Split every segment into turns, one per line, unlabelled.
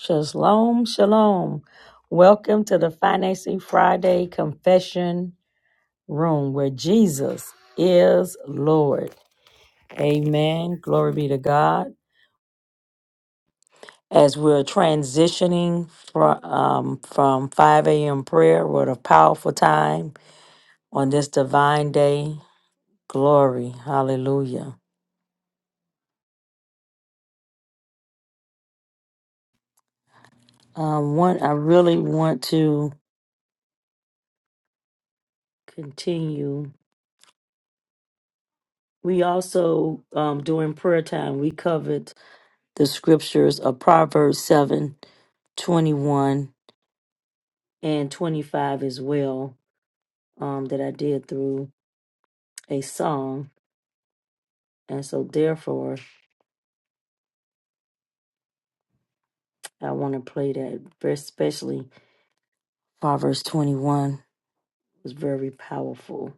Shalom, shalom. Welcome to the Financing Friday Confession Room where Jesus is Lord. Amen. Glory be to God. As we're transitioning from, um, from 5 a.m. prayer, what a powerful time on this divine day. Glory. Hallelujah. Um, one, I really want to continue. We also, um, during prayer time, we covered the scriptures of Proverbs 7, 21 and 25 as well, um, that I did through a song. And so, therefore, I want to play that, very especially Proverbs 21 was very powerful.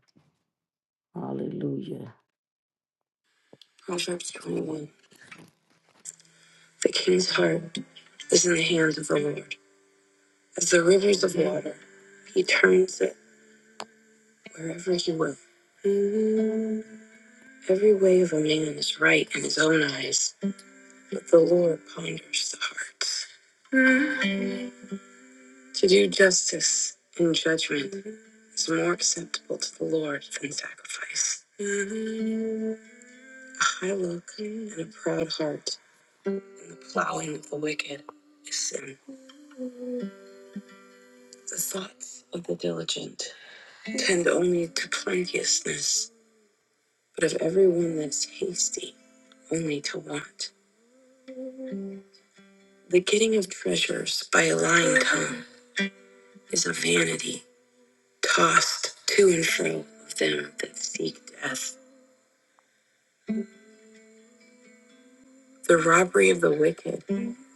Hallelujah. Proverbs 21 The king's heart is in the hands of the Lord. As the rivers of water, he turns it wherever he will. Mm, Every way of a man is right in his own eyes, but the Lord ponders the hearts. To do justice in judgment is more acceptable to the Lord than sacrifice. A high look and a proud heart and the plowing of the wicked is sin. The thoughts of the diligent tend only to plenteousness, but of everyone that's hasty, only to want. The getting of treasures by a lying tongue is a vanity tossed to and fro of them that seek death. The robbery of the wicked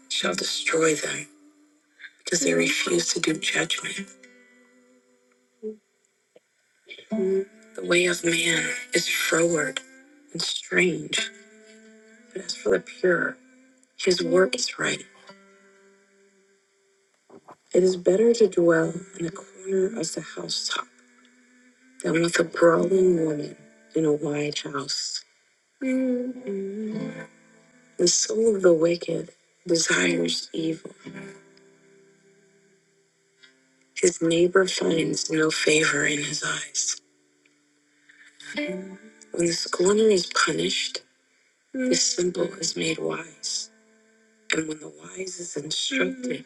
shall destroy them, because they refuse to do judgment. The way of man is froward and strange, but as for the pure, his work is right. It is better to dwell in the corner of the housetop than with a brawling woman in a wide house. The soul of the wicked desires evil. His neighbor finds no favor in his eyes. When the scorner is punished, the simple is made wise. And when the wise is instructed,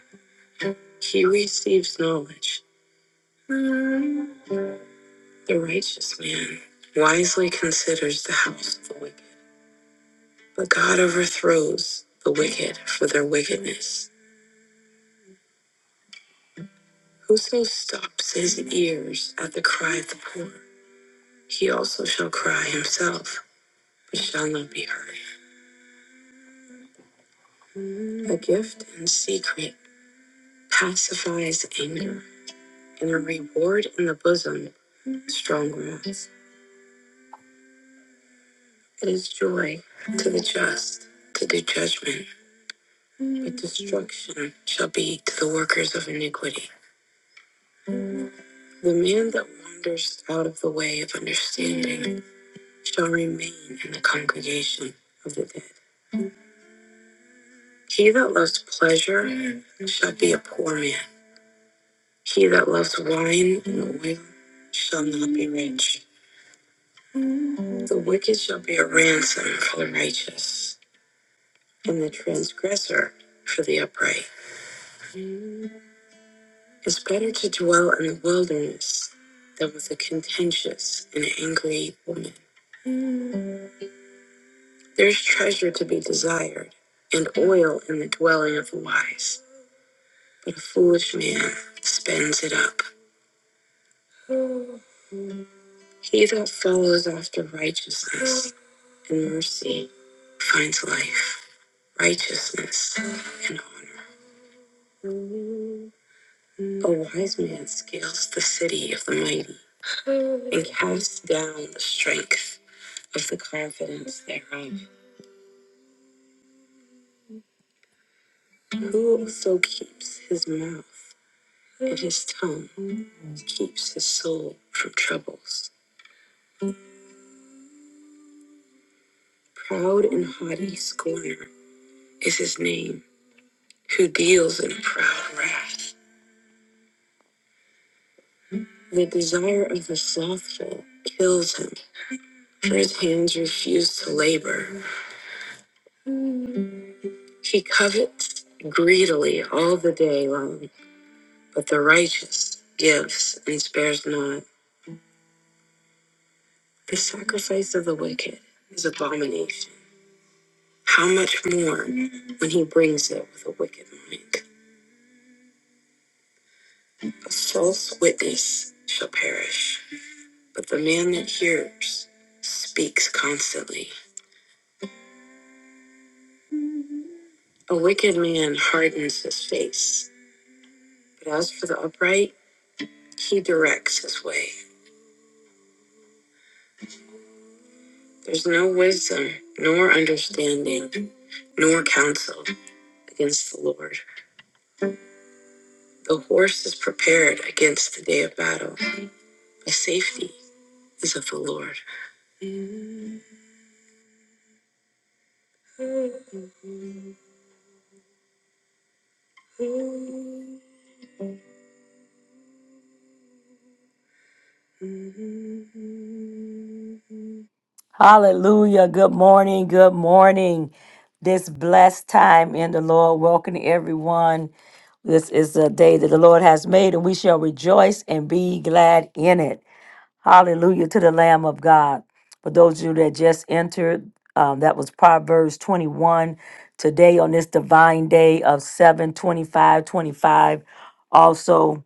he receives knowledge. The righteous man wisely considers the house of the wicked, but God overthrows the wicked for their wickedness. Whoso stops his ears at the cry of the poor, he also shall cry himself, but shall not be heard. A gift in secret pacifies anger, and a reward in the bosom strong room. It is joy to the just to do judgment, but destruction shall be to the workers of iniquity. The man that wanders out of the way of understanding shall remain in the congregation of the dead. He that loves pleasure shall be a poor man. He that loves wine and oil shall not be rich. The wicked shall be a ransom for the righteous, and the transgressor for the upright. It's better to dwell in the wilderness than with a contentious and angry woman. There's treasure to be desired and oil in the dwelling of the wise, but a foolish man spends it up. He that follows after righteousness and mercy finds life, righteousness, and honor. A wise man scales the city of the mighty and casts down the strength of the confidence thereof. Who also keeps his mouth and his tongue, keeps his soul from troubles. Proud and haughty scorner is his name, who deals in proud wrath. The desire of the slothful kills him, for his hands refuse to labor. He covets greedily all the day long, but the righteous gives and spares not. The sacrifice of the wicked is abomination How much more when he brings it with a wicked mind? A false witness shall perish, but the man that hears speaks constantly. A wicked man hardens his face, but as for the upright, he directs his way. There's no wisdom, nor understanding, nor counsel against the Lord. The horse is prepared against the day of battle, but safety is of the Lord. Hallelujah. Good morning. Good morning. This blessed time in the Lord. Welcome to everyone. This is the day that the Lord has made, and we shall rejoice and be glad in it. Hallelujah to the Lamb of God. For those of you that just entered, um, that was Proverbs 21. Today, on this divine day of 7 25 25. also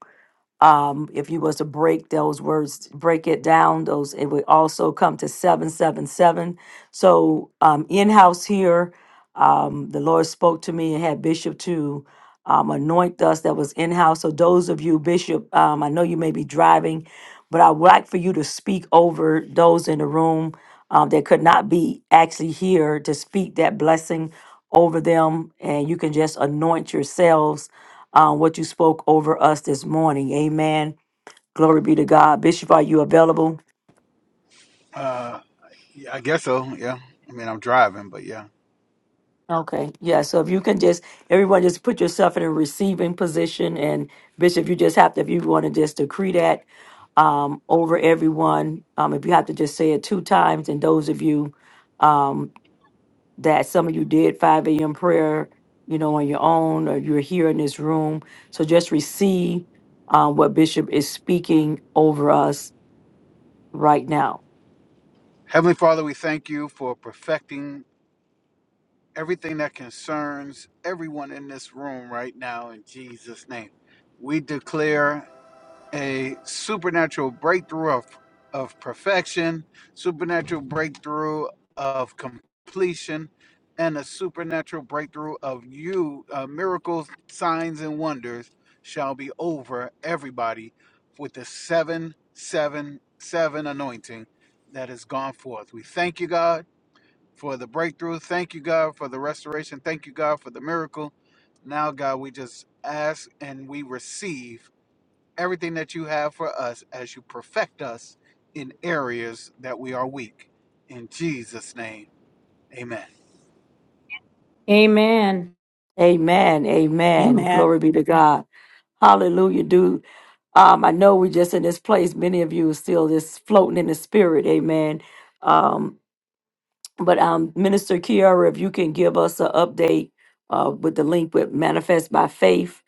um, if you was to break those words, break it down, those it would also come to seven seven seven. So um, in house here, um, the Lord spoke to me and had Bishop to um, anoint us that was in house. So those of you, Bishop, um, I know you may be driving, but I would like for you to speak over those in the room um, that could not be actually here to speak that blessing over them, and you can just anoint yourselves um, what you spoke over us this morning. Amen. Glory be to God. Bishop, are you available? Okay. Yeah. So if you can just, everyone just put yourself in a receiving position. And Bishop, you just have to, if you want to just decree that um, over everyone, um, if you have to just say it two times, and those of you um, that some of you did 5 a.m. prayer, you know, on your own, or you're here in this room. So just receive uh, what Bishop is speaking over us right now.
Amen.
Amen. Amen.
Amen.
Glory be to God. Hallelujah. Do um I know we just in this place, many of you are still just floating in the spirit, amen. Um, but um Minister Kiara, if you can give us an update uh with the link with Manifest by Faith,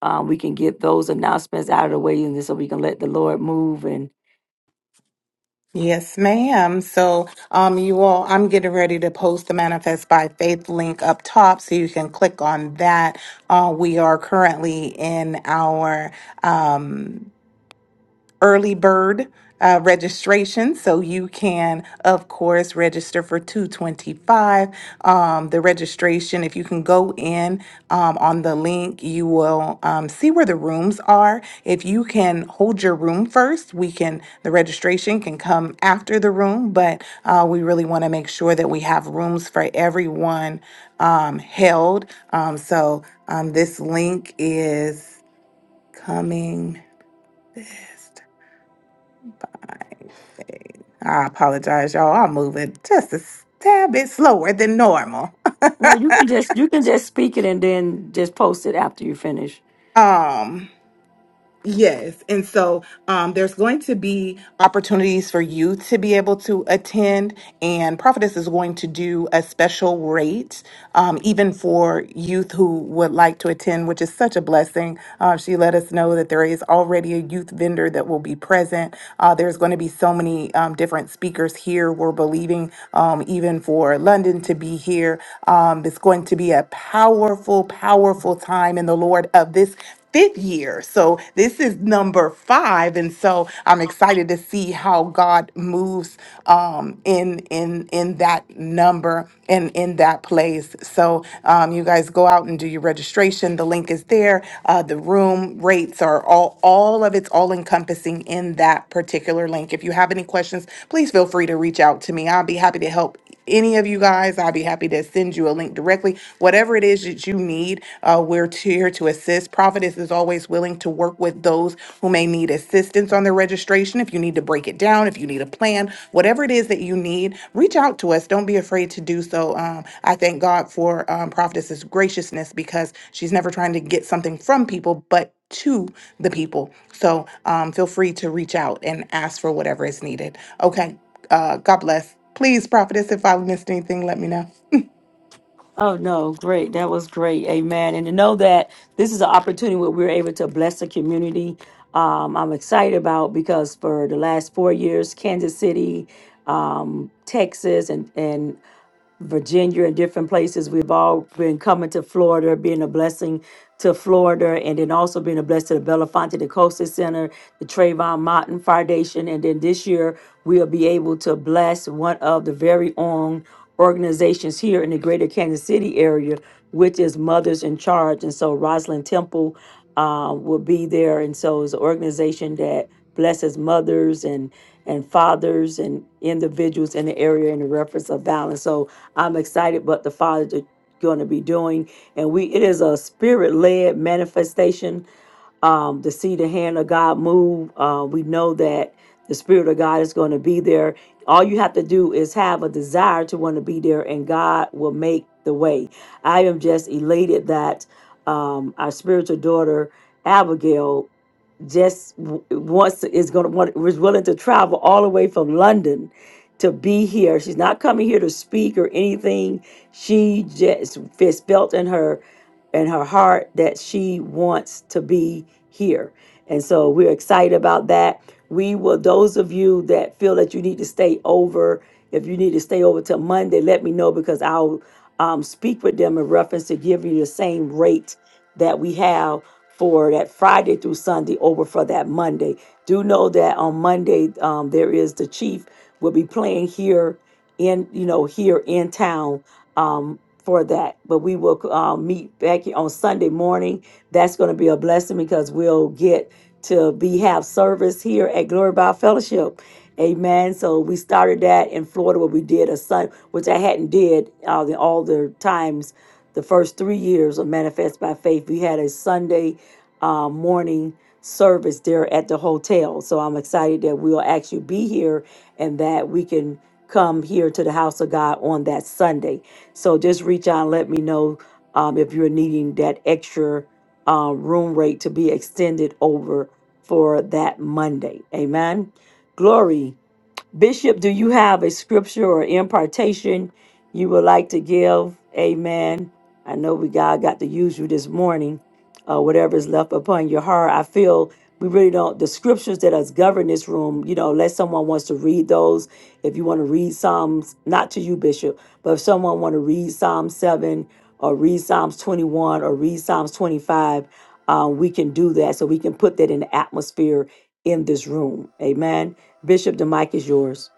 um, we can get those announcements out of the way and so we can let the Lord move and
Yes, ma'am. So, um, you all, I'm getting ready to post the Manifest by Faith link up top so you can click on that. Uh, we are currently in our, um, early bird uh, registration. So you can, of course, register for 225. Um, the registration, if you can go in um, on the link, you will um, see where the rooms are. If you can hold your room first, we can, the registration can come after the room, but uh, we really want to make sure that we have rooms for everyone um, held. Um, so um, this link is coming. Okay. I apologize, y'all. I'm moving just a s- tad bit slower than normal.
no, you can just you can just speak it and then just post it after you finish.
Um, Yes. And so um, there's going to be opportunities for you to be able to attend. And Prophetess is going to do a special rate, um, even for youth who would like to attend, which is such a blessing. Uh, she let us know that there is already a youth vendor that will be present. Uh, there's going to be so many um, different speakers here. We're believing um, even for London to be here. Um, it's going to be a powerful, powerful time in the Lord of this fifth year. So this is number five, and so I'm excited to see how God moves um, in in in that number and in that place. So um, you guys go out and do your registration. The link is there. Uh, the room rates are all all of it's all encompassing in that particular link. If you have any questions, please feel free to reach out to me. I'll be happy to help any of you guys, I'll be happy to send you a link directly. Whatever it is that you need, uh, we're to- here to assist. Prophetess is always willing to work with those who may need assistance on their registration. If you need to break it down, if you need a plan, whatever it is that you need, reach out to us. Don't be afraid to do so. Um, I thank God for um, Prophetess's graciousness because she's never trying to get something from people, but to the people. So um, feel free to reach out and ask for whatever is needed. Okay. Uh, God bless. Please, prophetess, if I missed anything, let me know.
Oh no, great. That was great. Amen. And to know that this is an opportunity where we're able to bless the community. Um, I'm excited about because for the last four years, Kansas City, um, Texas, and and Virginia and different places. We've all been coming to Florida, being a blessing to Florida, and then also being a blessing to the Belafonte the Costa Center, the Trayvon Martin Foundation. And then this year, we'll be able to bless one of the very own organizations here in the greater Kansas City area, which is Mothers in Charge. And so Rosalind Temple uh, will be there. And so it's an organization that Blesses mothers and and fathers and individuals in the area in the reference of violence. So I'm excited what the fathers are going to be doing, and we it is a spirit led manifestation um, to see the hand of God move. Uh, we know that the spirit of God is going to be there. All you have to do is have a desire to want to be there, and God will make the way. I am just elated that um, our spiritual daughter Abigail just w- wants is going to want was willing to travel all the way from London to be here. She's not coming here to speak or anything. She just it's felt in her in her heart that she wants to be here. And so we're excited about that. We will those of you that feel that you need to stay over, if you need to stay over till Monday, let me know because I'll um, speak with them in reference to giving you the same rate that we have for that Friday through Sunday over for that Monday. Do know that on Monday um, there is the Chief will be playing here in you know here in town um, for that. But we will uh, meet back here on Sunday morning. That's going to be a blessing because we'll get to be have service here at Glory by Fellowship. Amen. So we started that in Florida where we did a Sun, which I hadn't did uh, the, all the times the first three years of Manifest by Faith, we had a Sunday uh, morning service there at the hotel. So I'm excited that we'll actually be here and that we can come here to the house of God on that Sunday. So just reach out and let me know um, if you're needing that extra uh, room rate to be extended over for that Monday. Amen. Glory. Bishop, do you have a scripture or impartation you would like to give? Amen. I know we God got to use you this morning. Uh, whatever is left upon your heart, I feel we really don't. The scriptures that us govern this room, you know, unless someone wants to read those. If you want to read Psalms, not to you, Bishop, but if someone want to read Psalm seven or read Psalms twenty-one or read Psalms twenty-five, uh, we can do that. So we can put that in the atmosphere in this room. Amen. Bishop, the mic is yours.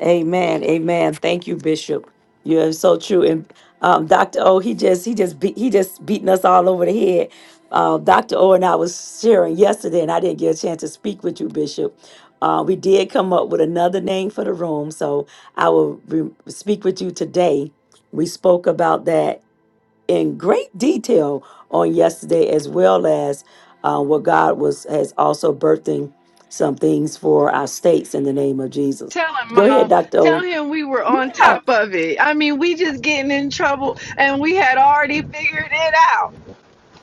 Amen. Amen. Thank you, Bishop. You are so true. And um, Dr. O, he just he just beat he just beating us all over the head. Uh, Dr. O and I was sharing yesterday, and I didn't get a chance to speak with you, Bishop. Uh, we did come up with another name for the room, so I will re- speak with you today. We spoke about that in great detail on yesterday, as well as uh, what God was has also birthing some things for our states in the name of Jesus.
Tell him,
Go ahead,
Mom.
Doctor. O.
Tell him we were on
Yeah.
top of it. I mean, we just getting in trouble, and we had already figured it out.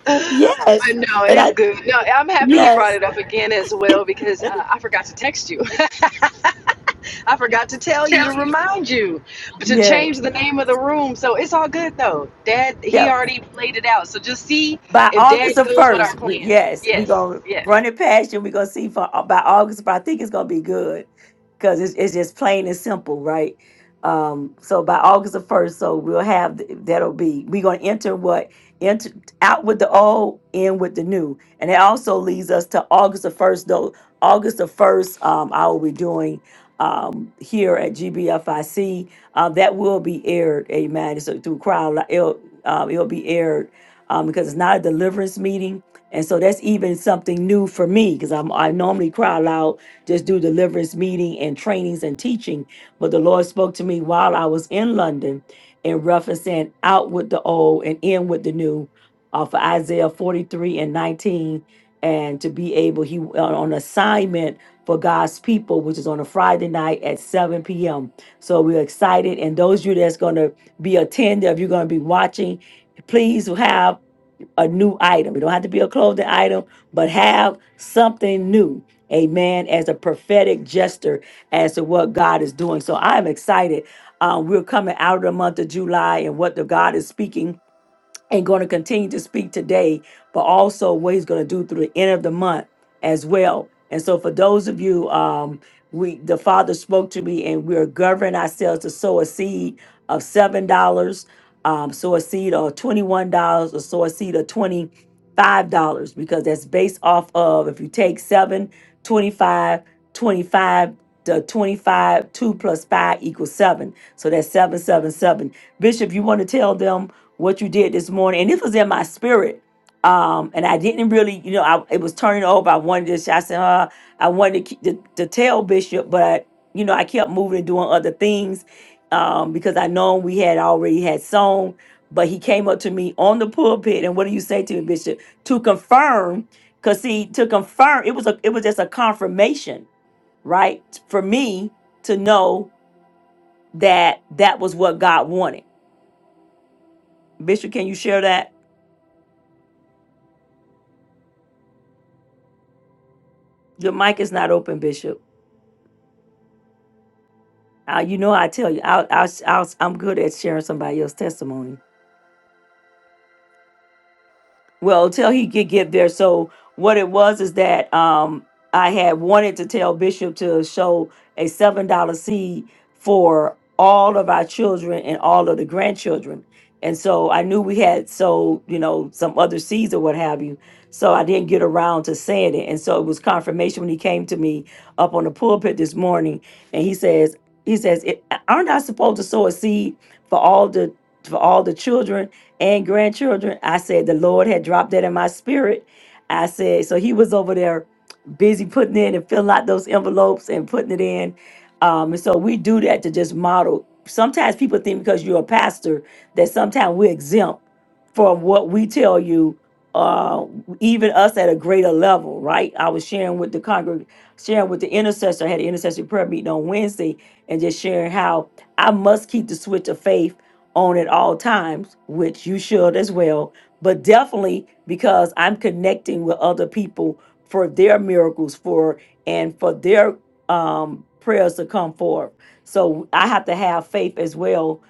But
Yes.
no,
And
it's
I.
good. No, I'm happy he brought
Yes.
it up again as well because uh, I forgot to text you. I forgot to tell you to remind you to change
Yes.
the name of the room. So it's all good though. Dad,
Yeah.
he already laid it out. So just see
by
if
August
Dad
the
goes with our
first, we,
plan.
yes, we're
Yes,
gonna
yes.
run it past you. We're gonna see for uh, by August, but I think it's gonna be good because it's, it's just plain and simple, right? Um, so by August the first, so we'll have th- that'll be we're gonna enter what enter out with the old, in with the new, and it also leads us to August the first. Though August the first, um, I will be doing um here at GBFIC. Uh, that will be aired, amen. So through crowd, it'll, um, it'll be aired um, because it's not a deliverance meeting. And so that's even something new for me because I'm I normally cry loud, just do deliverance meeting and trainings and teaching. But the Lord spoke to me while I was in London in referencing out with the old and in with the new uh, for Isaiah 43 and 19. And to be able, he on on assignment for God's people, which is on a Friday night at 7 p.m. So we're excited. And those of you that's going to be attending, if you're going to be watching, please have a new item. It don't have to be a clothing item, but have something new. Amen. As a prophetic gesture as to what God is doing. So I'm excited. Um, we're coming out of the month of July and what the God is speaking and going to continue to speak today, but also what he's going to do through the end of the month as well. And so, for those of you, um, we the Father spoke to me, and we are governing ourselves to sow a seed of seven dollars, um, sow a seed of twenty-one dollars, or sow a seed of twenty-five dollars, because that's based off of if you take seven, 25, 25, The twenty-five, 2 plus 5 equals 7. So that's 777. Bishop, you want to tell them what you did this morning, and this was in my spirit. Um, and I didn't really, you know, I it was turning over. I wanted to, I said, uh, I wanted to, keep, to to tell Bishop, but you know, I kept moving and doing other things um, because I know we had already had sown. But he came up to me on the pulpit, and what do you say to me, Bishop? To confirm, cause see, to confirm, it was a, it was just a confirmation, right, for me to know that that was what God wanted. Bishop, can you share that? Your mic is not open, Bishop. Uh, you know, I tell you, I'll, I'll, I'll, I'm good at sharing somebody else's testimony. well till he could get there so what it was is that um i had wanted to tell bishop to show a seven dollar seed for all of our children and all of the grandchildren and so i knew we had so you know some other seeds or what have you so i didn't get around to saying it and so it was confirmation when he came to me up on the pulpit this morning and he says he says "It- aren't i supposed to sow a seed for all the for all the children and grandchildren. I said the Lord had dropped that in my spirit. I said, so he was over there busy putting in and filling out those envelopes and putting it in. Um, and so we do that to just model. Sometimes people think because you're a pastor that sometimes we're exempt from what we tell you, uh, even us at a greater level, right? I was sharing with the congregation, sharing with the intercessor, I had an intercessory prayer meeting on Wednesday, and just sharing how I must keep the switch of faith on at all times, which you should as well, but definitely because I'm connecting with other people for their miracles for and for their um prayers to come forth. So I have to have faith as well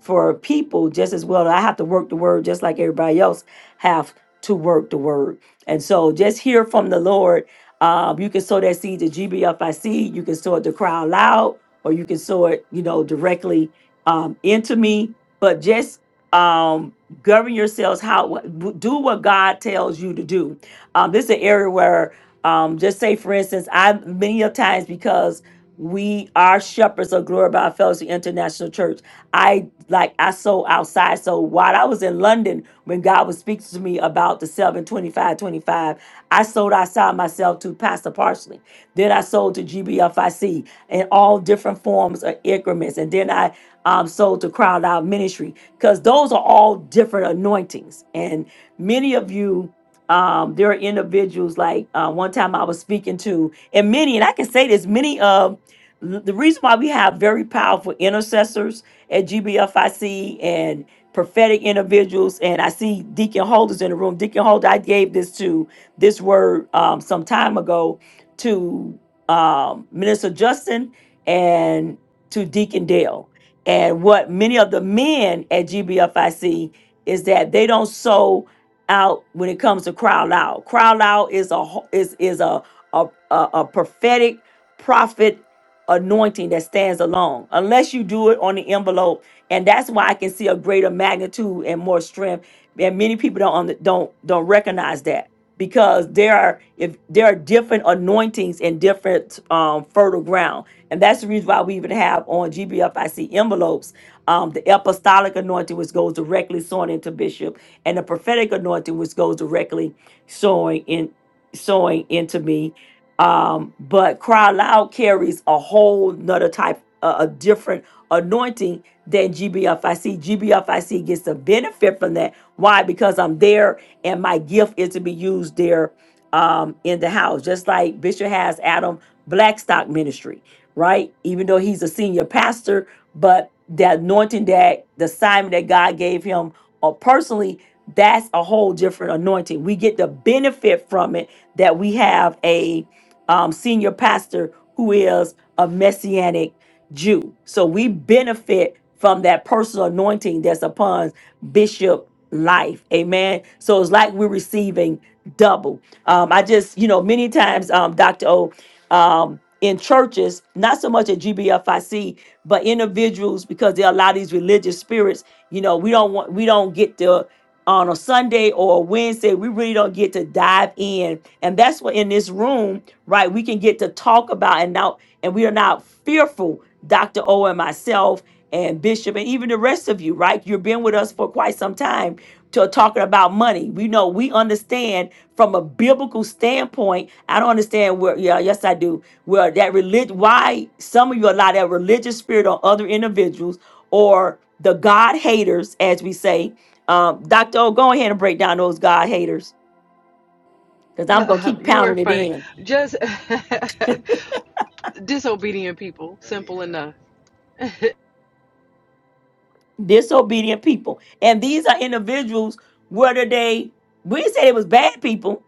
for people just as well. I have to work the word just like everybody else have to work the word. And so just hear from the Lord. Um, you can sow that seed to GBFIC, you can sow it to Cry out Loud, or you can sow it, you know, directly um, into me but just um govern yourselves how do what god tells you to do um this is an area where um just say for instance i many of times because we are shepherds of glory by fellowship international church i like i sold outside so while i was in london when god was speaking to me about the seven twenty-five twenty-five, i sold outside myself to pastor parsley then i sold to gbfic in all different forms of increments and then i um, so to crowd out ministry because those are all different anointings and many of you um, there are individuals like uh, one time i was speaking to and many and i can say this many of the reason why we have very powerful intercessors at gbfic and prophetic individuals and i see deacon holders in the room deacon holder i gave this to this word um, some time ago to um, minister justin and to deacon dale and what many of the men at GBFIC is that they don't sow out when it comes to crowd out. Crowd out is a ho- is is a a, a, a prophetic prophet anointing that stands alone. Unless you do it on the envelope, and that's why I can see a greater magnitude and more strength. And many people don't under- don't don't recognize that because there are if there are different anointings in different um, fertile ground and that's the reason why we even have on GBFIC envelopes um, the apostolic anointing, which goes directly sowing into bishop, and the prophetic anointing, which goes directly sowing in sowing into me. Um, but cry loud carries a whole nother type, a, a different anointing than GBFIC. GBFIC gets the benefit from that. Why? Because I'm there, and my gift is to be used there um, in the house, just like Bishop has Adam Blackstock Ministry right? Even though he's a senior pastor, but the anointing that the assignment that God gave him or personally, that's a whole different anointing. We get the benefit from it that we have a um, senior pastor who is a messianic Jew. So we benefit from that personal anointing that's upon Bishop life. Amen. So it's like we're receiving double. Um, I just, you know, many times, um, Dr. O, um, in churches, not so much at GBFIC, but individuals, because there are a lot of these religious spirits, you know, we don't want, we don't get the on a Sunday or a Wednesday, we really don't get to dive in. And that's what in this room, right, we can get to talk about and now and we are not fearful, Dr. O and myself and Bishop and even the rest of you, right? You've been with us for quite some time to talking about money. We know we understand from a biblical standpoint. I don't understand where yeah, yes I do. Where that religion why some of you allow that religious spirit on other individuals or the God haters, as we say um, Dr. O, go ahead and break down those God haters because I'm going to keep
you were
pounding it
funny.
in.
Just Disobedient people, simple enough.
Disobedient people. And these are individuals, whether they, we didn't say it was bad people,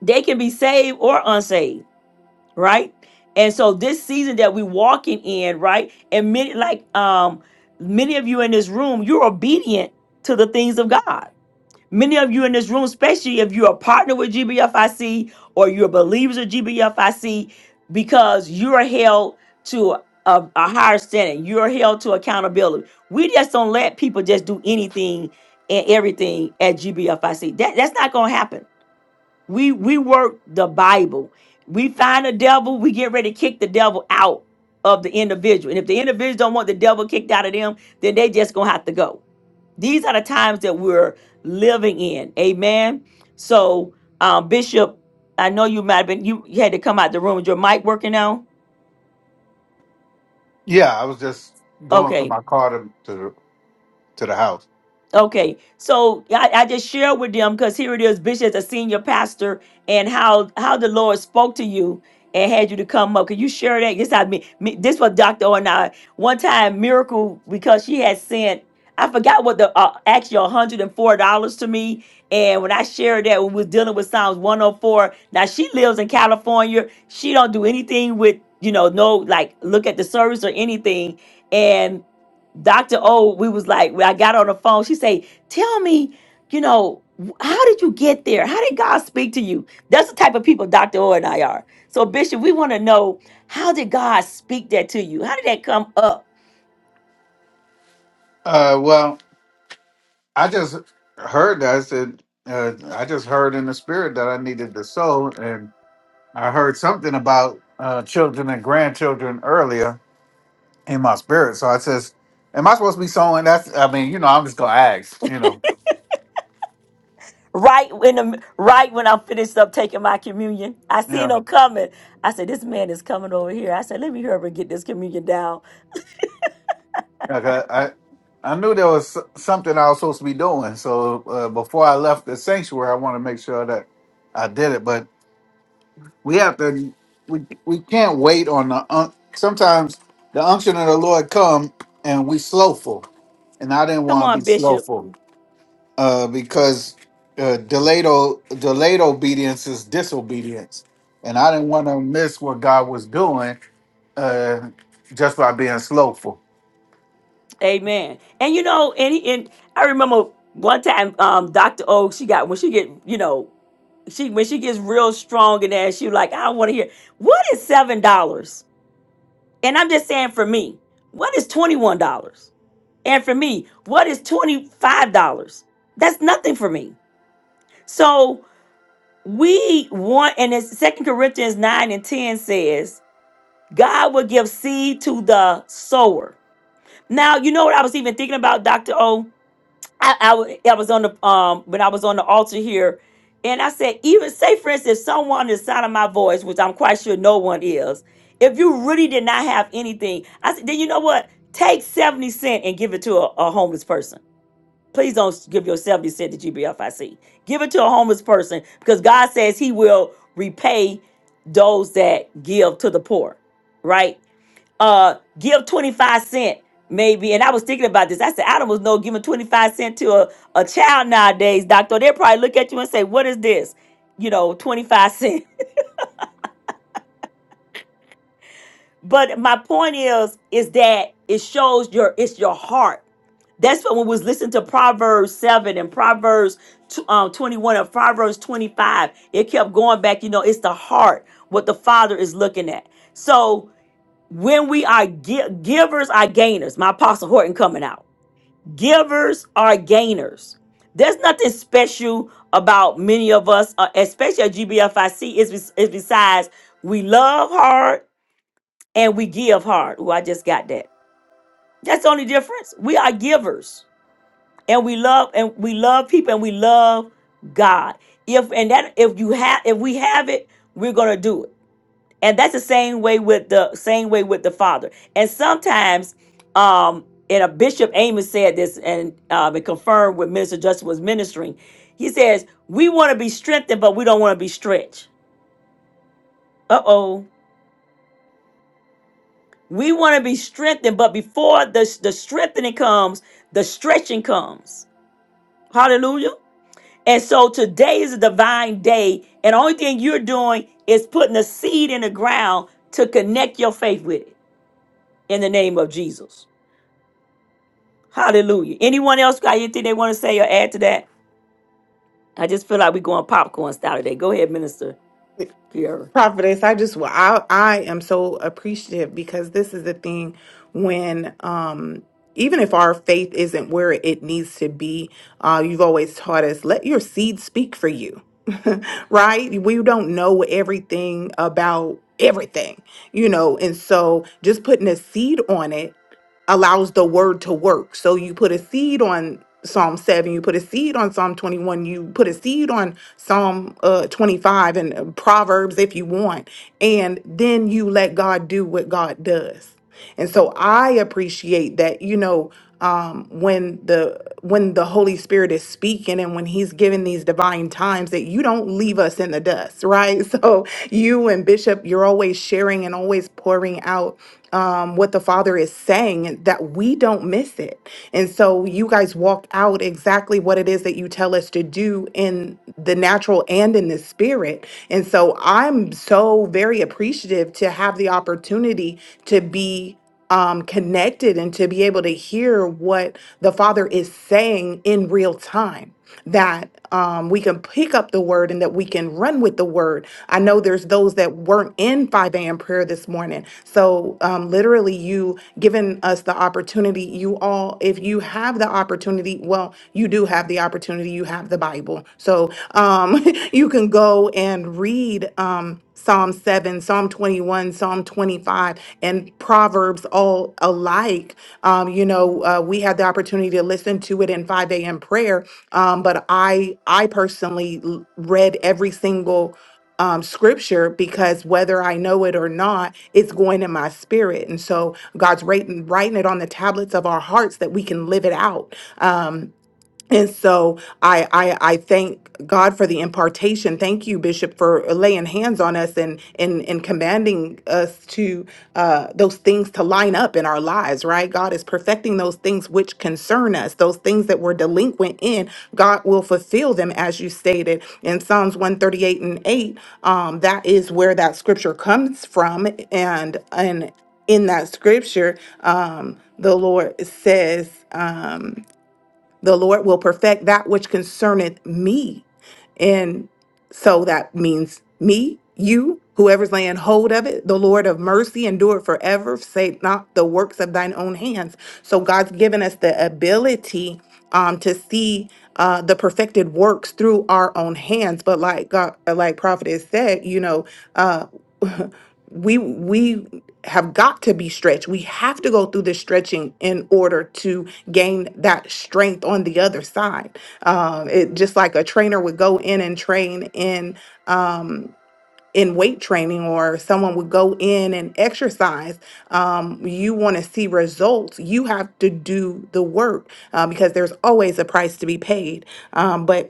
they can be saved or unsaved, right? And so this season that we're walking in, right? And many, like um, many of you in this room, you're obedient to the things of God Many of you in this room, especially if you're a partner with GBFIC or you're believers of GBFIC, because you're held to a, a higher standard. You're held to accountability. We just don't let people just do anything and everything at GBFIC. That, that's not going to happen. We we work the Bible. We find the devil. We get ready to kick the devil out of the individual. And if the individual don't want the devil kicked out of them, then they just gonna have to go. These are the times that we're living in. Amen. So, um, Bishop, I know you might have been you, you had to come out the room. Is your mic working now?
Yeah,
Okay.
to the, to the house.
Okay, so I, I just share with them because here it is, Bishop, as a senior pastor, and how how the Lord spoke to you and had you to come up. Could you share that? This I mean, me, this was Doctor O and I one time miracle because she had sent I forgot what the uh, actually one hundred and four dollars to me, and when I shared that when we was dealing with Psalms one hundred four. Now she lives in California. She don't do anything with you know no like look at the service or anything, Dr. O, we was like, I got on the phone. She say, tell me, you know, how did you get there? How did God speak to you? That's the type of people Dr. O and I are. So, Bishop, we want to know how did God speak that to you? How did that come up?
Uh, well, I just heard that. I said, uh, I just heard in the spirit that I needed the soul, and I heard something about uh, children and grandchildren earlier in my spirit. So I says, "Am I supposed to be sowing?" That's, I mean, you know, I'm just gonna ask. You know,
Right when the, right when I finished up taking my communion, I seen
yeah.
him coming. I said, "This man is coming over here." I said, "Let me hurry up and get this communion down."
Like I, I, I knew there was s- something I was supposed to be doing. So uh, before I left the sanctuary, I want to make sure that I did it. we have to we we can't wait on the un- sometimes the unction of the lord come and we slowful and i didn't
Come
want to
on,
be
Bishop.
slowful uh because uh delayed o- delayed obedience is disobedience and i didn't want to miss what god was doing uh just by being slowful
Amen. And you know, and, he, and I remember one time, um, Doctor O, she got when she get you know she when she gets real strong and that she like i want to hear what is seven dollars and i'm just saying for me what is twenty one dollars and for me what is twenty five dollars that's nothing for me so we want and it's second corinthians 9 and 10 says god will give seed to the sower now you know what i was even thinking about dr o I, I, wa- I was on the um when I was on the altar here, and I said, even say for instance, someone is sounding my voice, which I'm quite sure no one is, if you really did not have anything, I said, then you know what? Take 70 cent and give it to a, a homeless person. Please don't give your 70 cent to GBFIC. Give it to a homeless person because God says he will repay those that give to the poor, right? uh give 25 cent maybe and i was thinking about this i said i don't know giving 25 cent to a, a child nowadays doctor they'll probably look at you and say what is this you know 25 cent but my point is is that it shows your it's your heart that's what when we was listening to Proverbs 7 and Proverbs tw- um, 21 and Proverbs 25. It kept going back, you know, it's the heart, what the Father is looking at. So when we are gi- givers, are gainers. My Apostle Horton coming out. Givers are gainers. There's nothing special about many of us, uh, especially at GBFIC, is, bes- is besides we love hard and we give hard. Oh, I just got that. That's the only difference. We are givers and we love and we love people and we love God. If and that if you have if we have it, we're gonna do it and that's the same way with the same way with the father and sometimes um and a bishop amos said this and um it confirmed what minister justin was ministering he says we want to be strengthened but we don't want to be stretched uh-oh we want to be strengthened but before the, the strengthening comes the stretching comes hallelujah and so today is a divine day and the only thing you're doing is putting a seed in the ground to connect your faith with it in the name of jesus Hallelujah. Anyone else got anything they want to say or add to that? I just feel like we're going popcorn style today. Go ahead, Minister Kiara.
Prophetess, I just I I am so appreciative because this is the thing when um even if our faith isn't where it needs to be, uh, you've always taught us let your seed speak for you, right? We don't know everything about everything, you know, and so just putting a seed on it allows the word to work. So you put a seed on Psalm 7, you put a seed on Psalm 21, you put a seed on Psalm uh, 25 and uh, Proverbs if you want. And then you let God do what God does. And so I appreciate that, you know, um, when the when the Holy Spirit is speaking and when He's giving these divine times, that you don't leave us in the dust, right? So you and Bishop, you're always sharing and always pouring out um, what the Father is saying, and that we don't miss it. And so you guys walk out exactly what it is that you tell us to do in the natural and in the spirit. And so I'm so very appreciative to have the opportunity to be um, connected and to be able to hear what the Father is saying in real time that um, we can pick up the word and that we can run with the word. I know there's those that weren't in 5 a.m. prayer this morning. So, um, literally, you giving us the opportunity, you all, if you have the opportunity, well, you do have the opportunity, you have the Bible. So, um, you can go and read. Um, Psalm 7, Psalm 21, Psalm 25, and Proverbs all alike. Um, you know, uh, we had the opportunity to listen to it in 5 a.m. prayer um, but I I personally l- read every single um, scripture because whether I know it or not, it's going in my spirit, and so God's writing writing it on the tablets of our hearts that we can live it out. Um, and so I, I I thank God for the impartation. Thank you, Bishop, for laying hands on us and and and commanding us to uh, those things to line up in our lives. Right, God is perfecting those things which concern us. Those things that we're delinquent in, God will fulfill them, as you stated in Psalms one thirty eight and eight. Um, that is where that scripture comes from, and and in that scripture, um, the Lord says. Um, the Lord will perfect that which concerneth me. And so that means me, you, whoever's laying hold of it, the Lord of mercy, endure forever. save not the works of thine own hands. So God's given us the ability um, to see uh, the perfected works through our own hands. But like God, uh, like Prophet has said, you know, uh, we we have got to be stretched. We have to go through this stretching in order to gain that strength on the other side. Um, it just like a trainer would go in and train in um, in weight training, or someone would go in and exercise. Um, you want to see results, you have to do the work uh, because there's always a price to be paid. Um, but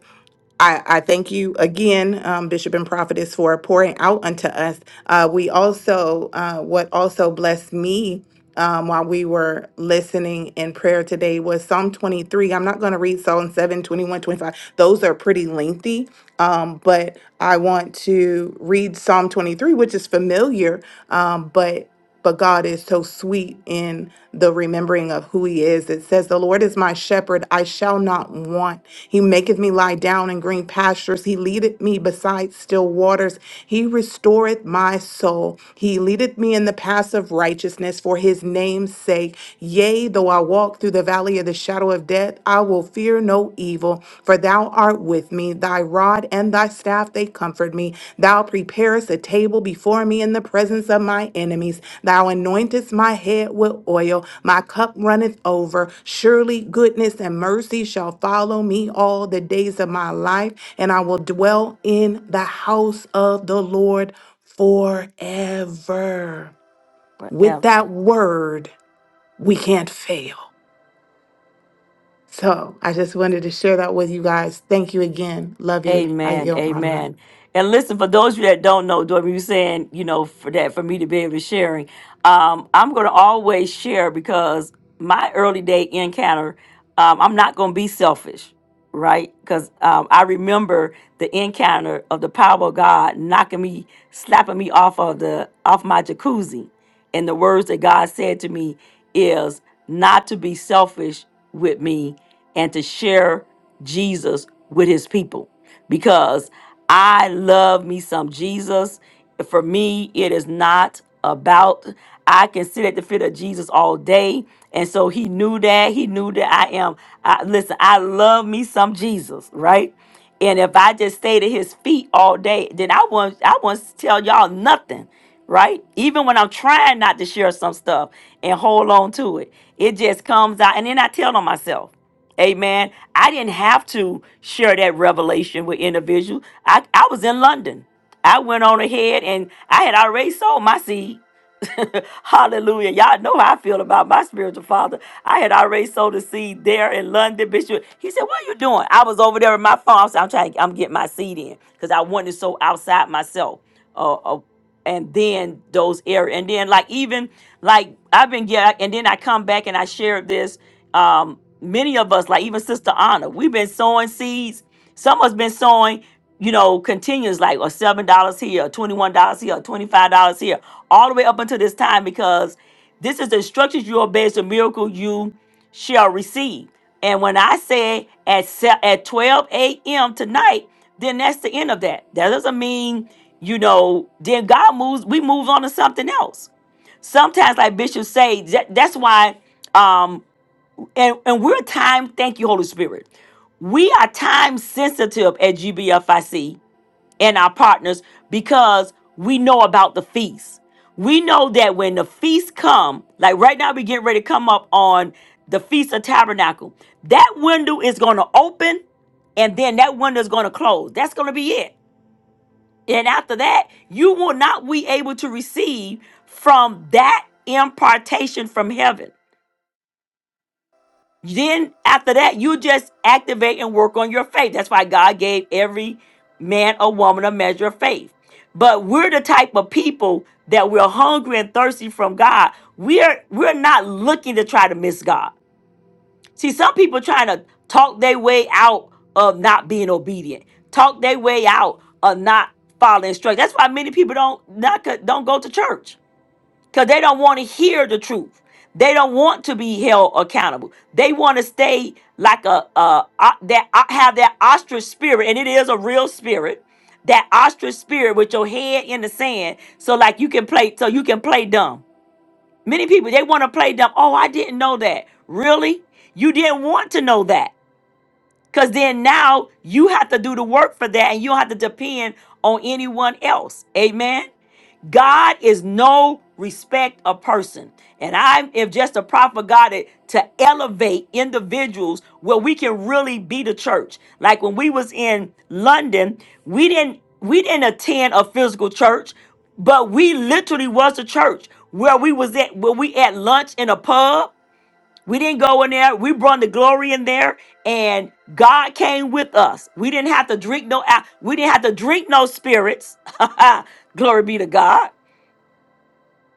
I, I thank you again, um, Bishop and Prophetess, for pouring out unto us. Uh, we also, uh, what also blessed me um, while we were listening in prayer today was Psalm 23. I'm not going to read Psalm 7, 21, 25. Those are pretty lengthy, um, but I want to read Psalm 23, which is familiar, um, but but God is so sweet in the remembering of who he is. It says, The Lord is my shepherd, I shall not want. He maketh me lie down in green pastures. He leadeth me beside still waters. He restoreth my soul. He leadeth me in the paths of righteousness for his name's sake. Yea, though I walk through the valley of the shadow of death, I will fear no evil, for thou art with me. Thy rod and thy staff, they comfort me. Thou preparest a table before me in the presence of my enemies. Thou anointest my head with oil. My cup runneth over. Surely goodness and mercy shall follow me all the days of my life, and I will dwell in the house of the Lord forever. With that
Whatever.
word, we can't fail. So I just wanted to share that with you guys. Thank you again. Love you. I
Amen.
yield my mind.
Amen. And listen, for those of you that don't know, Dorothy, you saying, you know, for that, for me to be able to sharing, um, I'm going to always share because my early day encounter, um, I'm not going to be selfish, right? Because um, I remember the encounter of the power of God knocking me, slapping me off of the off my jacuzzi And the words that God said to me is not to be selfish with me and to share Jesus with his people because I love me some Jesus. For me, it is not about, I can sit at the feet of Jesus all day. And so he knew that. He knew that I am, I, listen, I love me some Jesus, right? And if I just stayed at his feet all day, then I won't I won't tell y'all nothing, right? Even when I'm trying not to share some stuff and hold on to it, it just comes out and then I tell on myself. Amen. I didn't have to share that revelation with individuals. I, I was in London. I went on ahead and I had already sold my seed. Hallelujah. Y'all know how I feel about my spiritual father. I had already sowed a seed there in London, Bishop. He said, What are you doing? I was over there in my farm. So I'm trying, I'm getting my seed in because I wanted to sow outside myself. Uh, uh, and then those areas. And then, like, even like I've been getting, and then I come back and I shared this. Um, many of us, like even Sister Anna, we've been sowing seeds. Some of us been sowing you know, continues like or seven dollars here, or twenty-one dollars here, or twenty-five dollars here, all the way up until this time, because this is the instructions you obey, it's a miracle you shall receive. And when I say at se- at twelve a.m. tonight, then that's the end of that. That doesn't mean you know. Then God moves. We move on to something else sometimes like bishops say that, that's why Um, and, and we're time, thank you, Holy Spirit. We are time sensitive at GBFIC and our partners because we know about the feast. We know that when the feast come, like right now we get ready to come up on the Feast of Tabernacle, that window is going to open and then that window is going to close. That's going to be it. And after that, you will not be able to receive from that impartation from heaven. Then after that, you just activate and work on your faith. That's why God gave every man or woman a measure of faith. But we're the type of people that we're hungry and thirsty from God. We're we're not looking to try to miss God. See, some people trying to talk their way out of not being obedient, talk their way out of not following instructions. That's why many people don't not don't go to church because they don't want to hear the truth. They don't want to be held accountable. They want to stay like a uh that have that ostrich spirit, and it is a real spirit. That ostrich spirit with your head in the sand, so like you can play, so you can play dumb. Many people they want to play dumb. Oh, I didn't know that. Really, you didn't want to know that, because then now you have to do the work for that, and you don't have to depend on anyone else. Amen. God is no respect of person. And I'm if just a prophet of God it- to elevate individuals where we can really be the church. Like when we was in London, we didn't we didn't attend a physical church, but we literally was the church where we was at where we at lunch in a pub. We didn't go in there. We brought the glory in there, and God came with us. We didn't have to drink no. al- We didn't have to drink no spirits. glory be to God.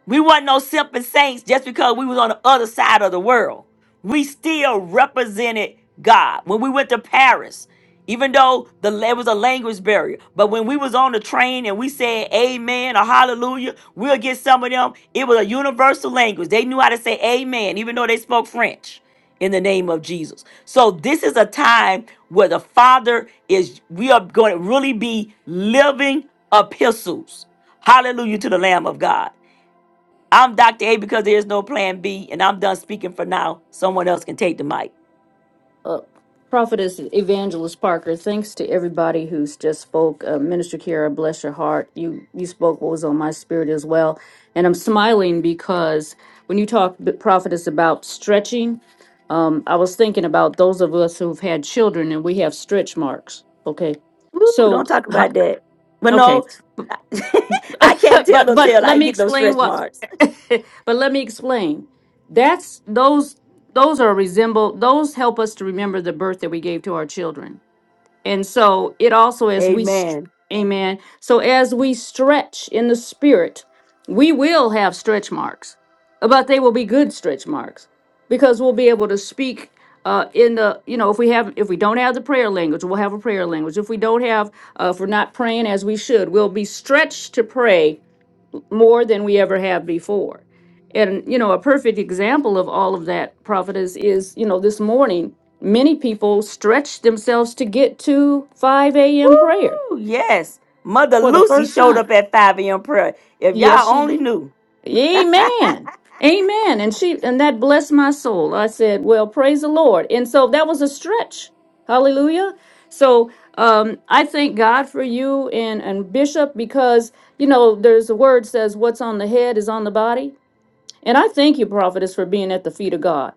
We weren't no simple saints just because we was on the other side of the world. We still represented God. When we went to Paris, even though the it was a language barrier, but when we was on the train and we said amen or hallelujah, we'll get some of them. It was a universal language. They knew how to say amen, even though they spoke French in the name of Jesus. So this is a time where the Father is we are going to really be living epistles. Hallelujah to the Lamb of God. I'm Dr. A because there is no plan B, and I'm done speaking for now. Someone else can take the mic.
Uh, Prophetess Evangelist Parker, thanks to everybody who's just spoke. Uh, Minister Kara, bless your heart. You you spoke what was on my spirit as well, and I'm smiling because when you talk, Prophetess, about stretching, um, I was thinking about those of us who've had children and we have stretch marks. Okay,
Ooh,
so
don't talk
ho-
about that. But
okay,
no, I can't tell
but
no
but
tale. I
let
ain't
me
get no
explain
stretch
what
marks.
but let me explain that's those those are resemble those help us to remember the birth that we gave to our children and so it also as we st-
Amen.
amen so as we stretch in the spirit we will have stretch marks but they will be good stretch marks because we'll be able to speak uh, in the you know if we have if we don't have the prayer language we'll have a prayer language if we don't have uh, if we're not praying as we should we'll be stretched to pray more than we ever have before. And, you know, a perfect example of all of that, prophetess, is, you know, this morning, many people stretched themselves to get to 5 a.m. prayer
Woo, yes. Mother
for the
Lucy
first
showed
time.
up at 5 a.m. prayer. If
Yes,
y'all
she
only
did.
knew.
Amen. Amen. And she and that blessed my soul. I said, Well, praise the Lord. And so that was a stretch. Hallelujah. So um I thank God for you and and Bishop because you know there's a word says what's on the head is on the body. And I thank you, prophetess, for being at the feet of God.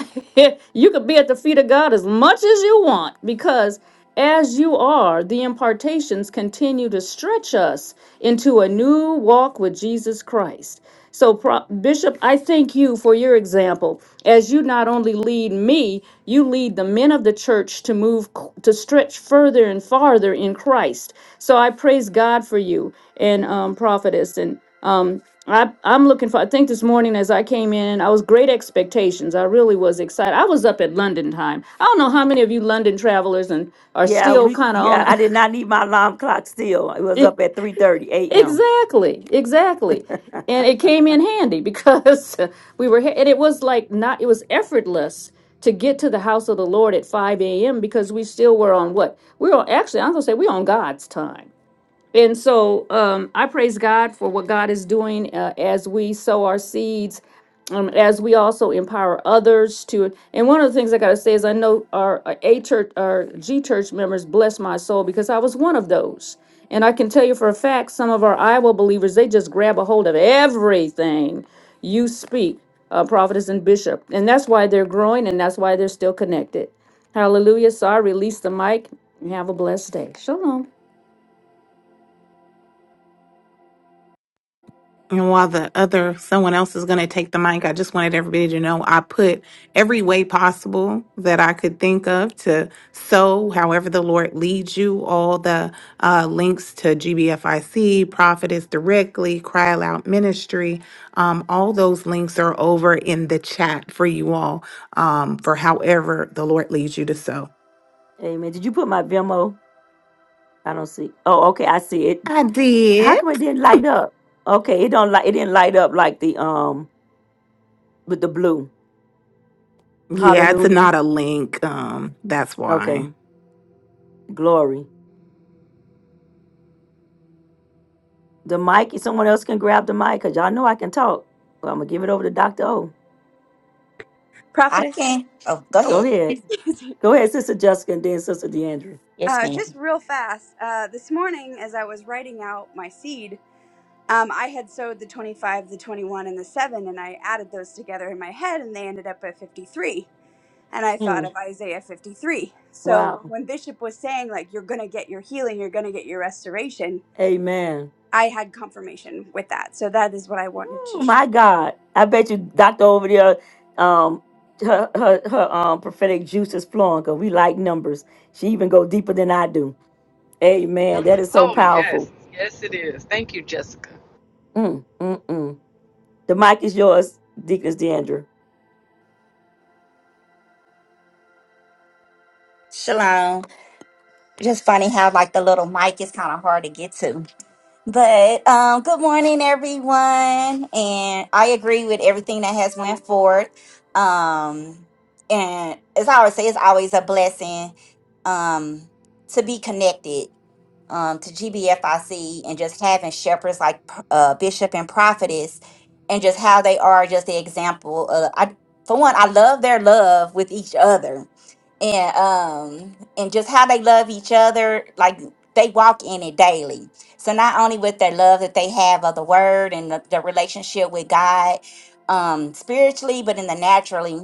you could be at the feet of God as much as you want because as you are, the impartations continue to stretch us into a new walk with Jesus Christ. So, Pro- Bishop, I thank you for your example. As you not only lead me, you lead the men of the church to move, c- to stretch further and farther in Christ. So I praise God for you and um, prophetess. And um, I, I'm looking for, I think this morning as I came in, I was great expectations. I really was excited. I was up at London time. I don't know how many of you London travelers and are
Yeah,
still
we
kind of
yeah,
on.
I did not need my alarm clock still. It was up at 3:30 a.m.
exactly, exactly. And it came in handy because we were, he- and it was like not, it was effortless to get to the house of the Lord at 5 a.m. because we still were on what? We were on, actually, I'm going to say we are on God's time and so um, I praise God for what God is doing uh, as we sow our seeds, um, as we also empower others to. And one of the things I got to say is I know our uh, A church, our G church members bless my soul because I was one of those. And I can tell you for a fact, some of our Iowa believers, they just grab a hold of everything you speak, uh, prophetess and bishop. And that's why they're growing and that's why they're still connected. Hallelujah. So I release the mic and have a blessed day. Shalom.
And while the other someone else is going to take the mic, I just wanted everybody to know I put every way possible that I could think of to sow, however the Lord leads you. All the uh, links to GBFIC, Prophetess Directly, Cry Aloud Ministry, um, all those links are over in the chat for you all um, for however the Lord leads you to sow.
Amen. Did you put my Vimo? I don't see. Oh, okay, I see it.
I
How
did.
come it didn't light up? Okay, it don't light. It didn't light up like the um with the blue.
Yeah, it's
Hallelujah.
not a link. Um, that's why.
Okay, glory. The mic. If someone else can grab the mic, cause y'all know I can talk. Well, I'm gonna give it over to Doctor O.
I
Prophetess.
can. Oh, go
Oh,
Go
ahead.
ahead.
excuse me.
Go ahead, Sister Jessica, and then Sister DeAndre.
Yes,
Uh, just
ma'am.
real fast. Uh, this morning, as I was writing out my seed, um, I had sowed the 25, the 21, and the 7, and I added those together in my head, and they ended up at 53. And I thought
Mm,
of Isaiah 53. So
wow.
when Bishop was saying, like, you're going to get your healing, you're going to get your restoration,
Amen.
I had confirmation with that. So that is what I wanted to
Ooh,
share.
my God. I bet you Doctor over there, um, her her, her um prophetic juice is flowing. Cause we like numbers. She even go deeper than I do. Amen. That is so
Oh,
powerful.
yes. Yes, it is. Thank you, Jessica.
Mm, mm, mm. The mic is yours, Deaconess Deandra.
Shalom. Just funny how like the little mic is kind of hard to get to. But um, good morning, everyone. And I agree with everything that has went forward. Um, and as I always say, it's always a blessing um, to be connected um, to GBFIC and just having shepherds like uh, Bishop and Prophetess and just how they are just the example. Of, I, for one, I love their love with each other and um and just how they love each other like they walk in it daily so not only with their love that they have of the word and the, the relationship with god um spiritually but in the naturally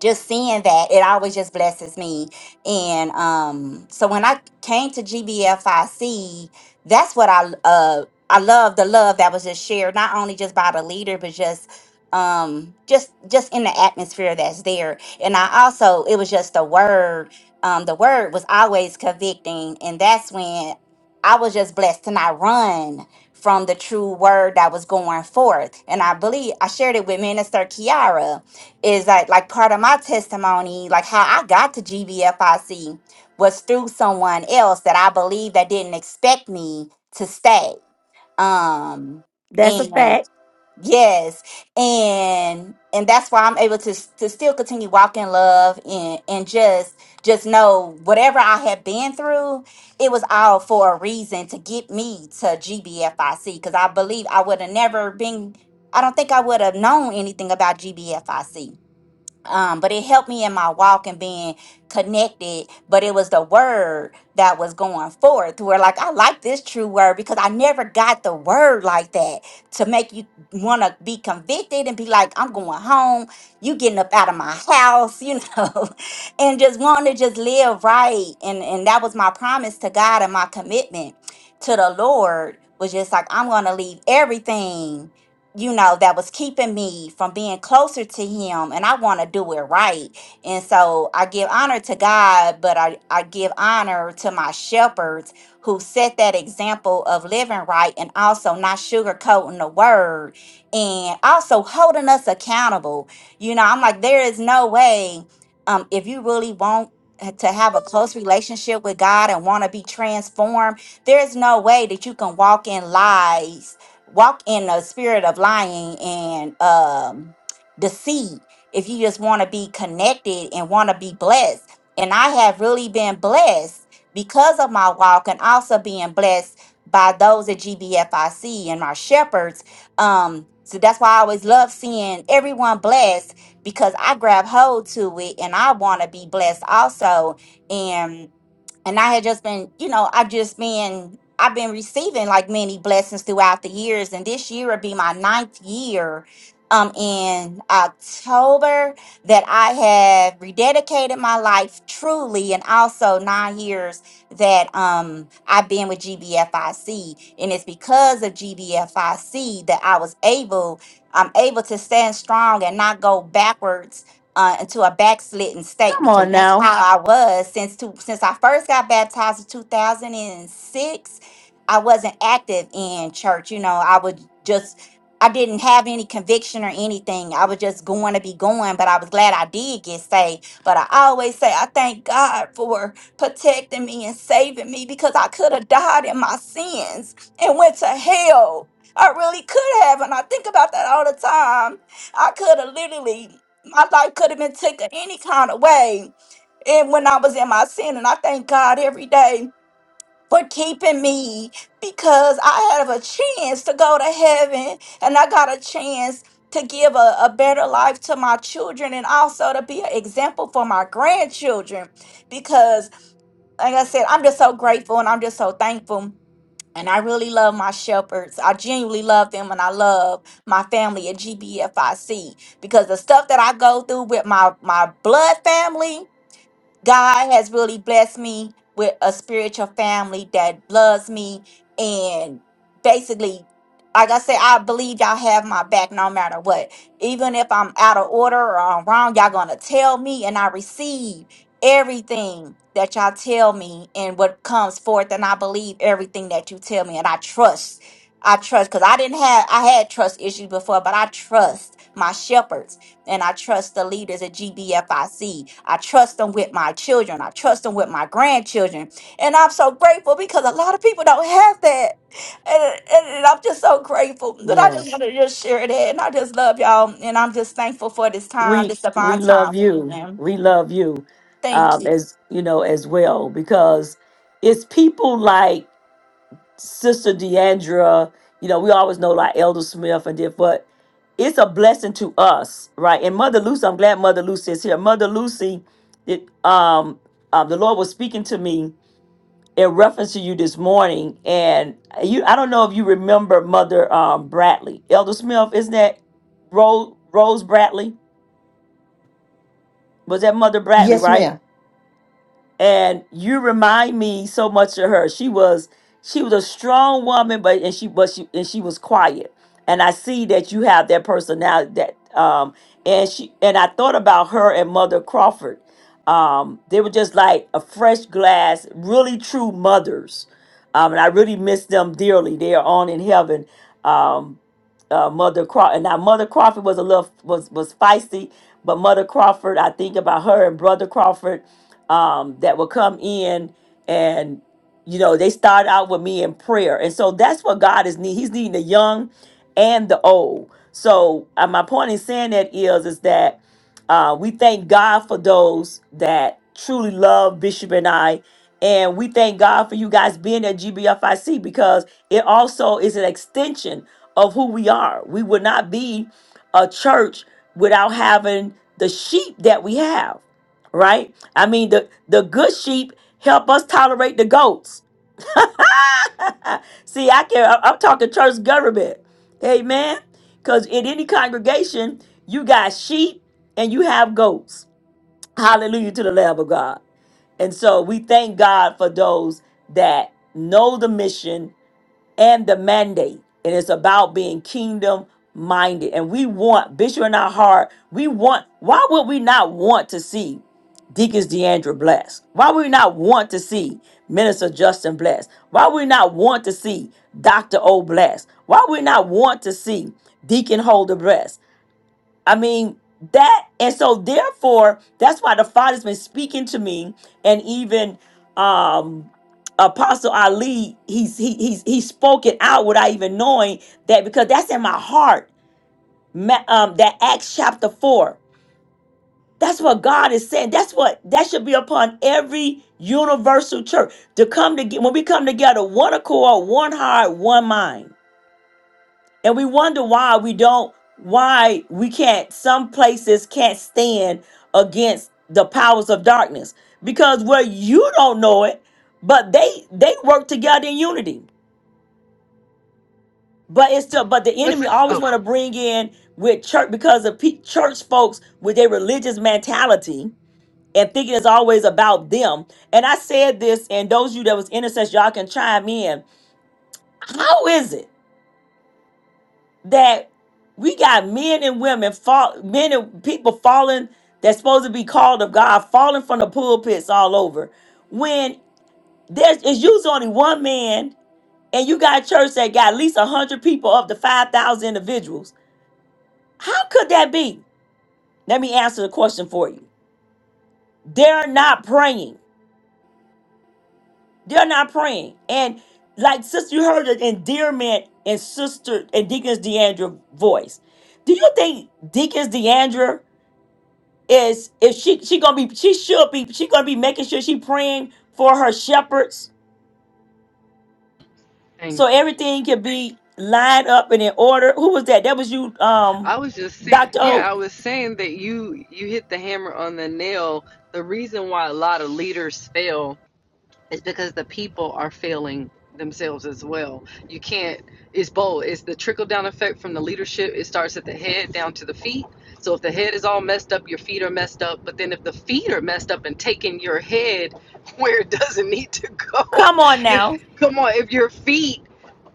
just seeing that it always just blesses me and um so when i came to gbfic that's what i uh i love the love that was just shared not only just by the leader but just um just just in the atmosphere that's there and i also it was just the word um the word was always convicting and that's when i was just blessed to not run from the true word that was going forth and i believe i shared it with minister kiara is that like part of my testimony, like how I got to GBFIC was through someone else that I believe that didn't expect me to stay. Um
That's a
and Mhm.
fact.
yes, and and that's why I'm able to s- to still continue walking love and and just just know whatever I have been through, it was all for a reason to get me to GBFIC because I believe I would have never been I don't think I would have known anything about GBFIC um, but it helped me in my walk and being connected. But it was the word that was going forth where, like, I like this true word because I never got the word like that to make you want to be convicted and be like, I'm going home, you getting up out of my house, you know, and just wanting to just live right. And, and that was my promise to God and my commitment to the Lord was just like, I'm going to leave everything you know, that was keeping me from being closer to him and I want to do it right. And so I give honor to God, but I, I give honor to my shepherds who set that example of living right and also not sugarcoating the word and also holding us accountable. You know, I'm like, there is no way um if you really want to have a close relationship with God and want to be transformed, there's no way that you can walk in lies walk in the spirit of lying and um deceit if you just want to be connected and want to be blessed and i have really been blessed because of my walk and also being blessed by those at gbfic and my shepherds um so that's why i always love seeing everyone blessed because i grab hold to it and i want to be blessed also and and I had just been, you know, I've just been, I've been receiving like many blessings throughout the years, and this year would be my ninth year. Um, in October, that I have rededicated my life truly, and also nine years that um I've been with GBFIC, and it's because of GBFIC that I was able, I'm able to stand strong and not go backwards uh, into a backslidden state
Come
because
on
that's
now.
how I was since two, since I first got baptized in 2006. I wasn't active in church. You know, I would just I didn't have any conviction or anything. I was just going to be going, but I was glad I did get saved. But I always say I thank God for protecting me and saving me because I could have died in my sins and went to hell. I really could have, and I think about that all the time. I could have literally my life could have been taken any kind of way. And when I was in my sin, and I thank God every day for keeping me because I have a chance to go to heaven and I got a chance to give a, a better life to my children and also to be an example for my grandchildren because like I said, I'm just so grateful and I'm just so thankful and I really love my shepherds. I genuinely love them and I love my family at GBFIC because the stuff that I go through with my, my blood family, God has really blessed me with a spiritual family that loves me and basically like I said, I believe y'all have my back no matter what. Even if I'm out of order or I'm wrong, y'all gonna tell me and I receive everything that y'all tell me and what comes forth and I believe everything that you tell me and I trust. I trust because I didn't have I had trust issues before, but I trust my shepherds and I trust the leaders at GBFIC. I C. I trust them with my children. I trust them with my grandchildren. And I'm so grateful because a lot of people don't have that. And, and, and I'm just so grateful. But I just
Yes,
want to just share that. And I just love y'all. And I'm just thankful for this time,
we
this
we
divine time.
love
with you,
you.
ma'am.
We love you,
Thank
um,
you.
as you know as well because it's people like Sister Deandra. You know, we always know like Elder Smith and did, but it's a blessing to us, right? And Mother Lucy, I'm glad Mother Lucy is here. Mother Lucy, it, um, um, the Lord was speaking to me. in reference to you this morning, and you I don't know if you remember Mother um, Bradley, Elder Smith, isn't that Rose Rose Bradley? Was that Mother Bradley,
Yes,
right?
ma'am.
and you remind me so much of her. She was she was a strong woman, but and she but she and she was quiet. And I see that you have that personality that um and she and I thought about her and Mother Crawford. Um, they were just like a fresh glass, really true mothers. Um, and I really miss them dearly. They are on in heaven. Um, uh, Mother Crawford. And now Mother Crawford was a little was was feisty, but Mother Crawford, I think about her and Brother Crawford um, that will come in and you know they start out with me in prayer and so that's what god is needing he's needing the young and the old so uh, my point in saying that is is that uh, we thank god for those that truly love bishop and i and we thank god for you guys being at gbfic because it also is an extension of who we are we would not be a church without having the sheep that we have right? I mean, the the good sheep help us tolerate the goats. See, I can I- I'm talking church government, amen. Because in any congregation, you got sheep and you have goats. Hallelujah to the Lamb of God. And so we thank God for those that know the mission and the mandate. And it's about being kingdom minded. And we want, Bishop in our heart, we want, why would we not want to see Deacons Deandra blessed? Why would we not want to see Minister Justin blessed? Why would we not want to see Dr. O blessed? Why would we not want to see Deacon Holder blessed? I mean, that, and so therefore, that's why the Father's been speaking to me, and even um Apostle Ali, he's he, he's he's spoken out without even knowing that because that's in my heart. Ma- Um, that Acts chapter four. That's what God is saying. That's what that should be upon every universal church to come together. When we come together, one accord, one heart, one mind and we wonder why we don't why we can't some places can't stand against the powers of darkness because where you don't know it but they they work together in unity but it's still but the enemy
What's,
always
oh,
want to bring in with church because of pe- church folks with their religious mentality and thinking it's always about them and i said this and those of you that was intercessor y'all can chime in how is it that we got men and women fall men and people falling that's supposed to be called of God falling from the pulpits all over when there's it's usually only one man and you got a church that got at least a hundred people of the five thousand individuals. How could that be? Let me answer the question for you. They're not praying. They're not praying. And like sister, you heard the endearment in sister and Deacon's Deandra voice. Do you think Deacon's Deandra? is if she she gonna be she should be she gonna be making sure she praying for her shepherds so
thank you.
everything can be lined up and in order. Who was that? That was you, um,
I was just saying,
Doctor O.
yeah, I was saying that you, you hit the hammer on the nail. The reason why a lot of leaders fail It's because the people are failing themselves as well. You can't, it's both. It's the trickle down effect from the leadership. It starts at the head down to the feet. So if the head is all messed up, your feet are messed up. But then if the feet are messed up and taking your head where it doesn't need to go,
Come on
if,
now,
come on, if your feet,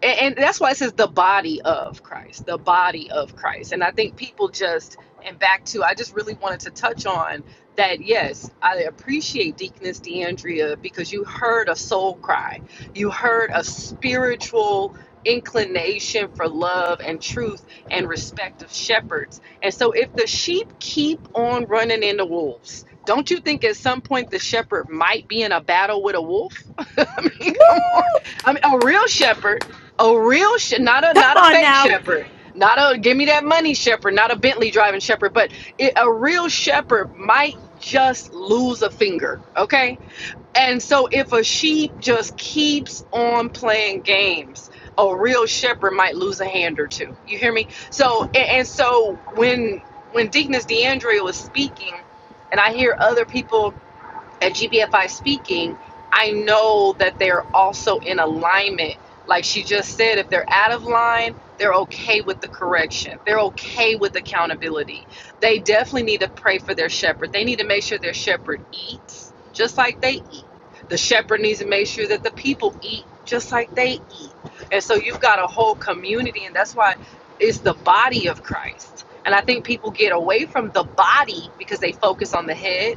and, and that's why it says the body of Christ, the body of Christ. And I think people just, and back to, I just really wanted to touch on that yes, I appreciate Deaconess DeAndrea because you heard a soul cry. You heard a spiritual inclination for love and truth and respect of shepherds. And so if the sheep keep on running into wolves, don't you think at some point the shepherd might be in a battle with a wolf? I mean,
Woo!
come on. I mean, a real shepherd, a real sh- not a
come
not a
on
fake
now,
shepherd, not a give me that money shepherd, not a Bentley driving shepherd, but it, a real shepherd might just lose a finger, okay? And so if a sheep just keeps on playing games, a real shepherd might lose a hand or two. You hear me? So and, and so when when Deaconess DeAndre was speaking, and I hear other people at GBFI speaking, I know that they're also in alignment. Like she just said, if they're out of line, they're okay with the correction. They're okay with accountability. They definitely need to pray for their shepherd. They need to make sure their shepherd eats just like they eat. The shepherd needs to make sure that the people eat just like they eat. And so you've got a whole community, and that's why it's the body of Christ. And I think people get away from the body because they focus on the head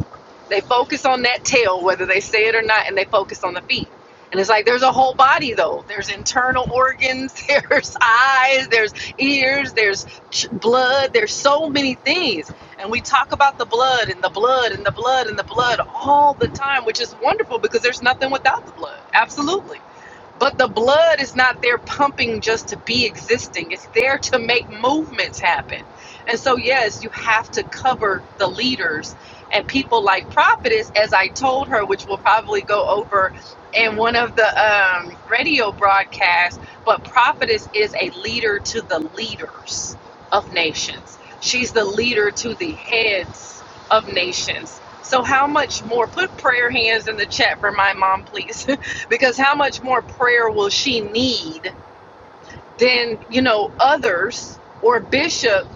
they focus on that tail, whether they say it or not, and they focus on the feet. And it's like there's a whole body though. There's internal organs, there's eyes, there's ears, there's ch- blood, there's so many things. And we talk about the blood and the blood and the blood and the blood all the time, which is wonderful because there's nothing without the blood. Absolutely. But the blood is not there pumping just to be existing. It's there to make movements happen. And so, yes, you have to cover the leaders and people like Prophetess, as I told her, which we'll probably go over in one of the um, radio broadcasts. But Prophetess is a leader to the leaders of nations, she's the leader to the heads of nations. So, how much more? Put prayer hands in the chat for my mom, please because how much more prayer will she need than you know others or bishop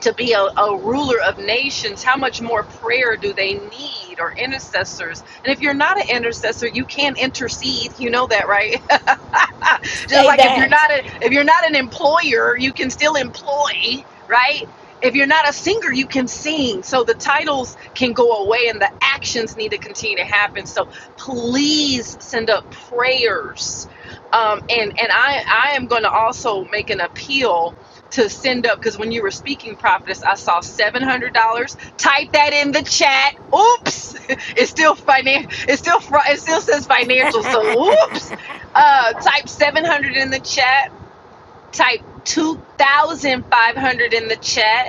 to be a, a ruler of nations, how much more prayer do they need or intercessors? And if you're not an intercessor, you can't intercede. You know that, right? Just
say
like if you're
that.
not a, if you're not an employer, you can still employ, right? If you're not a singer, you can sing. So the titles can go away and the actions need to continue to happen. So please send up prayers. Um, and and I, I am going to also make an appeal to send up because when you were speaking prophetess i saw $700 type that in the chat oops it's still finan- it's still fr- it still says financial so oops uh type 700 in the chat type 2500 in the chat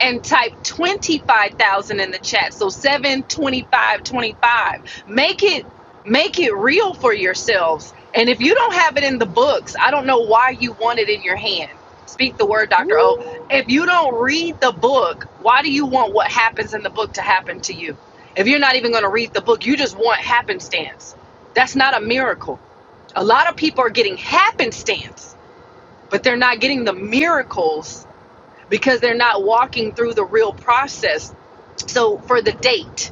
and type 25,000 in the chat. So 72525. Make it make it real for yourselves. And if you don't have it in the books, I don't know why you want it in your hand. Speak the word, Dr. O. If you don't read the book, why do you want what happens in the book to happen to you? If you're not even going to read the book, you just want happenstance. That's not a miracle. A lot of people are getting happenstance, but they're not getting the miracles because they're not walking through the real process. So, for the date,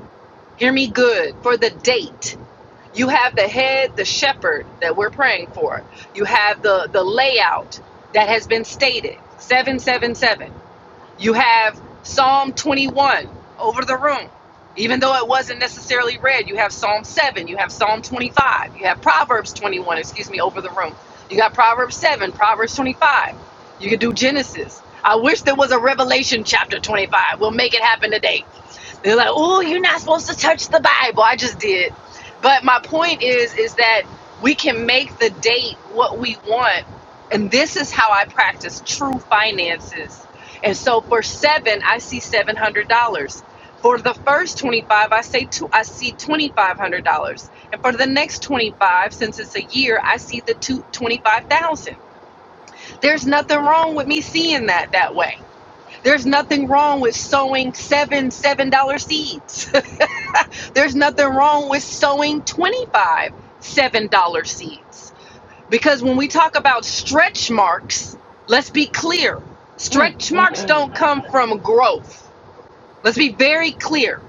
hear me good. For the date, you have the head, the shepherd that we're praying for. You have the the layout that has been stated. 777. You have Psalm 21 over the room. Even though it wasn't necessarily read, you have Psalm 7, you have Psalm 25, you have Proverbs 21, excuse me, over the room. You got Proverbs 7, Proverbs 25. You could do Genesis. I wish there was a Revelation chapter 25. We'll make it happen today. They're like, "Oh, you're not supposed to touch the Bible." I just did. But my point is is that we can make the date what we want. And this is how I practice true finances. And so for seven, I see seven hundred dollars. For the first twenty-five, I say two, I see twenty-five hundred dollars. And for the next twenty-five, since it's a year, I see the two twenty-five thousand. There's nothing wrong with me seeing that that way. There's nothing wrong with sowing seven seven dollar seeds. There's nothing wrong with sowing twenty-five seven dollar seeds. Because when we talk about stretch marks, let's be clear.
Mm,
Stretch
mm,
marks
mm.
don't come from growth. Let's be very clear.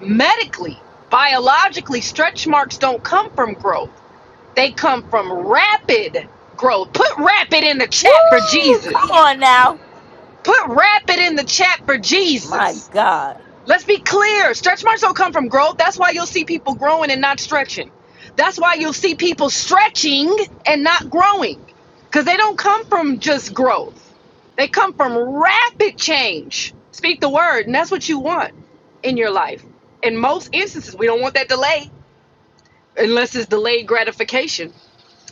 Medically, biologically, stretch marks don't come from growth. They come from rapid growth. Put rapid in the chat for
Woo!
Jesus.
Come on now,
Put rapid in the chat for
my
Jesus.
God.
Let's be clear. Stretch marks don't come from growth. That's why you'll see people growing and not stretching. That's why you'll see people stretching and not growing because they don't come from just growth. They come from rapid change. Speak the word, and that's what you want in your life. In most instances, we don't want that delay unless it's delayed gratification.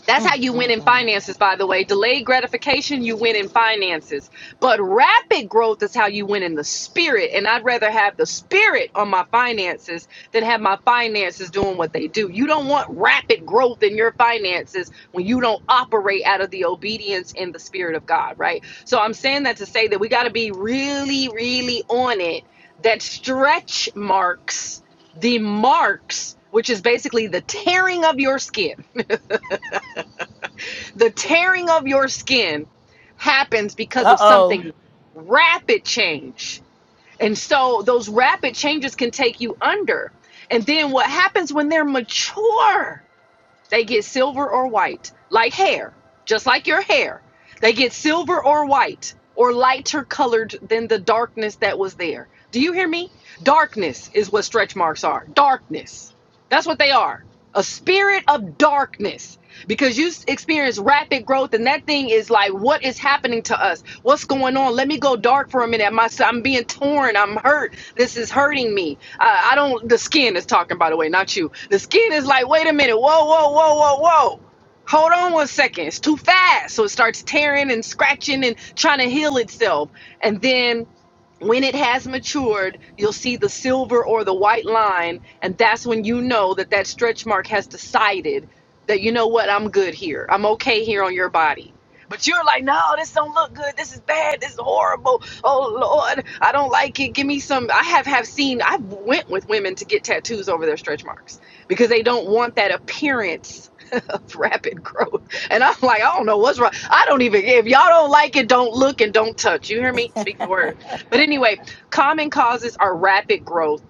That's how
Mm,
you win
mm,
in
mm.
finances, by the way. Delayed gratification, you win in finances. But rapid growth is how you win in the spirit. And I'd rather have the spirit on my finances than have my finances doing what they do. You don't want rapid growth in your finances when you don't operate out of the obedience and the spirit of God, right? So I'm saying that to say that we got to be really, really on it that stretch marks the marks, which is basically the tearing of your skin the tearing of your skin happens because
Uh
of
oh.
something rapid change. And so those rapid changes can take you under. And then what happens when they're mature? They get silver or white, like hair, just like your hair. They get silver or white, or lighter colored than the darkness that was there. Do you hear me? Darkness is what stretch marks are. Darkness. That's what they are. A spirit of darkness. Because you experience rapid growth, and that thing is like, what is happening to us? What's going on? Let me go dark for a minute. My, I'm being torn. I'm hurt. This is hurting me. I, I don't. The skin is talking, by the way, not you. The skin is like, wait a minute. Whoa, whoa, whoa, whoa, whoa. Hold on one second. It's too fast. So it starts tearing and scratching and trying to heal itself. And then when it has matured, you'll see the silver or the white line, and that's when you know that that stretch mark has decided that you know what, I'm good here. I'm okay here on your body. But you're like, no, this don't look good. This is bad. This is horrible. Oh Lord, I don't like it. Give me some. I have have seen. I've went with women to get tattoos over their stretch marks because they don't want that appearance of rapid growth. And I'm like, I don't know what's wrong. I don't even, if y'all don't like it, don't look and don't touch. You hear me? Speak the word. But anyway, common causes are rapid growth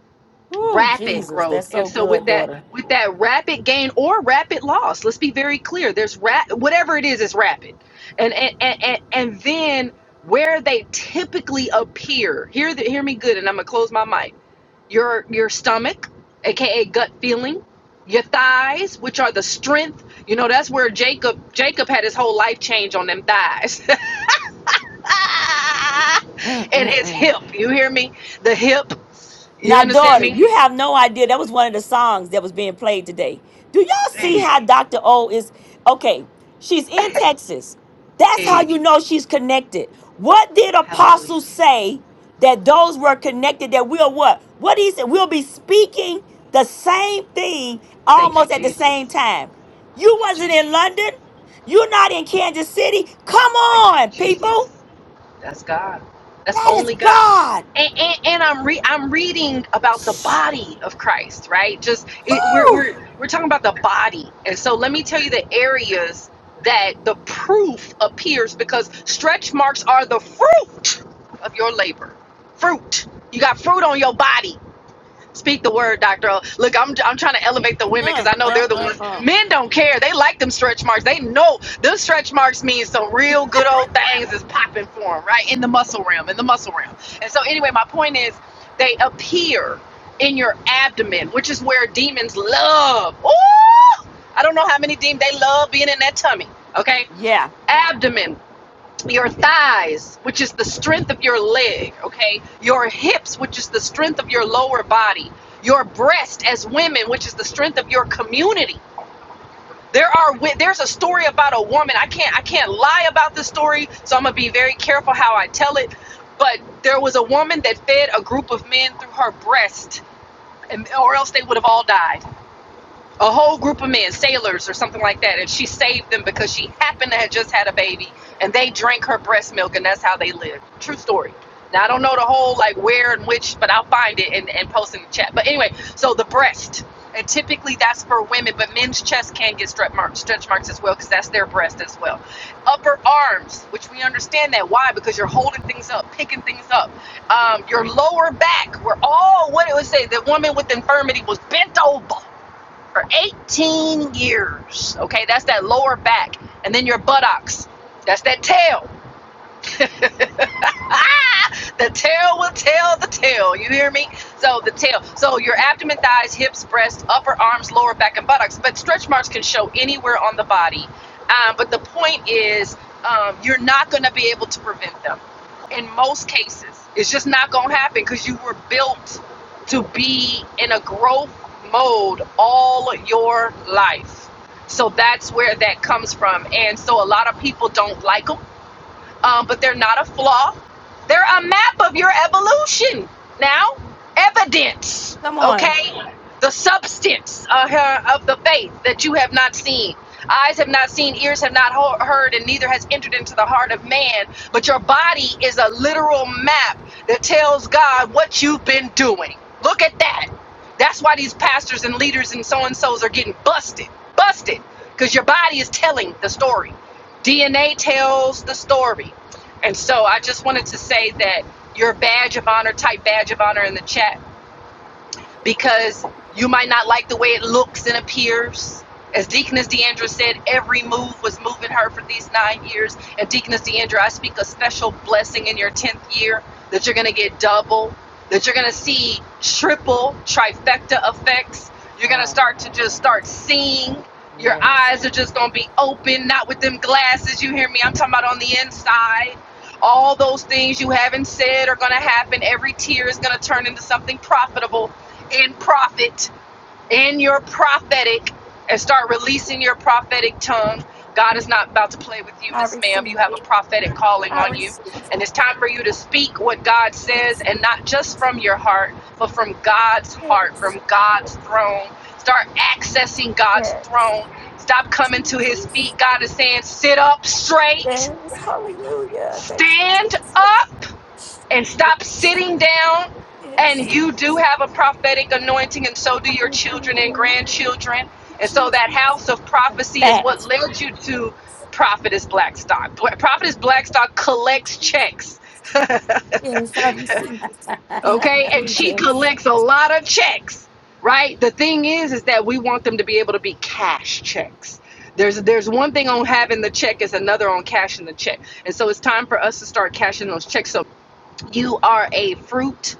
Woo,
rapid
Jesus,
growth
that's
and
so
so with
good,
that
daughter.
with that rapid gain or rapid loss let's be very clear there's rap whatever it is is rapid and and and, and, and then where they typically appear hear the, hear me good and i'm gonna close my mic your your stomach aka gut feeling your thighs which are the strength you know that's where jacob jacob had his whole life change on them thighs and his
Mm-mm-mm.
hip you hear me the hip you
Now,
understand
daughter,
me
you have no idea. That was one of the songs that was being played today. Do y'all see how Dr. O is? Okay, she's in Texas. That's how
Hey,
you know she's connected. What did
hallelujah.
apostles say that those were connected? That we'll what? What he said, we'll be speaking the same thing
Thank you,
almost at the same
Jesus.
time. You
Thank you,
wasn't
Jesus.
in London. You're not in Kansas City. Come
Thank you,
on, people.
Jesus. That's God. That's
That is
only God.
God.
And, and, and I'm re- I'm reading about the body of Christ, right? Just it, we're, we're we're talking about the body, and so let me tell you the areas that the proof appears because stretch marks are the fruit of your labor. Fruit. You got fruit on your body Speak the word, Doctor. O. Look, I'm I'm trying to elevate the women because
Uh,
I know they're the ones. Men don't care. They like them stretch marks. They know them stretch marks means some real good old things is popping for them, right? In the muscle realm, in the muscle realm. And so, anyway, my point is, they appear in your abdomen, which is where demons love. Ooh, I don't know how many demons they love being in that tummy. Okay,
yeah,
abdomen your thighs, which is the strength of your leg, okay? Your hips, which is the strength of your lower body. Your breast as women, which is the strength of your community. There are there's a story about a woman. I can't I can't lie about this story, so I'm going to be very careful how I tell it. But there was a woman that fed a group of men through her breast and or else they would have all died a whole group of men, sailors or something like that, and she saved them because she happened to have just had a baby and they drank her breast milk and that's how they lived. True story. Now I don't know the whole like where and which, but I'll find it and, and post in the chat. But anyway, so the breast. And typically that's for women, but men's chest can get stretch marks, stretch marks as well, because that's their breast as well. Upper arms, which we understand that. Why? Because you're holding things up, picking things up. Um, your lower back, where all what it would say, the woman with infirmity was bent over for 18 years. Okay, that's that lower back. And then your buttocks. That's that tail. Ah, the tail will tell the tail. You hear me? So the tail. So your abdomen, thighs, hips, breast, upper arms, lower back, and buttocks. But stretch marks can show anywhere on the body. Um, but the point is, um, you're not going to be able to prevent them. In most cases, it's just not going to happen because you were built to be in a growth mode all your life. So that's where that comes from. And so a lot of people don't like them um, but they're not a flaw. They're a map of your evolution. Now, evidence,
come on.
okay? The substance of, her, of the faith that you have not seen. Eyes have not seen, ears have not ho- heard, and neither has entered into the heart of man. But your body is a literal map that tells God what you've been doing. Look at that. That's why these pastors and leaders and so and so's are getting busted. Busted. Because your body is telling the story. DNA tells the story. And so I just wanted to say that your badge of honor, type badge of honor in the chat because you might not like the way it looks and appears. As Deaconess Deandra said, every move was moving her for these nine years. And Deaconess Deandra, I speak a special blessing in your 10th year that you're going to get double, that you're going to see triple trifecta effects. You're going to start to just start seeing. Your eyes are just going to be open, not with them glasses. You hear me? I'm talking about on the inside. All those things you haven't said are going to happen. Every tear is going to turn into something profitable in profit, in your prophetic, and start releasing your prophetic tongue. God is not about to play with you, Miss Ma'am. You have a prophetic calling on you. And it's time for you to speak what God says and not just from your heart, but from God's heart, from God's throne. Start accessing God's throne. Stop coming to his feet. God is saying, sit up straight, stand up and stop sitting down. And you do have a prophetic anointing, and so do your children and grandchildren. And so that house of prophecy is
Fact.
what led you to Prophetess Blackstock. Prophetess Blackstock collects checks. okay and she collects a lot of checks right the thing is is that we want them to be able to be cash checks there's there's one thing on having the check is another on cashing the check and so it's time for us to start cashing those checks so you are a fruit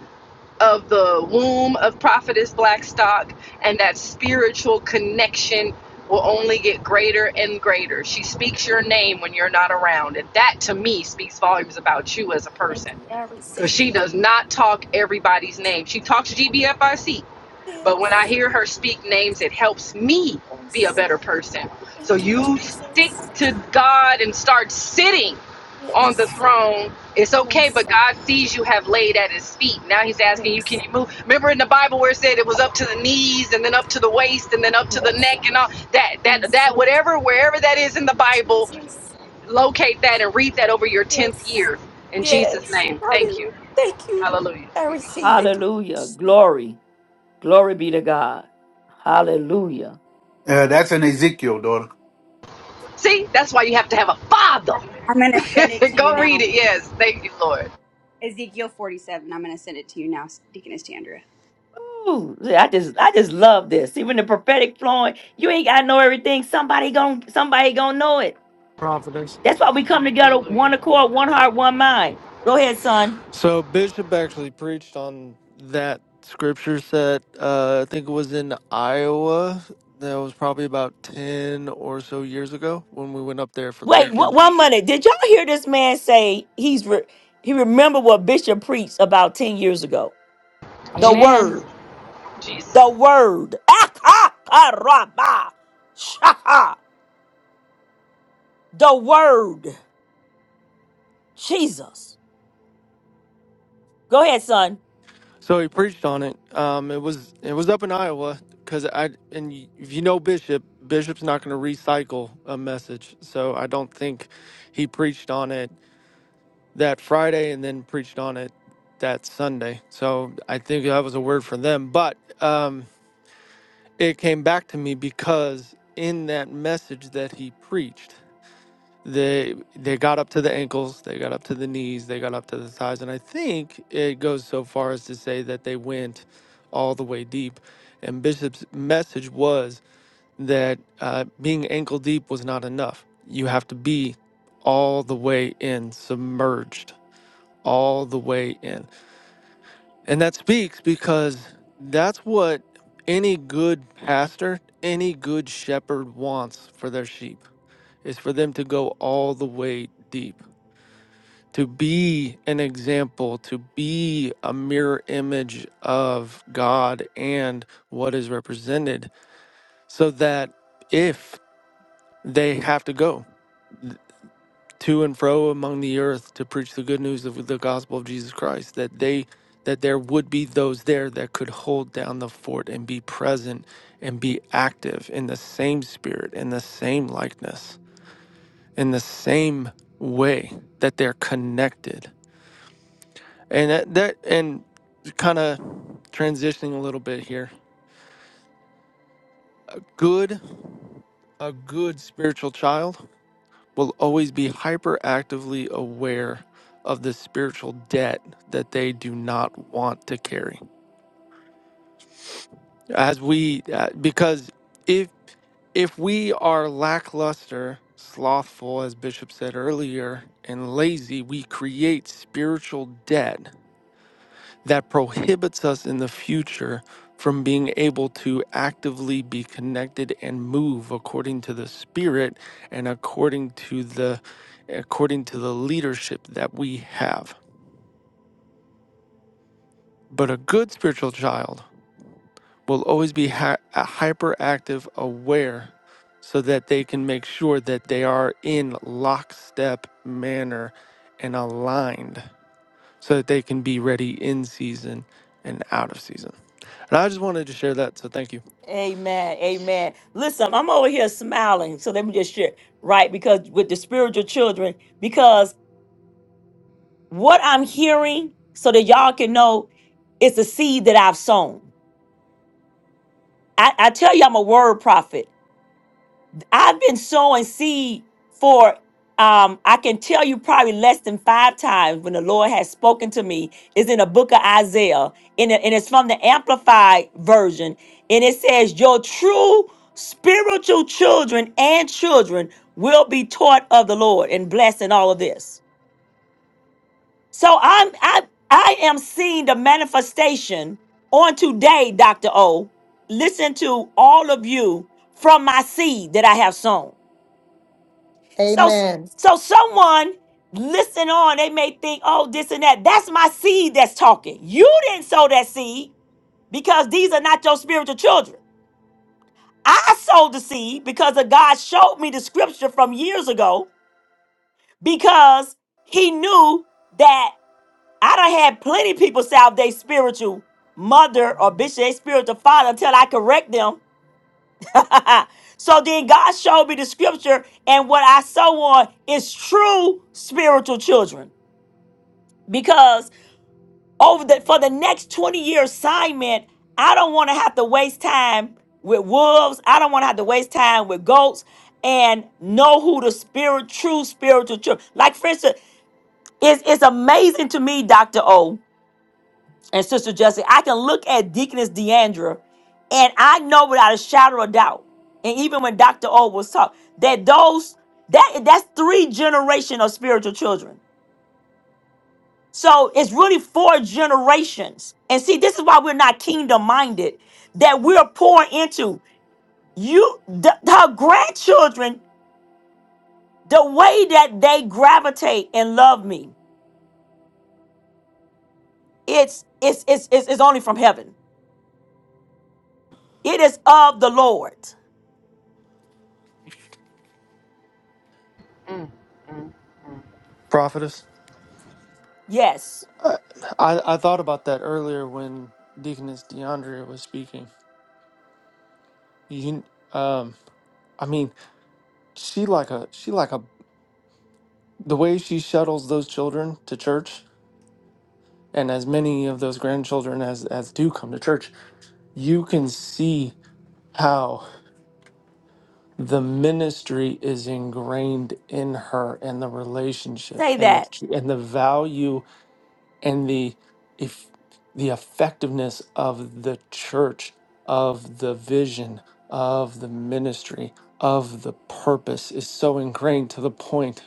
of the womb of prophetess blackstock and that spiritual connection will only get greater and greater she speaks your name when you're not around and that to me speaks volumes about you as a person because she does not talk everybody's name. She talks GBFIC, but when I hear her speak names, it helps me be a better person. So you stick to God and start sitting on the throne. It's okay, but God sees you have laid at his feet. Now he's asking you, can you move? Remember in the Bible where it said it was up to the knees and then up to the waist and then up to the neck and all that that that whatever wherever that is in the Bible, locate that and read that over your 10th year in Jesus name. Thank you. Hallelujah.
Hallelujah. Glory. Glory be to God. Hallelujah.
See, that's why you have to have a father.
I'm going to send it to you
Go read
now.
it. Yes. Thank you, Lord.
Ezekiel 47. I'm going to send it to you now, Deaconess Tandra.
Ooh, see, I just I just love this. See, when the prophetic flowing, you ain't gotta know everything. Somebody gon' somebody gonna know it.
Providence.
That's why we come together,
Hallelujah.
one accord, one heart, one mind. Go ahead, son.
So Bishop actually preached on that scripture set. Uh, I think it was in Iowa. That was probably about ten or so years ago when we went up there for the
Wait, one,
weekend.
one minute. Did y'all hear this man say he's re- he remember what Bishop preached about 10 years ago? The
Jesus.
Amen.
word.
Jesus.
The word. Ah, ah, ah, rah, bah. Shah, ah. The word. Jesus. Go ahead, son.
So he preached on it. Um, it was it was up in Iowa because I and y- if you know Bishop, Bishop's not going to recycle a message. So I don't think he preached on it that Friday and then preached on it that Sunday. So I think that was a word for them. But um, it came back to me because in that message that he preached they they got up to the ankles they got up to the knees they got up to the thighs and i think it goes so far as to say that they went all the way deep and bishop's message was that uh, being ankle deep was not enough you have to be all the way in submerged all the way in and that speaks because that's what any good pastor, any good shepherd wants for their sheep is for them to go all the way deep, to be an example, to be a mirror image of God and what is represented, so that if they have to go to and fro among the earth to preach the good news of the gospel of Jesus Christ that they that there would be those there that could hold down the fort and be present and be active in the same spirit in the same likeness in the same way that they're connected and that, that and kind of transitioning a little bit here a good a good spiritual child will always be hyperactively aware of the spiritual debt that they do not want to carry. As we, uh, because if if we are lackluster, slothful, as Bishop said earlier, and lazy, we create spiritual debt that prohibits us in the future from being able to actively be connected and move according to the spirit and according to the according to the leadership that we have but a good spiritual child will always be hy- uh, hyperactive aware so that they can make sure that they are in lockstep manner and aligned so that they can be ready in season and out of season And I just wanted to share that, so thank you.
Amen. Amen. Listen, I'm over here smiling. So let me just share, right? Because with the spiritual children, because what I'm hearing, so that y'all can know, it's a seed that I've sown. I, I tell you, I'm a word prophet. I've been sowing seed for um I can tell you probably less than five times when the Lord has spoken to me is in the book of Isaiah and, it- and it's from the amplified version and it says your true spiritual children and children will be taught of the Lord and blessed in all of this. So I'm I I am seeing the manifestation on today, Dr. O. Listen to all of you from my seed that I have sown. So,
Amen.
so someone listen on, they may think, oh, this and that. That's my seed that's talking. You didn't sow that seed because these are not your spiritual children. I sowed the seed because of God showed me the scripture from years ago because he knew that I done had plenty of people say they spiritual mother or bishop, they spiritual father until I correct them. so then God showed me the scripture and what I sow on is true spiritual children. because over the for the next 20 year assignment i don't want to have to waste time with wolves i don't want to have to waste time with goats and know who the spirit true spiritual truth like for instance it's, it's amazing to me dr o and sister jessica i can look at deaconess deandra and i know without a shadow of doubt and even when dr o was taught that those that that's three generation of spiritual children So it's really four generations. And see, this is why we're not kingdom minded, that we're pouring into you, the, her grandchildren, the way that they gravitate and love me. It's, it's, it's, it's, it's only from heaven. It is of the Lord.
Prophetess?
Yes,
I, I, I thought about that earlier when Deaconess DeAndrea was speaking. You, um, I mean, she like a she like a the way she shuttles those children to church, and as many of those grandchildren as as do come to church, you can see how the ministry is ingrained in her and the relationship
say
and the
that.
and the value and the if the effectiveness of the church of the vision of the ministry of the purpose is so ingrained to the point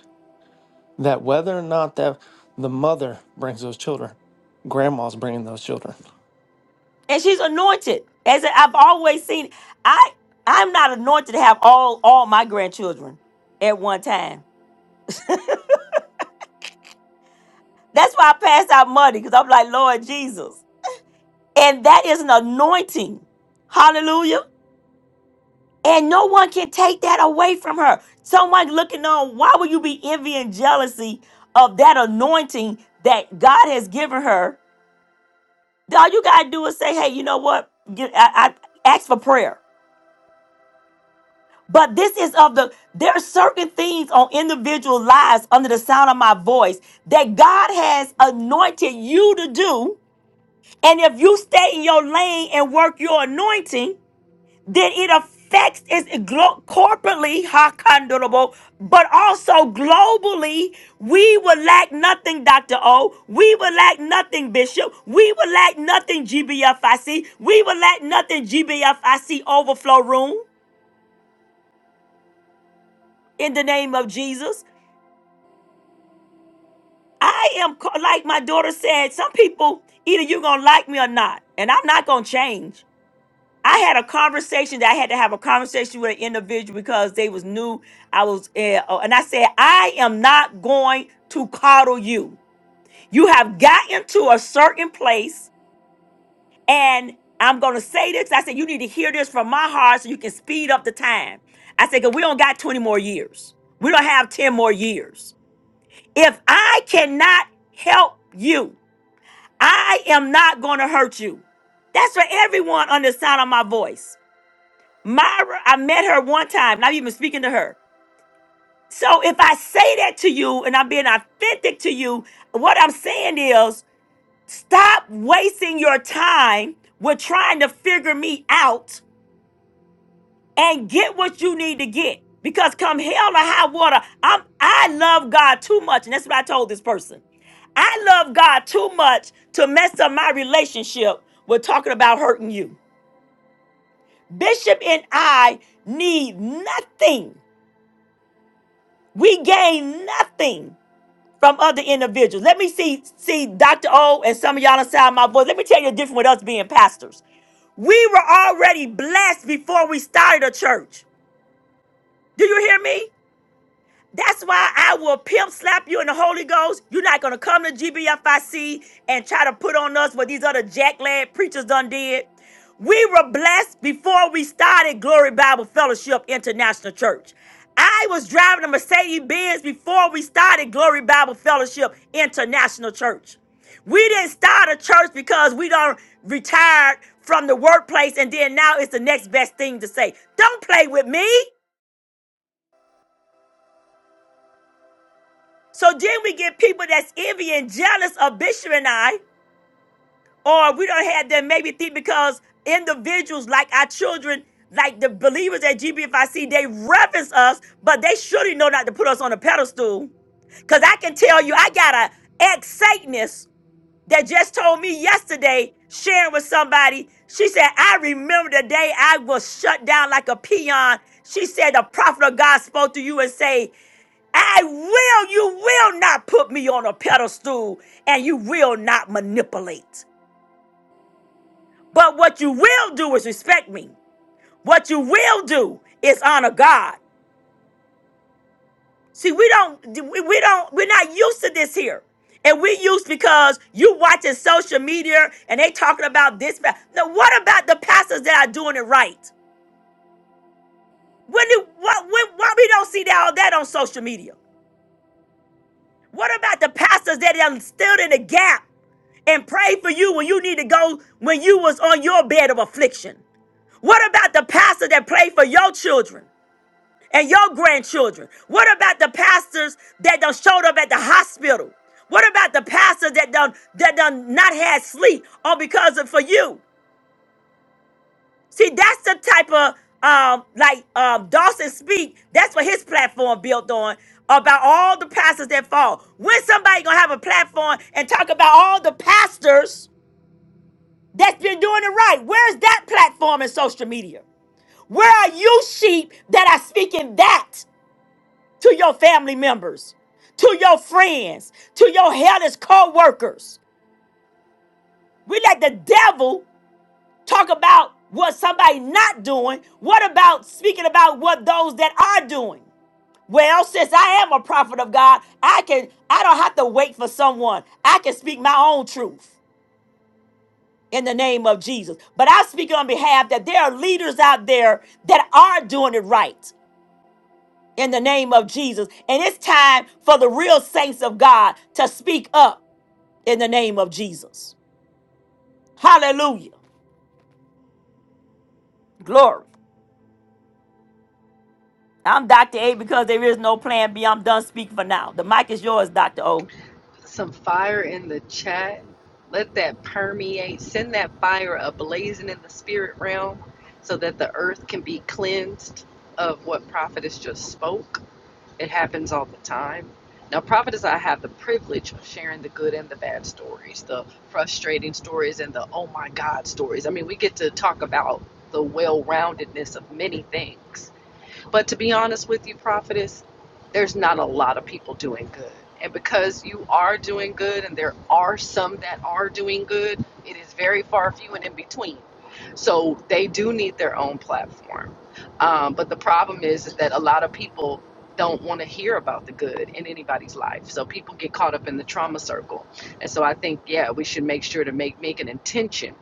that whether or not that the mother brings those children grandma's bringing those children
And she's anointed. As I've always seen, I, I'm not anointed to have all, all my grandchildren at one time. That's why I passed out money because I'm like, Lord Jesus. And that is an anointing. Hallelujah. And no one can take that away from her. Someone looking on, why would you be envy and jealousy of that anointing that God has given her? All you gotta do is say, hey, you know what? Get- I, I ask for prayer. But this is of the there are certain things on individual lives under the sound of my voice that God has anointed you to do. And if you stay in your lane and work your anointing, then it affects us glo- corporately, hakandorable, but also globally. We will lack nothing, Dr. O. We will lack nothing, Bishop. We will lack nothing, GBFIC. We will lack nothing, GBFIC overflow room in the name of Jesus. I am, co- like my daughter said, some people, either you're going to like me or not, and I'm not going to change. I had a conversation that I had to have a conversation with an individual because they was new. I was, uh, oh, and I said, I am not going to coddle you. You have gotten to a certain place, and I'm going to say this. I said, you need to hear this from my heart so you can speed up the time. I said, because we don't got 20 more years. We don't have 10 more years. If I cannot help you, I am not going to hurt you. That's for everyone under the sound of my voice. Myra, I met her one time, not even speaking to her. So if I say that to you and I'm being authentic to you, what I'm saying is stop wasting your time with trying to figure me out and get what you need to get. Because come hell or high water, I'm I love God too much. And that's what I told this person. I love God too much to mess up my relationship with talking about hurting you. Bishop and I need nothing. We gain nothing from other individuals. Let me see, see Dr. O and some of y'all inside my voice. Let me tell you the difference with us being pastors. We were already blessed before we started a church. Do you hear me? That's why I will pimp slap you in the Holy Ghost. You're not gonna come to GBFIC and try to put on us what these other jack lad preachers done did. We were blessed before we started Glory Bible Fellowship International Church. I was driving a Mercedes Benz before we started Glory Bible Fellowship International Church. We didn't start a church because we done retired from the workplace and then now it's the next best thing to say. Don't play with me. So then we get people that's envy and jealous of Bishop and I, or we don't have them maybe think because individuals like our children, like the believers at GBFIC, they reference us, but they surely know not to put us on a pedestal. Cause I can tell you, I got a ex Satanist that just told me yesterday, sharing with somebody. She said, I remember the day I was shut down like a peon. She said, The prophet of God spoke to you and say." I will, you will not put me on a pedestal and you will not manipulate. But what you will do is respect me. What you will do is honor God. See, we don't, we we don't, we're not used to this here. And we used because you watching social media and they talking about this. Now, what about the pastors that are doing it right? When do, what, when, why we don't see that, all that on social media? What about the pastors that are still in the gap and prayed for you when you need to go when you was on your bed of affliction? What about the pastor that prayed for your children and your grandchildren? What about the pastors that done showed up at the hospital? What about the pastors that done that done not had sleep all because of for you? See, that's the type of um like um Dawson speak. That's what his platform built on about all the pastors that fall. When somebody gonna have a platform and talk about all the pastors? that's been doing it right. Where's that platform in social media? Where are you sheep that are speaking that to your family members, to your friends, to your hellish co-workers? We let the devil talk about what somebody not doing. What about speaking about what those that are doing? Well, since I am a prophet of God, I can I don't have to wait for someone. I can speak my own truth. in the name of Jesus. But I speak on behalf that there are leaders out there that are doing it right in the name of Jesus. And it's time for the real saints of God to speak up in the name of Jesus. Hallelujah. Glory. I'm Dr. A because there is no plan B. I'm done speaking for now. The mic is yours, Dr. O.
Some fire in the chat. Let that permeate. Send that fire ablazing in the spirit realm so that the earth can be cleansed of what prophetess just spoke. It happens all the time. Now, Prophet as I have the privilege of sharing the good and the bad stories, the frustrating stories, and the oh my God stories. I mean, we get to talk about the well roundedness of many things. But to be honest with you, prophetess, there's not a lot of people doing good. And because you are doing good, and there are some that are doing good, it is very far few and in between. So they do need their own platform. Um, but the problem is, is that a lot of people don't want to hear about the good in anybody's life. So people get caught up in the trauma circle. And so I think, yeah, we should make sure to make make an intention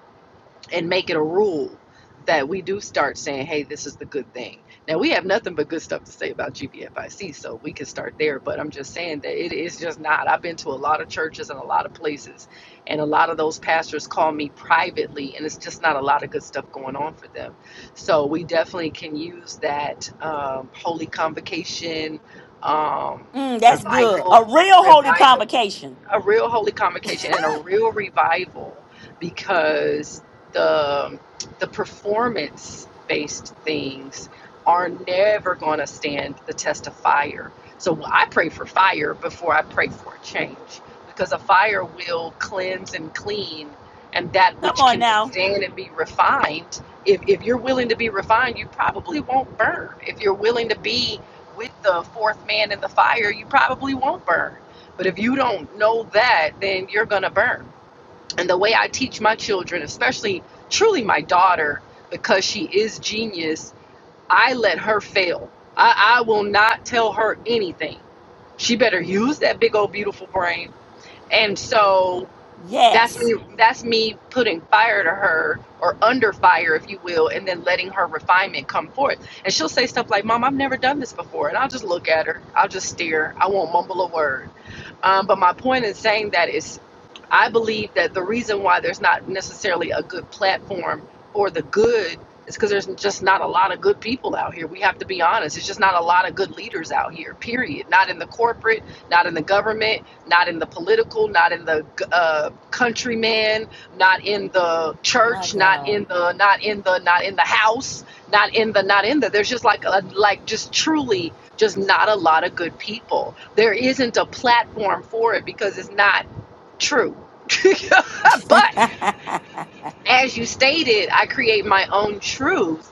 and make it a rule that we do start saying, hey, this is the good thing. Now, we have nothing but good stuff to say about GBFIC, so we can start there. But I'm just saying that it is just not. I've been to a lot of churches and a lot of places, and a lot of those pastors call me privately, and it's just not a lot of good stuff going on for them. So we definitely can use that um, holy convocation, um,
Mm, that's good.
revival,
A real holy
revival
convocation.
a real holy convocation and a real revival because the the performance based things are never going to stand the test of fire. So well, I pray for fire before I pray for a change because a fire will cleanse and clean and that
Come
which
on
can
now.
withstand and be refined. If, if you're willing to be refined, you probably won't burn. If you're willing to be with the fourth man in the fire, you probably won't burn but if you don't know that, then you're going to burn. And the way I teach my children, especially truly my daughter, because she is genius, I let her fail. I, I will not tell her anything. She better use that big old beautiful brain. And so that's
Yes.
me. That's me putting fire to her, or under fire, if you will, and then letting her refinement come forth. And she'll say stuff like, "Mom, I've never done this before," and I'll just look at her. I'll just stare. I won't mumble a word. Um, but my point in saying that is, I believe that the reason why there's not necessarily a good platform for the good is because there's just not a lot of good people out here. We have to be honest. It's just not a lot of good leaders out here. Period. Not in the corporate. Not in the government not in the political, not in the uh, countryman, not in the
My
church, not
God.
in the, not in the, not in the house, not in the, not in the. There's just like, a, like just truly, just not a lot of good people. There isn't a platform for it because it's not true. but as you stated, I create my own truth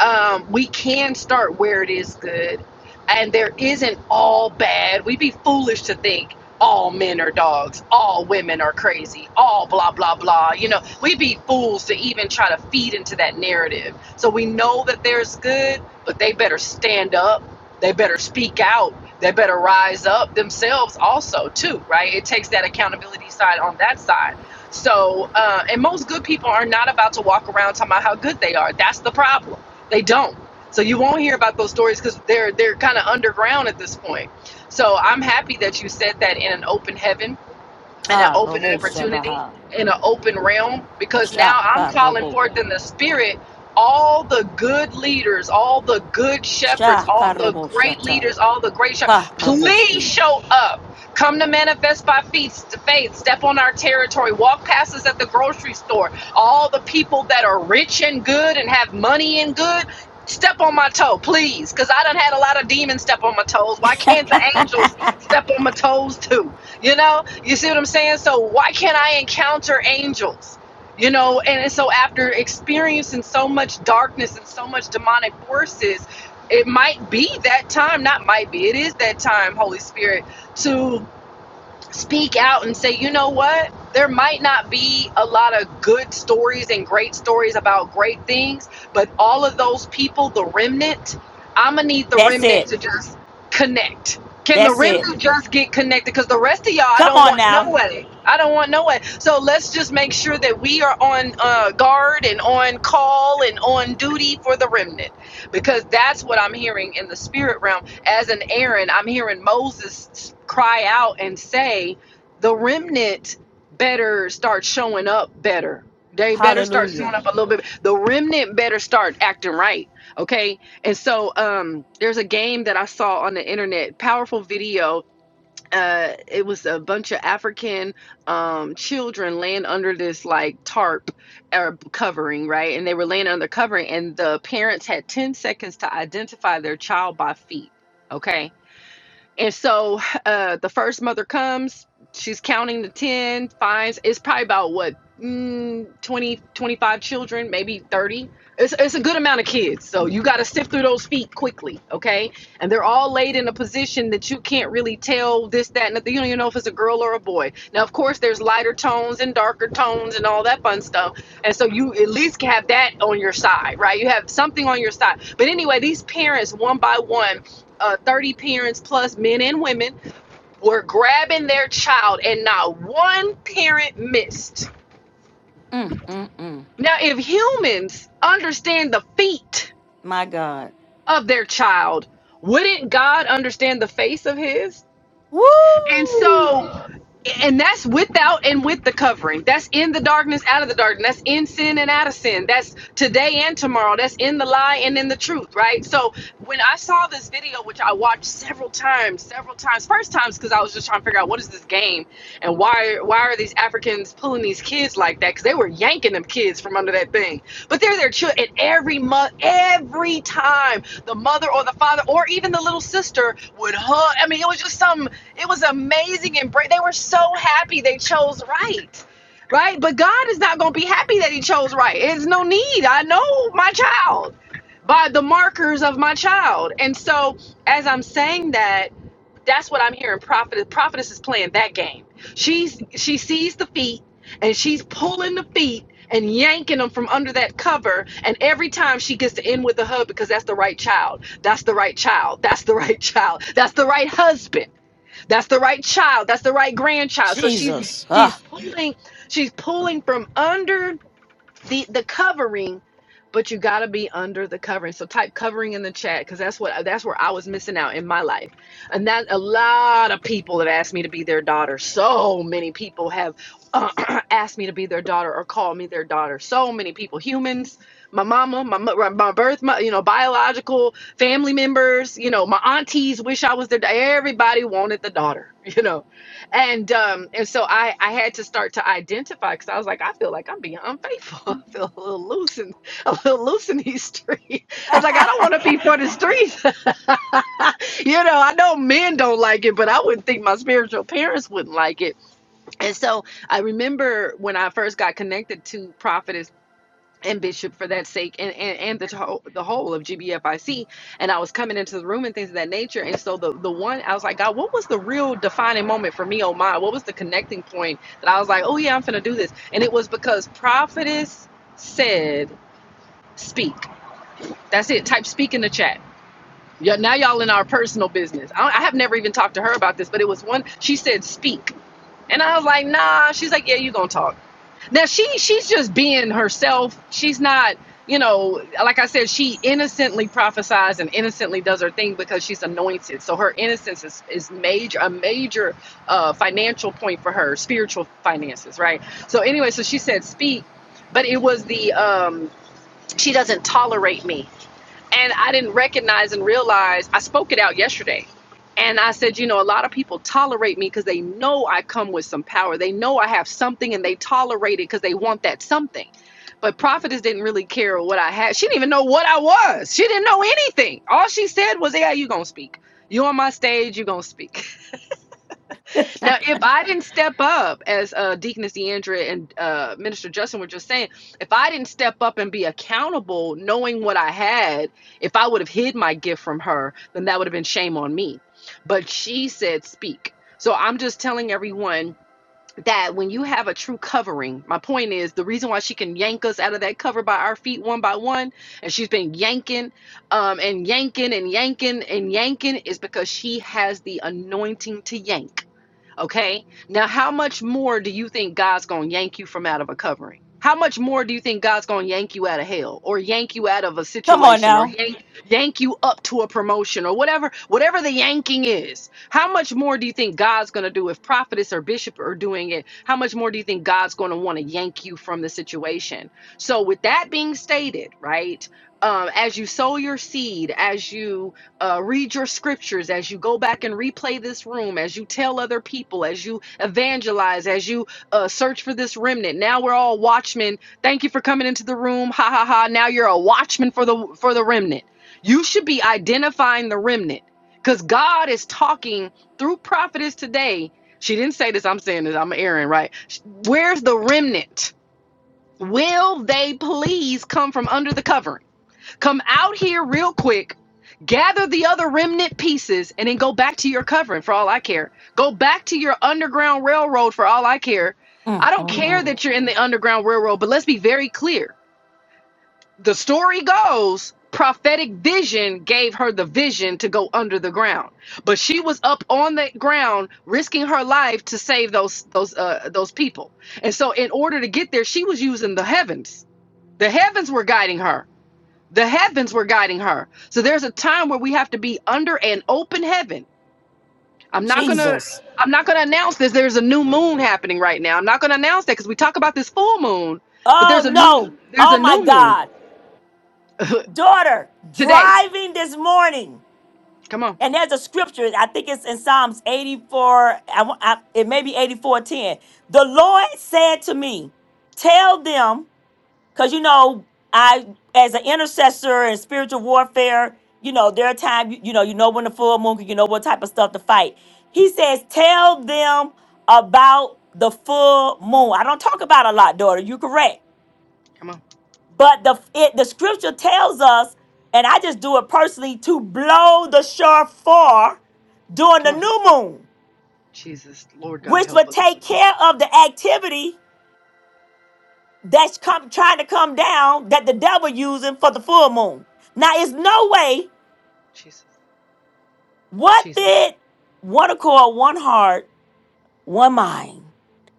um, we can start where it is good, and there isn't all bad. We'd be foolish to think all men are dogs, all women are crazy, all blah blah blah. You know, we'd be fools to even try to feed into that narrative. So we know that there's good, but they better stand up. They better speak out. They better rise up themselves also too, right? It takes that accountability side on that side. So, uh, and most good people are not about to walk around talking about how good they are. That's the problem they don't. So you won't hear about those stories because they're they're kind of underground at this point. So I'm happy that you said that in an open heaven in an open opportunity,
Karoboshabaha.
in an open realm, because now I'm calling forth in the spirit all the good leaders, all the good shepherds,
Sha
all the great
karoboshata.
leaders, all the great shepherds. Please
Karaboshi.
show up. Come to manifest by faith, faith, step on our territory, walk past us at the grocery store. All the people that are rich and good and have money and good, step on my toe, please. Because I done had a lot of demons step on my toes. Why can't the angels step on my toes too? You know, you see what I'm saying? So why can't I encounter angels? You know, and so after experiencing so much darkness and so much demonic forces, it might be that time, not might be, it is that time, Holy Spirit, to speak out and say, you know what? There might not be a lot of good stories and great stories about great things, but all of those people, the remnant, I'm going to need the
That's
remnant
it.
to just connect. Can the
That's it.
remnant just get connected? Because the rest of y'all, I
Come
don't
on
want no
now.
way. I don't want no way. So let's just make sure that we are on uh, guard and on call and on duty for the remnant because that's what I'm hearing in the spirit realm. As an Aaron, I'm hearing Moses cry out and say, The remnant better start showing up better. They better start showing
Hallelujah.
up a little bit. The remnant better start acting right. Okay. And so um, there's a game that I saw on the internet, powerful video uh, it was a bunch of African um, children laying under this like tarp or covering, right? And they were laying under covering, and the parents had 10 seconds to identify their child by feet, okay? And so uh, the first mother comes, she's counting the 10, finds it's probably about what, mm, 20, twenty-five children, maybe 30. It's, it's a good amount of kids. So you got to sift through those feet quickly, okay? And they're all laid in a position that you can't really tell this, that, and the, you don't even know if it's a girl or a boy. Now, of course, there's lighter tones and darker tones and all that fun stuff. And so you at least have that on your side, right? You have something on your side. But anyway, these parents, one by one, uh, 30 parents plus men and women were grabbing their child and not one parent missed.
Mm, mm, mm.
Now, if humans understand the feet
My God.
of their child, wouldn't God understand the face of his? And
Woo!
so, and that's without and with the covering. That's in the darkness, out of the darkness. That's in sin and out of sin. That's today and tomorrow. That's in the lie and in the truth, right? So when I saw this video, which I watched several times, several times, first times because I was just trying to figure out what is this game and why? why why are these Africans pulling these kids like that? Because they were yanking them kids from under that thing. But they're their children. And every month, every time, the mother or the father or even the little sister would hug. I mean, it was just some. It was amazing, and bra- they were so happy they chose right. Right, but God is not going to be happy that He chose right. It's no need. I know my child by the markers of my child, and so as I'm saying that, that's what I'm hearing. Prophet, prophetess is playing that game She's she sees the feet and she's pulling the feet and yanking them from under that cover. And every time she gets to end with the hub because that's the right child. That's the right child. That's the right child. That's the right husband. That's the right child. That's the right grandchild. So she's
Jesus. Ah.
she's pulling she's pulling from under the the covering but you got to be under the covering so type covering in the chat because that's what that's where i was missing out in my life and that a lot of people have asked me to be their daughter so many people have uh, asked me to be their daughter or call me their daughter so many people humans my mama my, my birth my you know biological family members you know my aunties wish i was their everybody wanted the daughter you know and um and so i i had to start to identify because i was like i feel like i'm being unfaithful i feel a little loose in a little loose in these streets i was like i don't want to be for the streets you know i know men don't like it but i wouldn't think my spiritual parents wouldn't like it and so i remember when i first got connected to prophet and Bishop for that sake, and and, and the to- the whole of GBFIC. And I was coming into the room and things of that nature. And so the the one I was like, God, what was the real defining moment for me? Oh my, what was the connecting point that I was like, oh yeah, I'm gonna do this. And it was because prophetess said, speak. That's it. Type speak in the chat. Yeah, now y'all in our personal business. I, I have never even talked to her about this, but it was one. She said, "Speak." And I was like, nah. She's like, yeah, you gonna talk. Now she she's just being herself. She's not, you know, like I said, she innocently prophesies and innocently does her thing because she's anointed. So her innocence is, is major a major uh, financial point for her, spiritual finances, right? So anyway, so she said speak, but it was the um, she doesn't tolerate me. And I didn't recognize and realize I spoke it out yesterday. And I said, you know, a lot of people tolerate me because they know I come with some power. They know I have something and they tolerate it because they want that something. But prophetess didn't really care what I had. She didn't even know what I was. She didn't know anything. All she said was, yeah, you going to speak. You on my stage, you going to speak. Now, if I didn't step up, as uh, Deaconess Deandra and uh, Minister Justin were just saying, if I didn't step up and be accountable, knowing what I had, if I would have hid my gift from her, then that would have been shame on me. But she said, speak. So I'm just telling everyone that when you have a true covering, my point is the reason why she can yank us out of that cover by our feet one by one, and she's been yanking um, and yanking and yanking and yanking, is because she has the anointing to yank Okay. Now, how much more do you think God's going to yank you from out of a covering? How much more do you think God's going to yank you out of hell or yank you out of a
Come on
situation or
now.
yank, yank you up to a promotion or whatever, whatever the yanking is? How much more do you think God's going to do if prophetess or bishop are doing it? How much more do you think God's going to want to yank you from the situation? So with that being stated, right? Um, as you sow your seed, as you uh, read your scriptures, as you go back and replay this room, as you tell other people, as you evangelize, as you uh, search for this remnant. Now we're all watchmen. Thank you for coming into the room. Ha ha ha. Now you're a watchman for the for the remnant. You should be identifying the remnant because God is talking through prophetess today. She didn't say this. I'm saying this. I'm Aaron, right? Where's the remnant? Will they please come from under the covering? Come out here real quick, gather the other remnant pieces, and then go back to your covering for all I care. Go back to your underground railroad for all I care. I
Mm,
don't
mm,
care
mm.
that you're in the underground railroad, but let's be very clear. The story goes prophetic vision gave her the vision to go under the ground but she was up on the ground risking her life to save those those uh those people and so in order to get there she was using the heavens the heavens were guiding her the heavens were guiding her. So there's a time where we have to be under an open heaven. I'm not going to
Jesus.
I'm not going to announce this. There's a new moon happening right now. I'm not going to announce that cuz we talk about this full moon, but
Oh
there's a new
no.
there's a
Oh my
new moon
God. Daughter,
today.
driving this morning.
Come on.
And there's a scripture, I think it's in Psalms 84, I, wa- I, it may be 84:10. The Lord said to me, Tell them, because you know, I, as an intercessor in spiritual warfare, you know, there are times, you, you know, you know when the full moon, you know what type of stuff to fight. He says, Tell them about the full moon. I don't talk about a lot, daughter. You're correct.
Come on.
But the it, the scripture tells us, and I just do it personally, to blow the shofar during the
Come on.
new moon,
Jesus, Lord God
which
help
would
us,
take
please.
care of the activity that's come trying to come down that the devil using for the full moon. Now, it's no
Jesus.
way.
Jesus.
What
Jesus.
did one accord, one heart, one mind,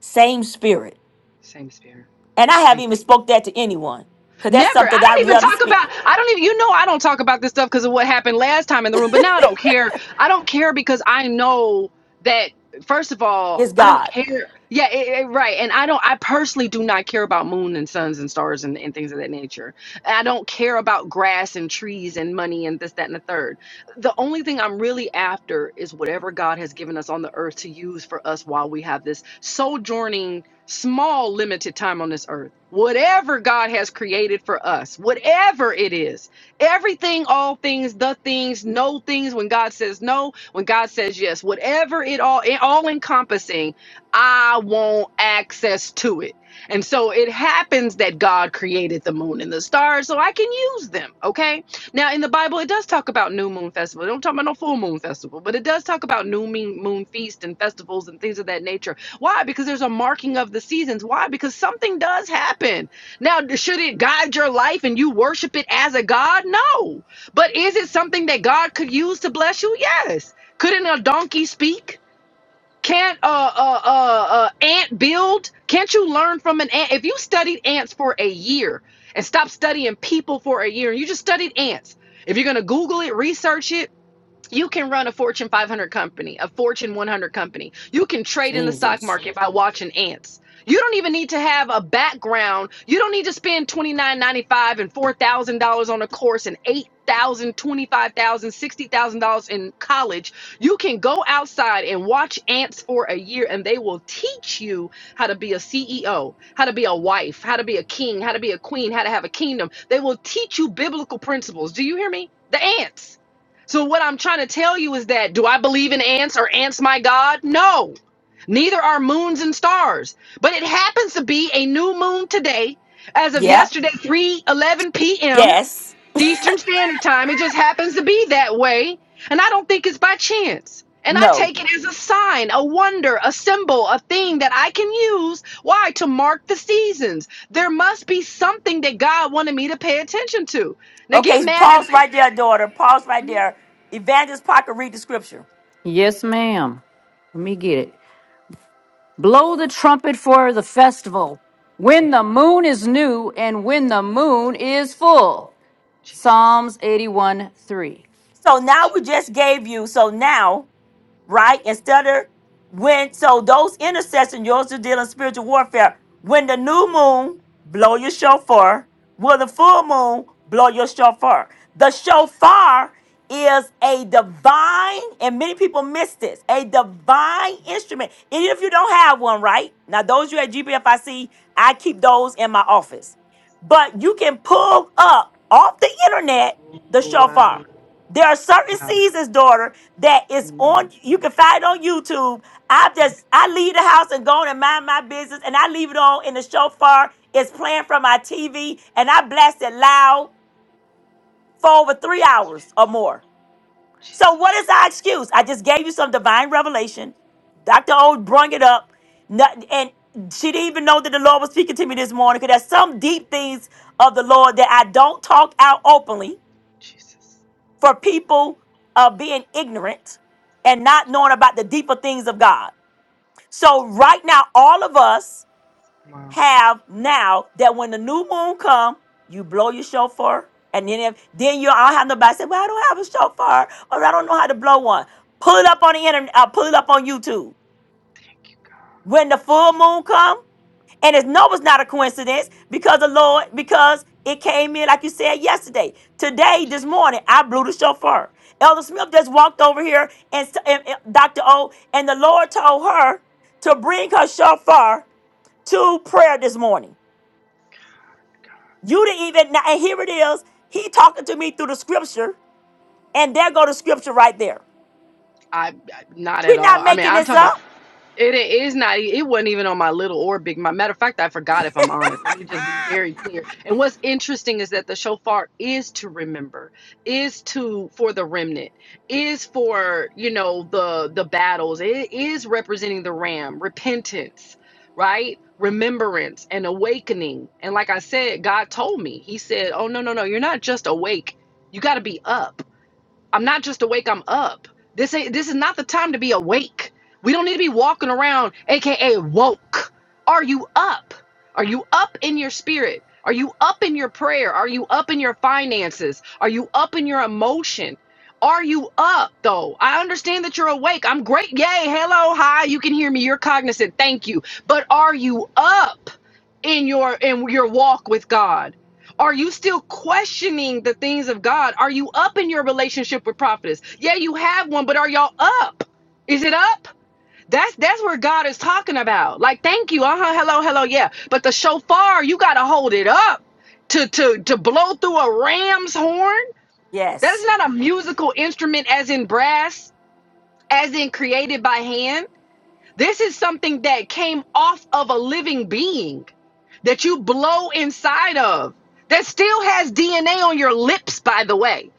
same spirit?
Same spirit.
And I
Thank.
haven't
you.
even spoke that to anyone because that's
Never.
something
I
that
don't
I
even
rather
talk
speak.
about. I don't even. You know, I don't talk about this stuff because of what happened last time in the room. But now I don't care. I don't care because I know that. First of all,
It's
I don't
God,
care. Yeah, it, it- right. And I don't. I personally do not care about moon and suns and stars and, and things of that nature. And I don't care about grass and trees and money and this, that, and the third. The only thing I'm really after is whatever God has given us on the earth to use for us while we have this sojourning small, limited time on this earth. Whatever God has created for us, whatever it is, everything, all things, the things, no things, when God says no, when God says yes, whatever it all, it all encompassing, I want access to it. And so it happens that God created the moon and the stars so I can use them. Okay. Now, in the Bible, it does talk about new moon festival. It don't talk about no full moon festival, but it does talk about new moon moon feast and festivals and things of that nature why? Because there's a marking of the seasons. Why? Because something does happen. Now, should it guide your life and you worship it as a God? No. But is it something that God could use to bless you? Yes. Couldn't a donkey speak? Can't a uh, uh, uh, uh, ant build? Can't you learn from an ant? If you studied ants for a year and stopped studying people for a year and you just studied ants, if you're going to Google it, research it, you can run a Fortune 500 company, a Fortune 100 company. You can trade in the stock
Jesus.
market by watching ants. You don't even need to have a background. You don't need to spend twenty nine ninety five and $4,000 on a course and $8,000, $25,000, $60,000 in college. You can go outside and watch ants for a year and they will teach you how to be a CEO, how to be a wife, how to be a king, how to be a queen, how to have a kingdom. They will teach you biblical principles. Do you hear me? The ants. So what I'm trying to tell you is that do I believe in ants or ants my god? No. Neither are moons and stars. But it happens to be a new moon today as of
Yeah.
yesterday 3:11 p.m.
Yes.
Eastern Standard Time. It just happens to be that way, and I don't think it's by chance. And I
No.
take it as a sign, a wonder, a symbol, a thing that I can use. Why? To mark the seasons. There must be something that God wanted me to pay attention to. Now get
Okay,
mad at.
pause right there, daughter. Pause right
me.
there. Evangelist Parker, read the scripture.
Yes, ma'am. Let me get it. Blow the trumpet for the festival when
Thank you,
the moon is new and when the
Jesus.
moon is full.
Jesus.
Psalms 81 3.
So now
Jesus.
we just gave you, so now, right, instead of when, so those intercessors, yours are dealing spiritual warfare. When the new moon, blow your shofar. Will the full moon, blow your shofar. The shofar is a divine, and many people miss this, a divine instrument. Even if you don't have one, right? Now, those you at GBFIC, I C, I keep those in my office but you can pull up off the internet
Oh,
the shofar.
wow.
There are certain
Wow.
seasons, daughter, that is
81
on. You
3.
can find it on YouTube. I
Thank you,
just I leave the house and go on and mind my business, and I leave it on in the shofar. It's playing from my TV, and I blast it loud for over three hours or more. So
Jesus.
what is
Thank you,
our excuse? I just gave you some divine revelation. Dr. O brung it up. Nothing, and she didn't even know that the Lord was speaking to me this morning because there's some deep things of the Lord that I don't talk out openly
Jesus.
for people uh, being ignorant and not knowing about the deeper things of God. So right now, all of us have now that when the new moon come, you blow your shofar, and then if then you all have nobody say, "Well, I don't have a shofar, or I don't know how to blow one." Pull it up on the internet. Uh, pull it up on YouTube. When the full moon come, and it's no, it's not a coincidence because the Lord, because it came in like you said yesterday. Today, this morning, I blew the shofar. Elder Smith just walked over here, and, s- and and Dr. O, and the Lord told her to bring her shofar to prayer this morning. You didn't even now, and here it is. He talking to me through the scripture, and there go the scripture right there.
I, I not at
We're
all.
not
I mean,
making
I'm
this
talking about
up.
It is not. e- It wasn't even on my little or big. My matter of fact, I forgot. If I'm honest, let me just be very clear. And what's interesting is that the shofar is to remember, is to for the remnant, is for you know the the battles. It is representing the ram, repentance, right? Remembrance and awakening. And like I said, God told me. He said, "Oh no, no, no! You're not just awake. You got to be up." I'm not just awake, I'm up. This ain't this is not the time to be awake. We don't need to be walking around, aka woke. Are you up? Are you up in your spirit? Are you up in your prayer? Are you up in your finances? Are you up in your emotion? Are you up though? I understand that you're awake. I'm great. Yay. Hello. Hi. You can hear me. You're cognizant. Thank you. But are you up in your in your walk with God? Are you still questioning the things of God? Are you up in your relationship with prophetess? Yeah, you have one, but are y'all up? Is it up? That's that's where God is talking about. Like, thank you. Uh-huh. Hello, hello, yeah. But the shofar, you gotta hold it up to to to blow through a ram's horn. That is
Yes,
not a musical instrument as in brass, as in created by hand. This is something that came off of a living being that you blow inside of that still has DNA on your lips, by the way.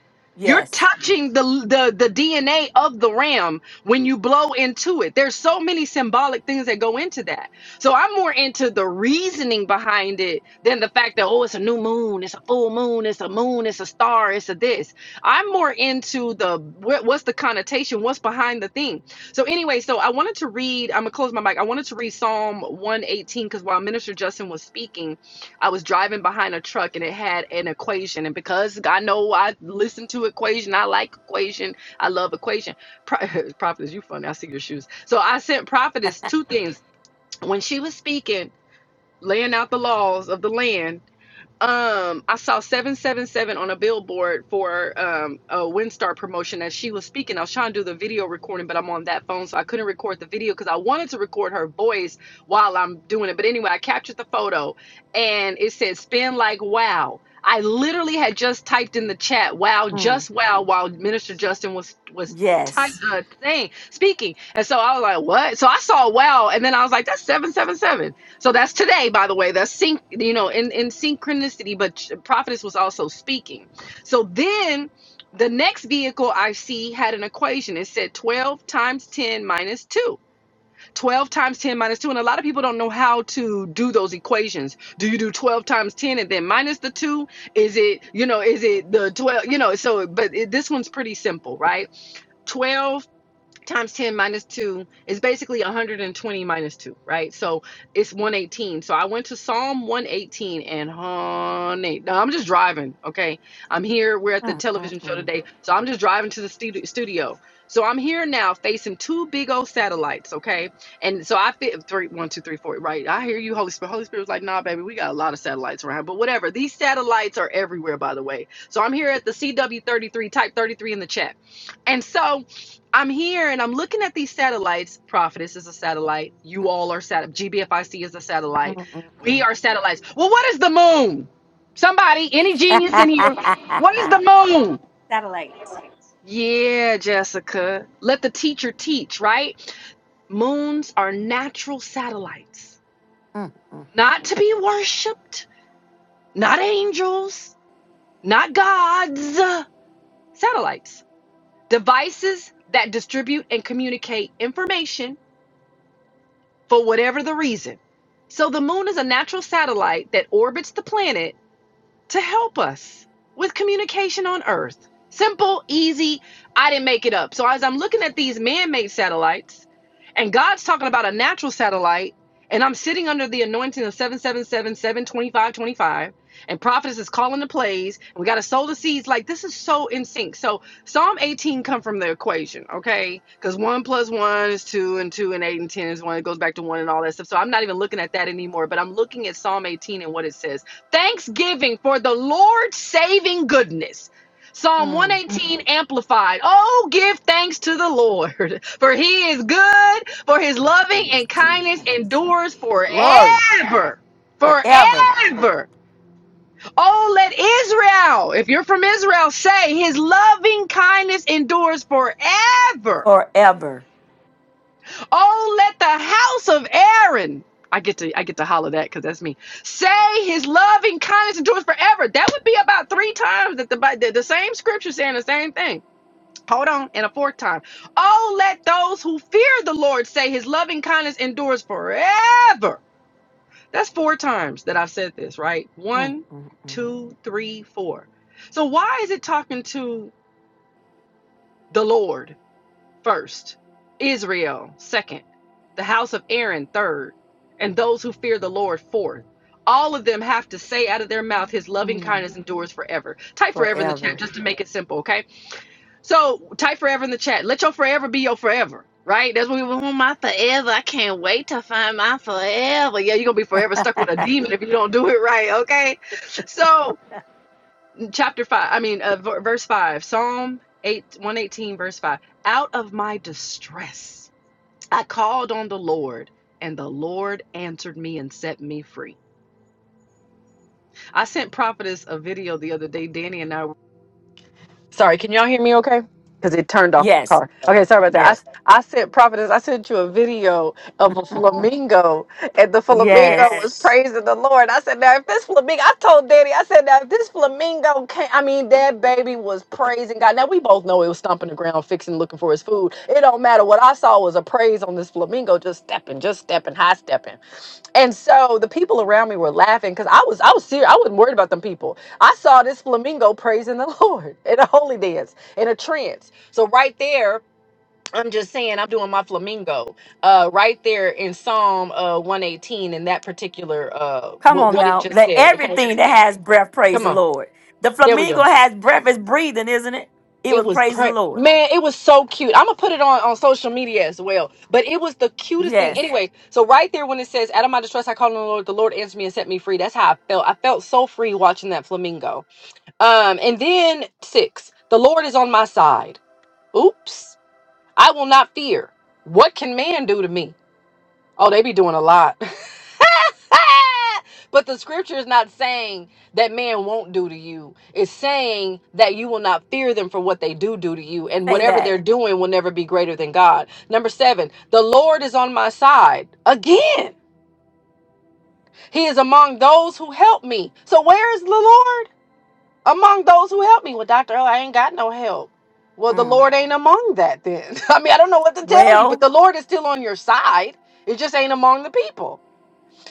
You're
yes,
touching the, the, the DNA of the ram when you blow into it. There's so many symbolic things that go into that. So I'm more into the reasoning behind it than the fact that, oh, it's a new moon, it's a full moon, it's a moon, it's a star, it's a this. I'm more into the what, what's the connotation, what's behind the thing so anyway, so I wanted to read. I'm gonna close my mic. I wanted to read Psalm 118 because while Minister Justin was speaking, I was driving behind a truck and it had an equation. And because I know I listen to equation, I like equation. I love equation. Pro- prophetess, you funny. I see your shoes. So I sent prophetess two things when she was speaking, laying out the laws of the land um i saw 777 on a billboard for um a WinStar promotion as she was speaking i was trying to do the video recording but i'm on that phone so i couldn't record the video because i wanted to record her voice while i'm doing it but anyway i captured the photo and it said spin like wow i literally had just typed in the chat wow
Mm.
just wow while minister justin was was type
yes.
uh, thing speaking and so i was like what so i saw wow and then i was like that's 7 7 777." So that's today, by the way. That's sync, you know, in, in synchronicity, but prophetess was also speaking. So then the next vehicle I see had an equation. It said 12 times 10 minus 2. 12 times 10 minus 2. And a lot of people don't know how to do those equations. Do you do 12 times 10 and then minus the 2? Is it, you know, is it the 12, you know, so, but it, this one's pretty simple, right? Twelve times 10 minus 2 is basically 120 minus 2, right? So it's 118. So I went to Psalm 118 and honey, no, I'm just driving, okay? I'm here. We're at the
Mm, mm,
television show
mm.
today. So I'm just driving to the stu- studio. So I'm here now facing two big old satellites, okay? And so I fit three, one, two, three, four, right? I hear you, Holy Spirit. Holy Spirit was like, nah, baby, we got a lot of satellites around, but whatever. These satellites are everywhere, by the way. So I'm here at the CW33, type 33 in the chat. And so I'm here and I'm looking at these satellites. Prophetess is a satellite. You all are sat. GBFIC is a satellite.
Mm, mm,
We
mm.
are satellites. Well, what is the moon? Somebody, any genius in here? What is the moon?
Satellite.
Yeah, Jessica. Let the teacher teach, right? Moons are natural satellites,
Mm, mm,
not to be worshipped, not angels, not gods. Satellites, devices that distribute and communicate information for whatever the reason. So the moon is a natural satellite that orbits the planet to help us with communication on Earth. Simple, easy. I didn't make it up. So as I'm looking at these man-made satellites, and God's talking about a natural satellite, and I'm sitting under the anointing of seven, seven, seven, seven, twenty-five, twenty-five, and prophetess is calling the plays, and we got to sow the seeds. Like this is so in sync. So Psalm 18 come from the equation, okay? Because one plus one is two, and two and eight and ten is one. It goes back to one and all that stuff. So I'm not even looking at that anymore, but I'm looking at Psalm 18 and what it says. Thanksgiving for the Lord's saving goodness. Psalm
mm,
118 amplified. Oh, give thanks to the Lord, for he is good, for his
mm,
loving and
mm.
kindness endures
Glory
forever.
forever,
Forever. Oh, let Israel, if you're from Israel, say his loving kindness endures forever.
forever,
Oh, let the house of Aaron. I get to I get to holler that because that's me. Say his loving kindness endures forever. That would be about three times that the the, the same scripture saying the same thing. Hold on, and a fourth time. Oh, let those who fear the Lord say his loving kindness endures forever. That's four times that I've said this, right?
Mm,
One,
mm, mm,
two, three, four. So why is it talking to the Lord? first, Israel second, the house of Aaron third, and those who fear the Lord fourth. All of them have to say out of their mouth, His loving
mm.
kindness endures forever. Type forever in the
forever.
chat just to make it simple, okay? So type forever in the chat. Let your forever be your forever, right? That's what we want my forever. I can't wait to find my forever. Yeah, you're gonna be forever stuck with a demon if you don't do it right, okay? So chapter five, I mean, uh, ver- verse five, Psalm eight, 118, verse five. Out of my distress. I called on the Lord, and the Lord answered me and set me free. I sent Prophetess a video the other day. Danny and I. were Sorry, can y'all hear me okay? Because it turned off my Yes.
Yes,
car. Okay, sorry about Yes.
yes,
that. I, I sent Prophetess, I sent you a video of a flamingo, and the flamingo
yes.
was Yes. praising the Lord. I said, Now, if this flamingo, I told Daddy, I said, Now, if this flamingo came, I mean, that baby was praising God. Now, we both know it was stomping the ground, fixing, looking for his food. It don't matter. What I saw was a praise on this flamingo, just stepping, just stepping, high stepping. And so the people around me were laughing because I was I was serious. I wasn't worried about them people. I saw this flamingo praising the Lord in a holy dance in a trance. So right there, I'm just saying I'm doing my flamingo uh, right there in Psalm uh, 118 in that particular uh,
Come
what
on
what Come it on
now.
just now.
Let
said. Okay,
everything that has breath praise
come
the
on,
Lord. The
there we go.
flamingo has breath, is breathing, isn't it? It
It
was
was
praising the
pre-
Lord.
man, it was so cute. I'm gonna put it on on social media as well. But it was the cutest thing.
Yes.
Anyway, so right there when it says, "Out of my distress, I called on the Lord. The Lord answered me and set me free." That's how I felt. I felt so free watching that flamingo. Um, and then six, the Lord is on my side. Oops, I will not fear. What can man do to me? Oh, they be doing a lot. but the scripture is not saying that man won't do to you. It's saying that you will not fear them for what they do do to you, and
Say
whatever
that.
they're doing will never be greater than God. Number seven, the Lord is on my side. Again, He is among those who help me. So where is the Lord among those who help me? Well, Doctor, Earl, I ain't got no help. Well, the
Mm.
Lord ain't among that then. I mean, I don't know what to tell you, but
Well,
the Lord is still on your side. It just ain't among the people.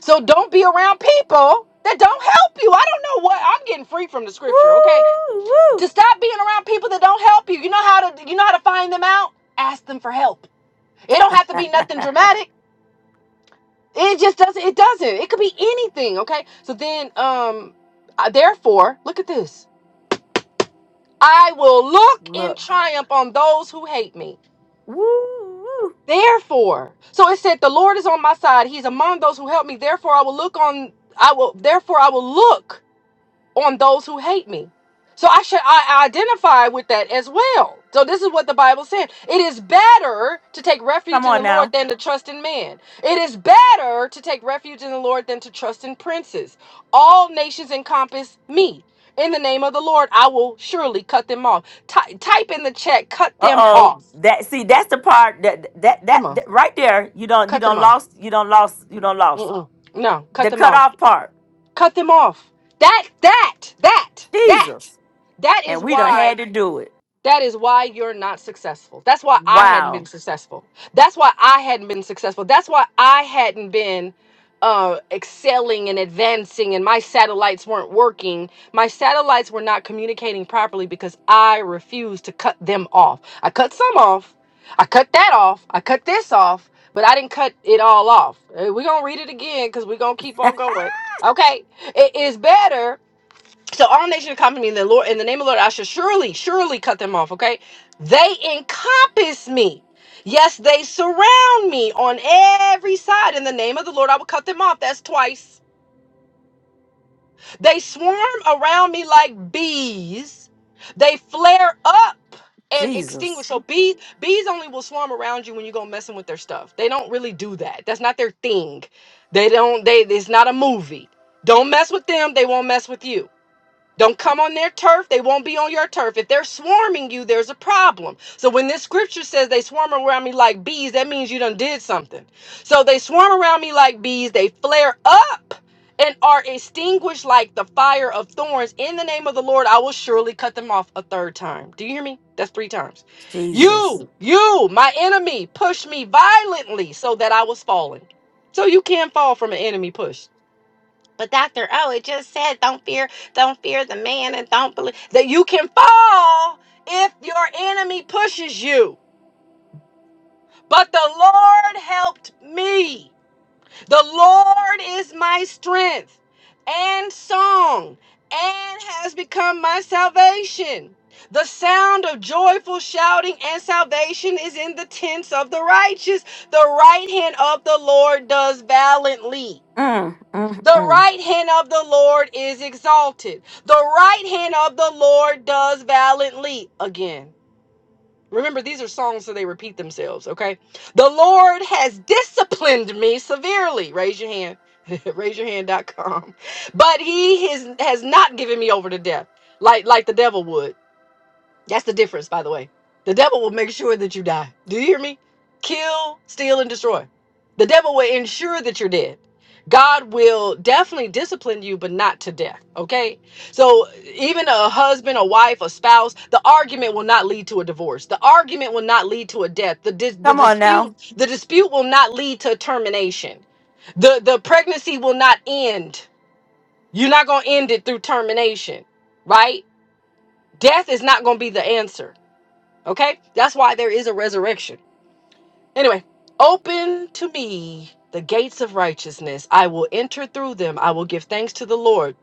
So don't be around people that don't help you. I don't know what I'm getting free from the scripture, okay?
woo,
To
woo.
stop being around people that don't help you. You know how to you know how to find them out? Ask them for help. It don't have to be nothing dramatic. It just doesn't it doesn't. It could be anything, okay? So then um I- therefore, look at this. I will look in
Look.
triumph on those who hate me.
Woo, woo.
Therefore, so it said the Lord is on my side. He's among those who help me. Therefore, I will look on I will therefore I will look on those who hate me. So I should I I identify with that as well. So this is what the Bible said. It is better to take
Come
refuge in the
on
Lord
now.
than to trust in man. It is better to take refuge in the Lord than to trust in princes. All nations encompass me. In the name of the Lord, I will surely cut them off. Ty- type in the chat, cut
Uh
them
oh.
off.
That see, that's the part that that
Come
that,
on,
that right there, you don't you
cut them
don't
off.
lost, you don't lost, you don't lost them.
Mm-mm. No, cut
The
them
cut
off.
off part.
Cut them off. That that that that
Jesus.
that is
And we done
why.
had to do it.
That is why you're not successful. That's why I hadn't been
Wow.
successful. That's why I hadn't been successful. That's why I hadn't been uh, excelling and advancing, and my satellites weren't working. My satellites were not communicating properly because I refused to cut them off. I cut some off. I cut that off. I cut this off, but I didn't cut it all off. We're going to read it again because we're going to keep on going. Okay. It is better. So all nations come to me in the Lord in the name of the Lord, I shall surely, surely cut them off. Okay. They encompass me. Yes, they surround me on every side. In the name of the Lord, I will cut them off. That's twice. They swarm around me like bees. They flare up and extinguish.
Jesus.
So bees, bees only will swarm around you when you go messing with their stuff. They don't really do that. That's not their thing. They don't, they it's not a movie. Don't mess with them, they won't mess with you. Don't come on their turf. They won't be on your turf. If they're swarming you, there's a problem. So when this scripture says they swarm around me like bees, that means you done did something. So they swarm around me like bees. They flare up and are extinguished like the fire of thorns. In the name of the Lord, I will surely cut them off a third time. Do you hear me? That's three times.
Jesus.
You, you, my enemy, push me violently so that I was falling. So you can fall from an enemy push. But Dr. O, it just said, don't fear, don't fear the man and don't believe that you can fall if your enemy pushes you. But the Lord helped me. The Lord is my strength and song and has become my salvation. The sound of joyful shouting and salvation is in the tents of the righteous. The right hand of the Lord does valiantly.
Mm, mm,
The
mm.
right hand of the Lord is exalted. The right hand of the Lord does valiantly. Again, remember, these are songs, so they repeat themselves, okay? The Lord has disciplined me severely. Raise your hand. Raise your hand. Dot com. But he has, has not given me over to death like, like the devil would. That's the difference, by the way. The devil will make sure that you die. Do you hear me? Kill, steal, and destroy. The devil will ensure that you're dead. God will definitely discipline you, but not to death. Okay? So, even a husband, a wife, a spouse, the argument will not lead to a divorce. The argument will not lead to a death. The, dis- the
Come on
dispute,
now,
the dispute will not lead to termination. The the pregnancy will not end. You're not gonna end it through termination, right? Death is not gonna be the answer Okay? That's why there is a resurrection. Anyway, open to me the gates of righteousness. I will enter through them. I will give thanks to the Lord.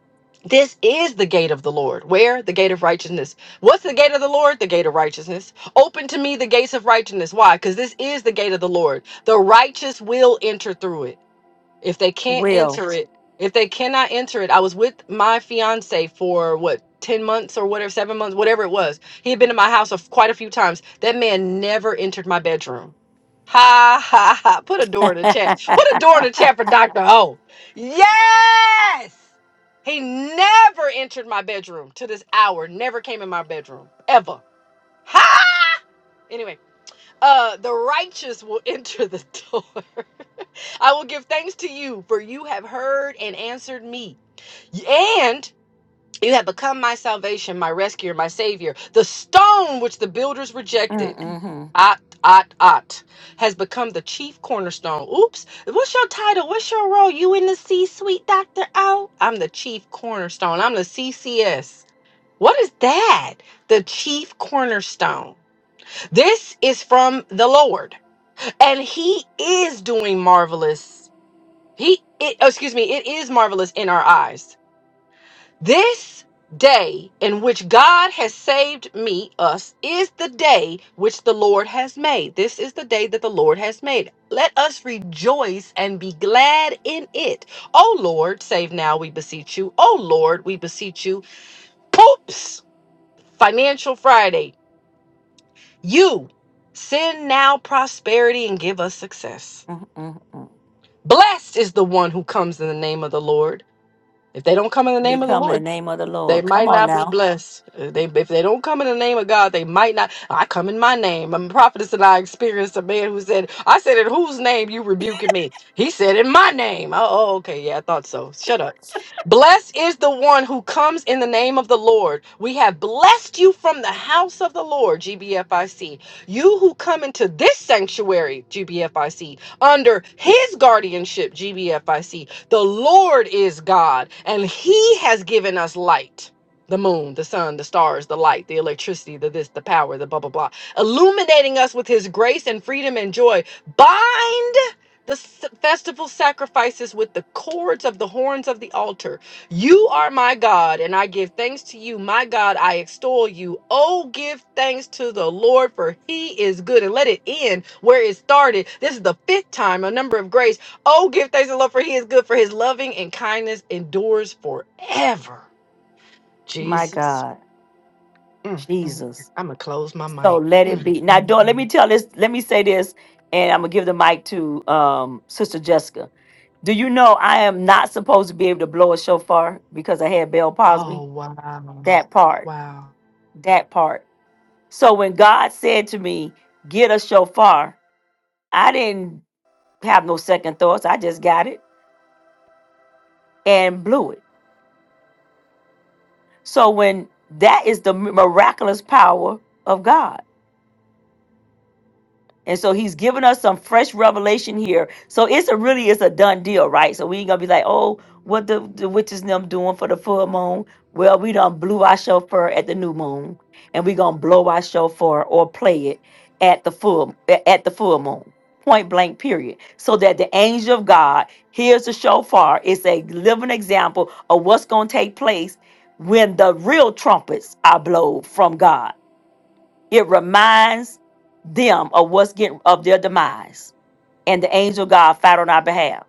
This is the gate of the Lord. Where? The gate of righteousness. What's the gate of the Lord? The gate of righteousness. Open to me the gates of righteousness. Why? Because this is the gate of the Lord. The righteous will enter through it if they can't
will.
enter it if they cannot enter it i was with my fiance for what 10 months or whatever 7 months whatever it was he had been in my house of quite a few times that man never entered my bedroom ha ha ha put a door in the chat put a door in the chat for dr o yes he never entered my bedroom to this hour never came in my bedroom ever ha anyway uh the righteous will enter the door I will give thanks to you, for you have heard and answered me. And you have become my salvation, my rescuer, my savior. The stone which the builders
Mm,
rejected.
mhm,
Ot, ot, ot. Has become the chief cornerstone. Oops. What's your title? What's your role? You in the C suite, Dr. O? I'm the chief cornerstone. I'm the CCS. What is that? The chief cornerstone. This is from the Lord, and He is doing marvelous. He, it, oh, excuse me, it is marvelous in our eyes. This day in which God has saved me, us, is the day which the Lord has made. This is the day that the Lord has made. Let us rejoice and be glad in it. O Lord, save now, we beseech you. O Lord, we beseech you. Poops! Financial Friday. You send now prosperity and give us success.
mm, mm, mm.
Blessed is the one who comes in the name of the Lord. If they don't come in the
we
name of the
come
Lord,
in the name of the
They
Lord. Come
might
on
not be
now.
blessed. Uh, They if they don't come in the name of God, they might not. I come in my name. I'm prophetess, and I experienced a man who said, "I said in whose name you rebuking me?" He said, "In my name." Oh, oh, okay, yeah, I thought so. Shut up. Blessed is the one who comes in the name of the Lord. We have blessed you from the house of the Lord, GBFIC. You who come into this sanctuary, GBFIC, under His guardianship, GBFIC. The Lord is God, and He has given us light. The moon, the sun, the stars, the light, the electricity, the this, the power, the blah, blah, blah, illuminating us with his grace and freedom and joy. Bind the s- festival sacrifices with the cords of the horns of the altar. You are my God, and I give thanks to you. My God, I extol you. Oh, give thanks to the Lord, for he is good. And let it end where it started. This is the fifth time, a number of grace. Oh, give thanks to the Lord for he is good, for his loving and kindness endures forever.
My
Jesus.
God,
Mm, mm, mm.
Jesus.
I'm going to close my
So
mic.
let it
Mm,
be. Now,
mm,
Dora, let me
mm.
tell this, let me say this, and I'm gonna give the mic to um Sister Jessica. Do you know I am not supposed to be able to blow a shofar because I had Bell
Oh,
Posby?
wow.
That part.
Wow.
That part. So when God said to me, get a shofar, I didn't have no second thoughts. I just got it and blew it. So when that is the miraculous power of God. And so he's given us some fresh revelation here. So it's a really it's a done deal, right? So we ain't gonna be like, oh, what the, the witches and them doing for the full moon? Well, we done blew our shofar at the new moon, and we gonna blow our shofar or play it at the full a- at the full moon. Point blank, period. So that the angel of God hears the shofar. It's a living example of what's gonna take place when the real trumpets are blown from God. It reminds them of what's getting of their demise. And the angel God fight on our behalf.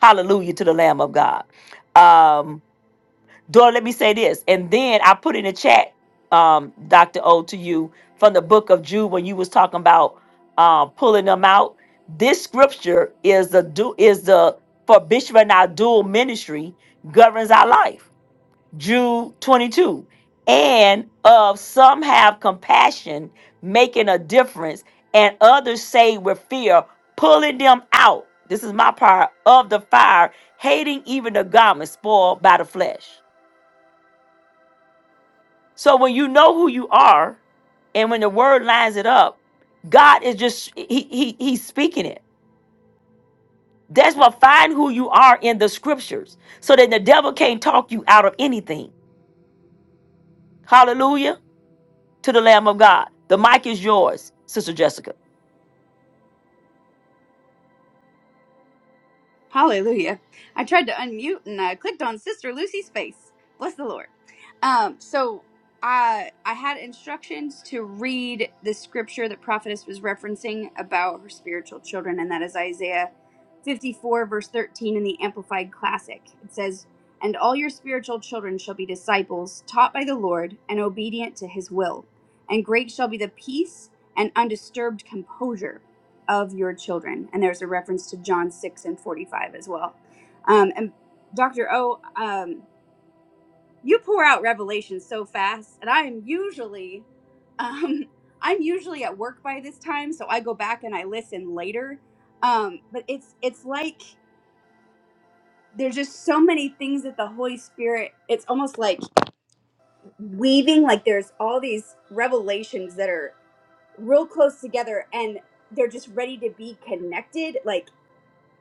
Hallelujah to the Lamb of God. Um, Dora, let me say this. And then I put in the chat, um, Dr. O to you from the book of Jude when you was talking about um pulling them out. This scripture is the do is the for Bishop and our dual ministry governs our life Jude 22. And of some have compassion, making a difference, and others say with fear, pulling them out. This is my part of the fire, hating even the garment spoiled by the flesh. So when you know who you are, and when the word lines it up, God is just he, he he's speaking it. That's what find who you are in the scriptures, so that the devil can't talk you out of anything. Hallelujah. to the Lamb of God. The mic is yours, Sister Jessica.
Hallelujah. I tried to unmute and I clicked on Sister Lucy's face. Bless the Lord. Um, so I I had instructions to read the scripture that prophetess was referencing about her spiritual children, and that is Isaiah 54, verse 13 in the Amplified Classic. It says, And all your spiritual children shall be disciples, taught by the Lord, and obedient to his will. And great shall be the peace and undisturbed composure of your children. And there's a reference to John 6 and 45 as well. Um, and Dr. O, um, you pour out revelation so fast, and I am usually. Um, I'm usually at work by this time, so I go back and I listen later. Um, but it's it's like there's just so many things that the Holy Spirit. It's almost like weaving. Like there's all these revelations that are real close together, and they're just ready to be connected. Like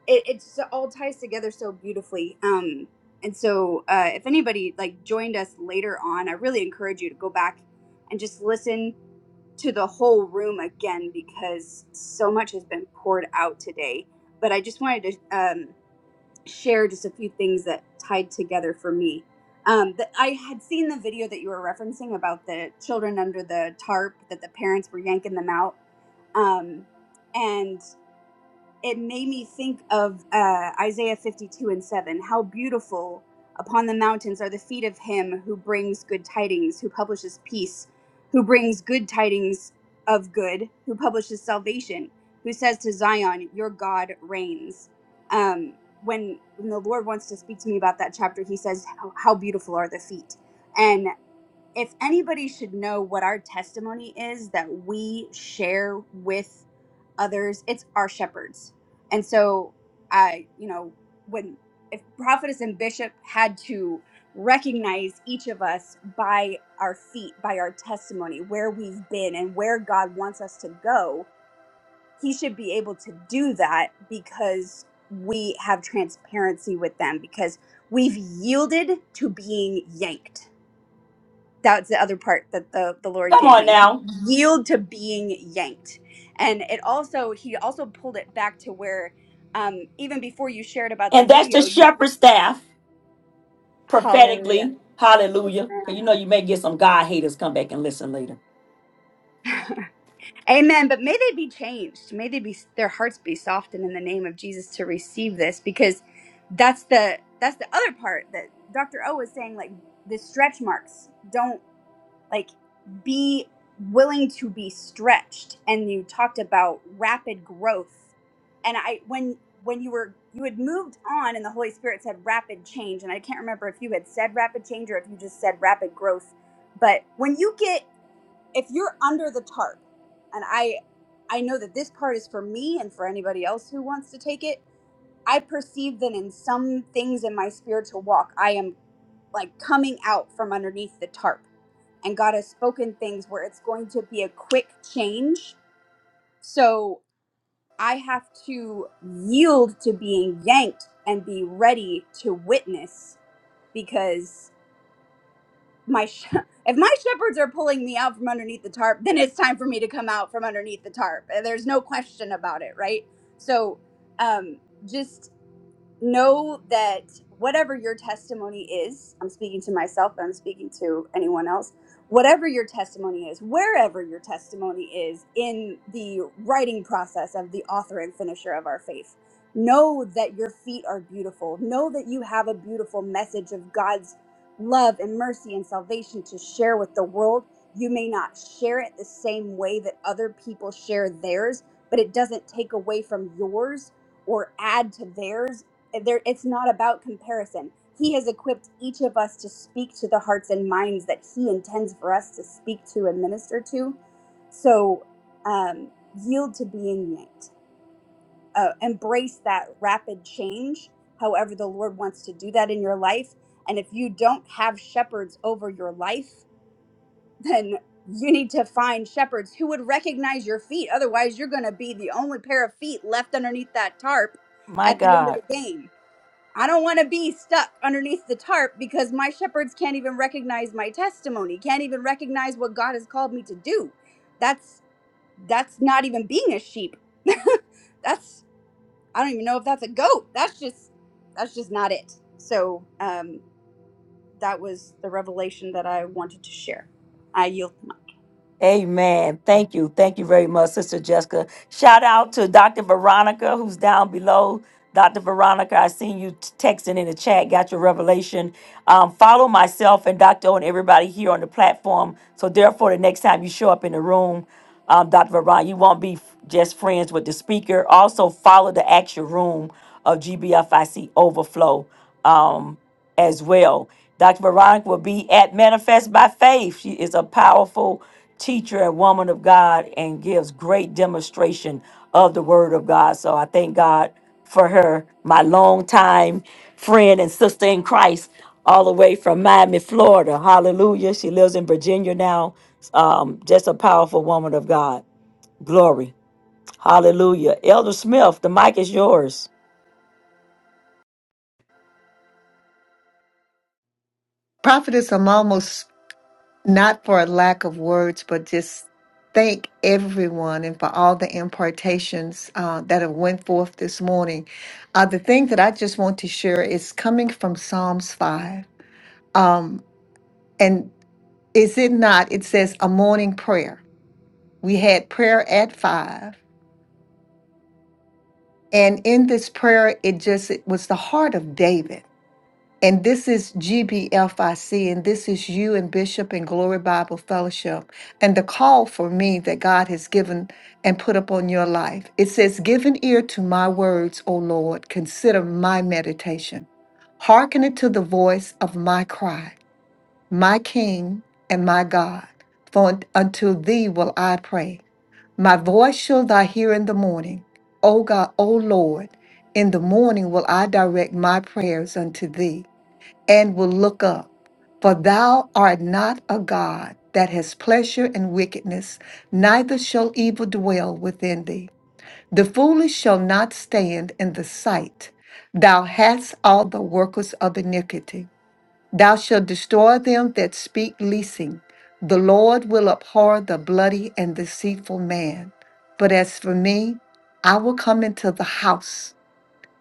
it, it just all ties together so beautifully. Um, and so uh, if anybody like joined us later on, I really encourage you to go back and just listen to the whole room again because so much has been poured out today. But I just wanted to um, share just a few things that tied together for me. Um, that I had seen the video that you were referencing about the children under the tarp that the parents were yanking them out. Um, and it made me think of uh, Isaiah 52 and 7. How beautiful upon the mountains are the feet of him who brings good tidings, who publishes peace, who brings good tidings of good, who publishes salvation, who says to Zion, Your God reigns. Um, when, when the Lord wants to speak to me about that chapter, he says, How how beautiful are the feet. And if anybody should know what our testimony is that we share with others, it's our shepherds. And so I, you know, when if prophetess and bishop had to recognize each of us by our feet, by our testimony, where we've been and where God wants us to go, he should be able to do that because we have transparency with them because we've yielded to being yanked that's the other part that the the lord
Come
gave
on
me
now.
yield to being yanked and it also he also pulled it back to where um even before you shared about the
And that's the
video you
shepherd staff
hallelujah
prophetically.
yes
Hallelujah. Because
ma'am
you know you may get some God haters come back and listen later.
amen but may they be changed may they be their hearts be softened in the name of jesus to receive this because that's the that's the other part that dr o was saying like the stretch marks don't like be willing to be stretched and you talked about rapid growth and i when when you were you had moved on and the holy spirit said rapid change and i can't remember if you had said rapid change or if you just said rapid growth but when you get if you're under the tarp and i i know that this part is for me and for anybody else who wants to take it i perceive that in some things in my spiritual walk i am like coming out from underneath the tarp and God has spoken things where it's going to be a quick change. So I have to yield to being yanked and be ready to witness because my sh- if my shepherds are pulling me out from underneath the tarp, then it's time for me to come out from underneath the tarp. There's no question about it, right? So um just know that whatever your testimony is, I'm speaking to myself, but I'm speaking to anyone else, whatever your testimony is, wherever your testimony is in the writing process of the author and finisher of our faith, know that your feet are beautiful. Know that you have a beautiful message of God's love and mercy and salvation to share with the world. You may not share it the same way that other people share theirs, but it doesn't take away from yours or add to theirs eh, there it's not about comparison he has equipped each of us to speak to the hearts and minds that he intends for us to speak to and minister to so um, yield to being yanked uh, embrace that rapid change however the lord wants to do that in your life and if you don't have shepherds over your life then you need to find shepherds who would recognize your feet otherwise you're going to be the only pair of feet left underneath that tarp
My
at the end of
God.
the game I don't want to be stuck underneath the tarp because my shepherds can't even recognize my testimony, can't even recognize what God has called me to do. That's that's not even being a sheep. that's I don't even know if that's a goat. That's just that's just not it. So um that was the revelation that I wanted to share. I yield. my-
Amen. Thank you. Thank you very much, Sister Jessica. Shout out to Dr. Veronica, who's down below. Dr. Veronica, I seen you t- texting in the chat, got your revelation. Um, follow myself and Dr. O and everybody here on the platform. So, therefore, the next time you show up in the room, um, Dr. Veronica, you won't be f- just friends with the speaker. Also, follow the actual room of GBFIC Overflow. Um, as well. Dr. Veronica will be at Manifest by Faith. She is a powerful teacher and woman of God and gives great demonstration of the Word of God. So I thank God for her, my longtime friend and sister in Christ, all the way from Miami, Florida. Hallelujah. She lives in Virginia now. Um, just a powerful woman of God. Glory. Hallelujah. Elder Smith, the mic is yours.
Prophetess, I'm almost not for a lack of words, but just thank everyone and for all the impartations uh, that have went forth this morning. Uh, the thing that I just want to share is coming from Psalms 5. Um, and is it not? It says a morning prayer. We had prayer at 5. And in this prayer, it just it was the heart of David. And this is GBFIC, and this is you and Bishop and Glory Bible Fellowship, and the call for me that God has given and put upon your life. It says, Give an ear to my words, O Lord, consider my meditation. Hearken unto the voice of my cry, my King and my God, for un- unto thee will I pray. My voice shall thou hear in the morning, O God, O Lord, in the morning will I direct my prayers unto thee and will look up. For thou art not a God that has pleasure in wickedness, neither shall evil dwell within thee. The foolish shall not stand in the sight. Thou hast all the workers of iniquity. Thou shalt destroy them that speak leasing. The Lord will abhor the bloody and deceitful man. But as for me, I will come into the house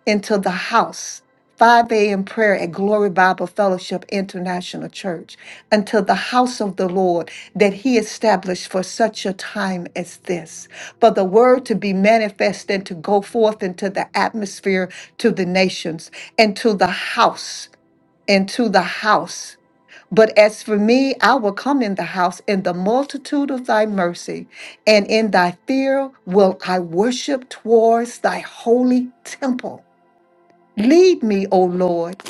into the house. 5 a.m. prayer at Glory Bible Fellowship International Church until the house of the Lord that He established for such a time as this, for the word to be manifest and to go forth into the atmosphere to the nations and to the house and to the house but as for me, I will come in the house in the multitude of thy mercy, and in thy fear will I worship towards thy holy temple. Lead me, O Lord,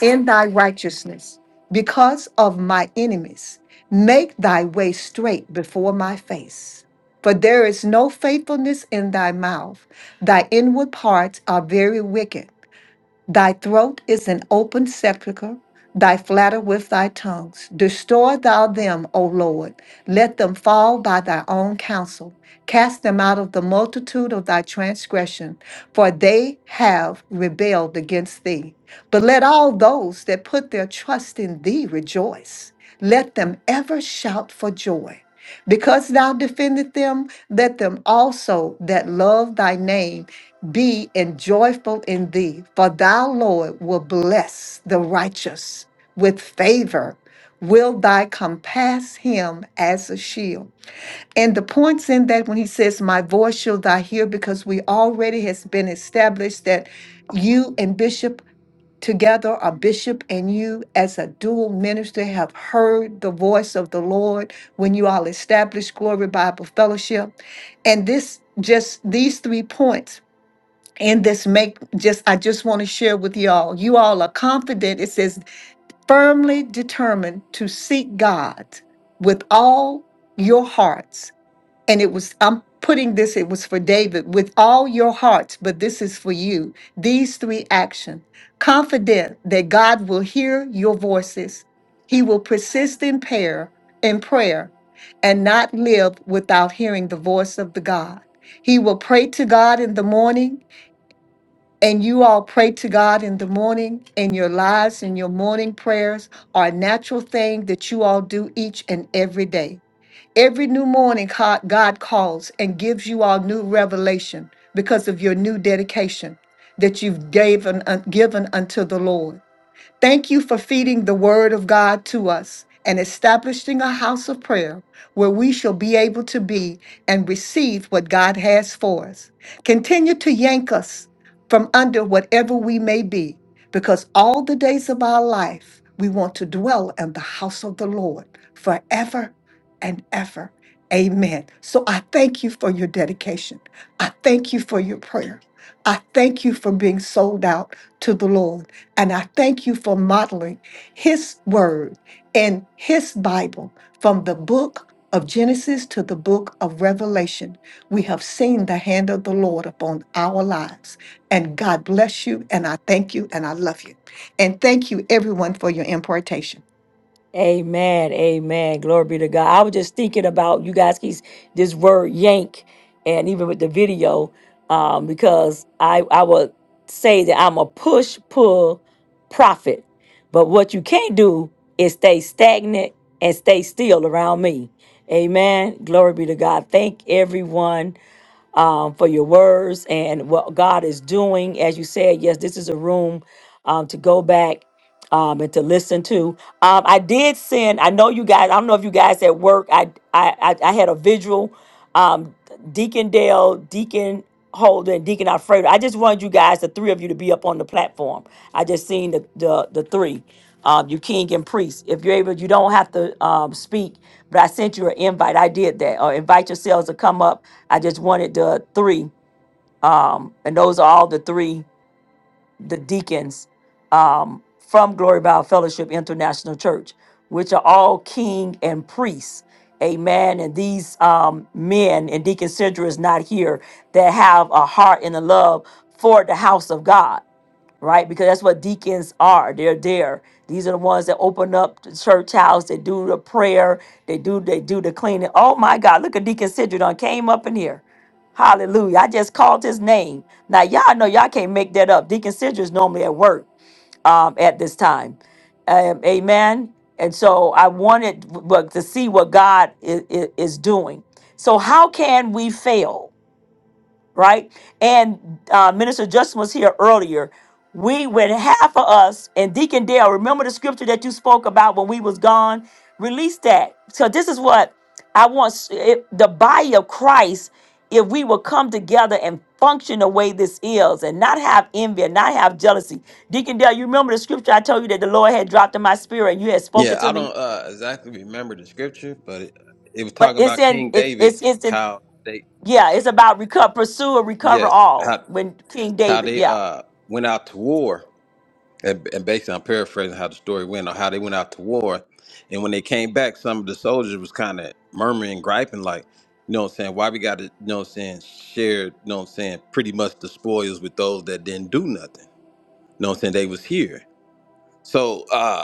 in thy righteousness because of my enemies. Make thy way straight before my face. For there is no faithfulness in thy mouth. Thy inward parts are very wicked. Thy throat is an open sepulchre, thy flatter with thy tongues. Destroy thou them, O Lord. Let them fall by thy own counsel. Cast them out of the multitude of thy transgression, for they have rebelled against thee. But let all those that put their trust in thee rejoice. Let them ever shout for joy. Because thou defended them, let them also that love thy name be and joyful in thee, for thou, Lord, will bless the righteous with favor. Will thy compass him as a shield? And the points in that when he says, My voice shall thou hear, because we already has been established that you and Bishop together, a bishop and you as a dual minister, have heard the voice of the Lord when you all established Glory Bible Fellowship. And this just these three points and this make just i just want to share with y'all you all are confident it says firmly determined to seek god with all your hearts and it was i'm putting this it was for david with all your hearts but this is for you these three action confident that god will hear your voices he will persist in prayer in prayer and not live without hearing the voice of the god he will pray to god in the morning and you all pray to God in the morning, and your lives and your morning prayers are a natural thing that you all do each and every day. Every new morning, co- God calls and gives you all new revelation because of your new dedication that you've given, un- given unto the Lord. Thank you for feeding the word of God to us and establishing a house of prayer where we shall be able to be and receive what God has for us. Continue to yank us from under whatever we may be, because all the days of our life, we want to dwell in the house of the Lord forever and ever. Amen. So I thank you for your dedication. I thank you for your prayer. I thank you for being sold out to the Lord. And I thank you for modeling his word and his Bible from the book of Genesis to the book of Revelation. We have seen the hand of the Lord upon our lives. And God bless you. And I thank you and I love you. And thank you, everyone, for your importation.
Amen. Amen. Glory be to God. I was just thinking about you guys keep this word yank and even with the video, um, because I I would say that I'm a push pull prophet. But what you can't do is stay stagnant and stay still around me. Amen. Glory be to God. Thank everyone um, for your words and what God is doing. As you said, yes, this is a room um, to go back um, and to listen to. Um, I did send. I know you guys. I don't know if you guys at work. I I I, I had a visual. Um, Deacon Dale, Deacon Holden, and Deacon Alfredo. I just wanted you guys, the three of you, to be up on the platform. I just seen the the, the three, um, you king and priest. If you're able, you don't have to um, speak, but I sent you an invite. I did that. Or invite yourselves to come up. I just wanted the three, um, and those are all the three the deacons um, from Glory Bible Fellowship International Church, which are all king and priests. Amen. And these um, men and Deacon Sandra is not here that have a heart and a love for the house of God right? Because that's what deacons are. They're there. These are the ones that open up the church house. They do the prayer. They do they do the cleaning. Oh my God! Look at Deacon Sidra done came up in here. Hallelujah! I just called his name. Now y'all know y'all can't make that up. Deacon Sidra is normally at work um, at this time. Um, amen. And so I wanted w- w- to see what God is, is doing. So how can we fail? right? And uh, Minister Justin was here earlier. We would have for us and Deacon Dale. Remember the scripture that you spoke about when we was gone. Release that. So this is what I want s- if the body of Christ. If we will come together and function the way this is, and not have envy and not have jealousy. Deacon Dale, you remember the scripture I told you that the Lord had dropped in my spirit, and you had spoken
Yeah, I
to me.
don't uh, exactly remember the scripture, but it, it was
But
talking
it's
about
in
King
it,
David,
it's it's in
how they
yeah. It's about recover, pursue, and recover
yes,
all.
how
When King
how
David,
they
yeah.
uh went out to war, and, and basically I'm paraphrasing how the story went, or how they went out to war, and when they came back, some of the soldiers was kind of murmuring, griping, like, you know what I'm saying? Why we got to, you know what I'm saying? Share, you know what I'm saying? Pretty much the spoils with those that didn't do nothing. You know what I'm saying? They was here, so. uh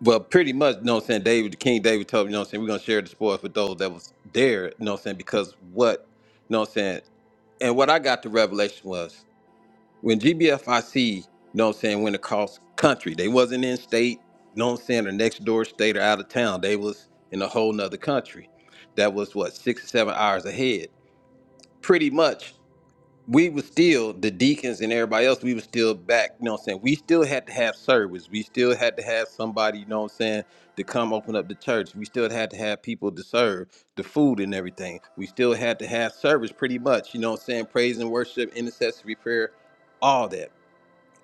Well, pretty much, you know what I'm saying? David, King David told me, you know what I'm saying? We're going to share the spoils with those that was there, you know what I'm saying? Because what, you know what I'm saying? And what I got the revelation was when GBFIC, you know what I'm saying, went across country, they wasn't in state, you know what I'm saying, or next door state or out of town. They was in a whole nother country that was what, six or seven hours ahead. Pretty much we was still the deacons and everybody else, we was still back, you know what I'm saying? We still had to have service. We still had to have somebody, you know what I'm saying, to come open up the church. We still had to have people to serve the food and everything. We still had to have service pretty much, you know what I'm saying? Praise and worship, intercessory prayer, all that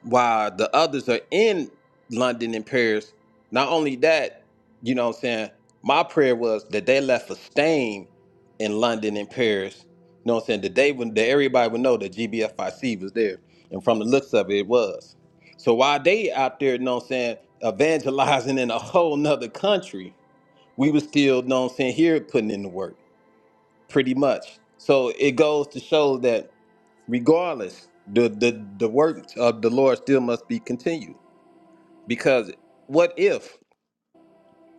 while the others are in London and Paris. Not only that, you know what I'm saying? My prayer was that they left a stain in London and Paris. You know what I'm saying? That they would that everybody would know that GBFIC was there. And from the looks of it, it was. So while they out there, you know what I'm saying, evangelizing in a whole nother country, we were still, you know what I'm saying, here putting in the work, pretty much. So it goes to show that regardless the the the work of the lord still must be continued because what if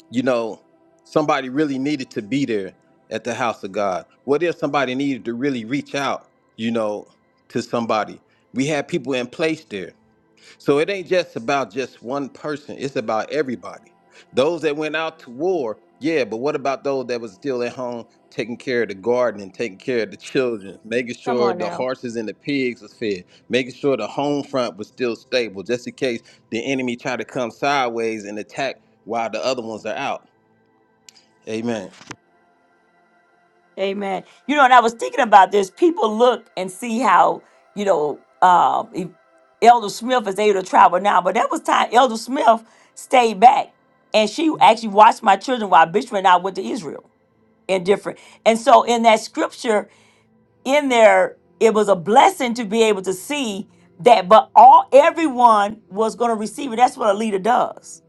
you know somebody really needed to be there at the house of god what if somebody needed to really reach out you know to somebody we had people in place there so it ain't just about just one person. It's about everybody. Those that went out to war, yeah, but what about those that was still at home taking care of the garden and taking care of the children, making
Come
sure
on
the
now.
horses and the pigs was fed, making sure the home front was still stable, just in case the enemy try to come sideways and attack while the other ones are out. Amen.
Amen. You know, and I was thinking about this. People look and see how, you know, um, if Elder Smith is able to travel now, but that was time Elder Smith stayed back. And she actually watched my children while Bishop and I went to Israel and different. And so in that scripture, in there, it was a blessing to be able to see that, but all everyone was going to receive it. That's what a leader does,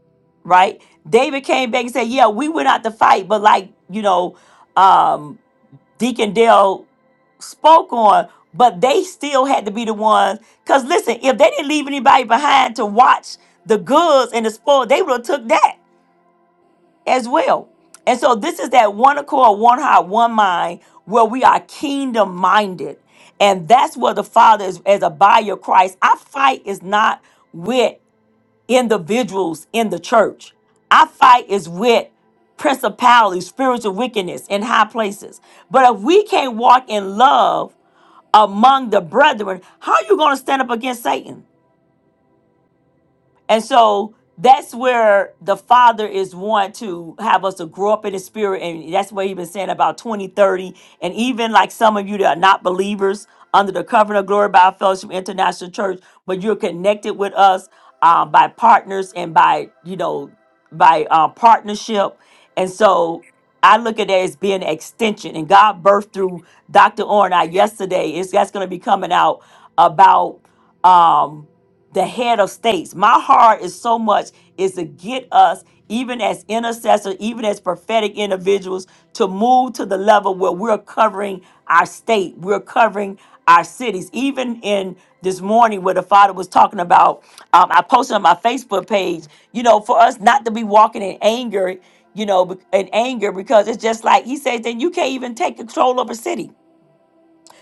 right? David came back and said, Yeah, we went out to fight, but like, you know, um Deacon Dale spoke on, but they still had to be the ones. Because listen, if they didn't leave anybody behind to watch the goods and the spoil, they would have took that as well. And so this is that one accord, one heart, one mind, where we are kingdom minded. And that's where the Father is as a body of Christ. Our fight is not with individuals in the church. Our fight is with principalities, spiritual wickedness in high places. But if we can't walk in love among the brethren, how are you going to stand up against Satan? And so that's where the Father is want to have us to grow up in the spirit. And that's what he's been saying about 2030. And even like some of you that are not believers under the covenant of glory by our fellowship international church, but you're connected with us uh, by partners and by, you know, by uh, partnership. And so I look at it as being an extension. And God birthed through Dr. Orr and I yesterday. It's that's gonna be coming out about um, the head of states. My heart is so much is to get us, even as intercessors, even as prophetic individuals, to move to the level where we're covering our state, we're covering our cities. Even in this morning, where the father was talking about, um, I posted on my Facebook page, you know, for us not to be walking in anger, you know, be- in anger, because it's just like he says, then you can't even take control of a city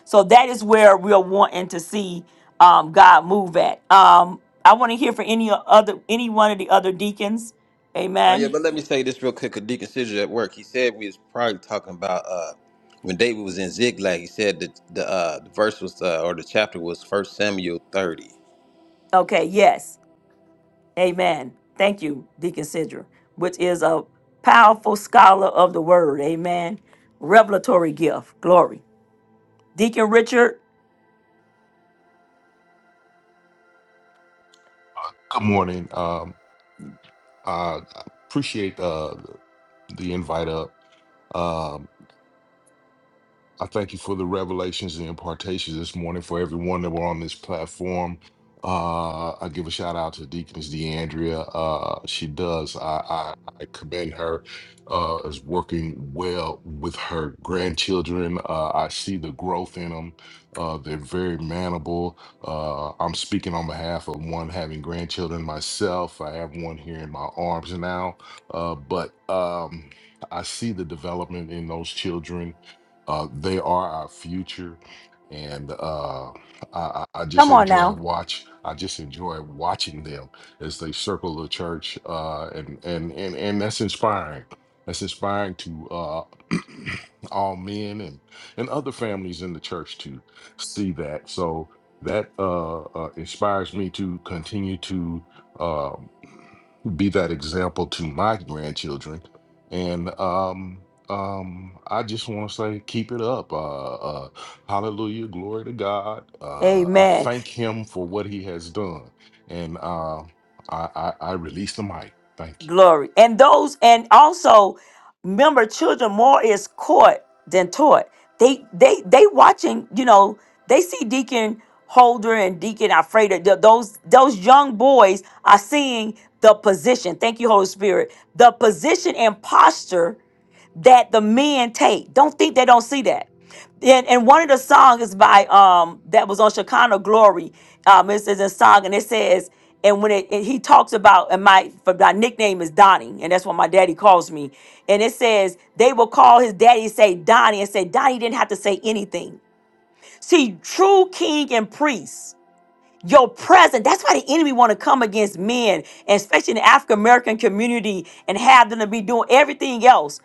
so that is where we're wanting to see um, God move at. Um, I want to hear from any other, any one of the other deacons.
Oh yeah,
Amen.
but let me say this real quick. 'cause Deacon Sidger at work, he said we was probably talking about uh when David was in Ziklag. He said that the uh the verse was uh, or the chapter was First Samuel thirty.
Okay. Yes. Amen. Thank you, Deacon Sidra, which is a powerful scholar of the Word. Amen. Revelatory gift. Glory. Deacon Richard,
Good morning. Um, I appreciate uh, the invite up. Um, I thank you for the revelations and impartations this morning for everyone that were on this platform. Uh, I give a shout out to Deaconess DeAndrea. Uh, she does. I, I, I commend her uh, as working well with her grandchildren. Uh, I see the growth in them. Uh, they're very manable. Uh, I'm speaking on behalf of one having grandchildren myself. I have one here in my arms now, uh, but um, I see the development in those children uh, they are our future, and uh, I, I I just
come on
enjoy
now.
watch. I just enjoy watching them as they circle the church, uh, and and and and that's inspiring. That's inspiring to uh, all men and and other families in the church to see that. So that uh, uh, inspires me to continue to uh, be that example to my grandchildren, and um, um, I just want to say, keep it up. Uh, uh, hallelujah, glory to God. Uh, I
Amen.
thank Him for what He has done, and uh, I, I, I release the mic. Thank you.
glory. And those, and also remember, children more is caught than taught. They they they watching, you know, they see Deacon Holder and Deacon Alfredo. th- Those those young boys are seeing the position. Thank you, Holy Spirit. The position and posture that the men take. Don't think they don't see that. And, and one of the songs is by um that was on Shekinah Glory. Um, it says a song and it says and when it and he talks about and my for my nickname is Donnie and that's what my daddy calls me. And it says they will call his daddy say Donnie and say Donnie didn't have to say anything. See, true king and priest your presence. That's why the enemy want to come against men, and especially in the African American community, and have them to be doing everything else.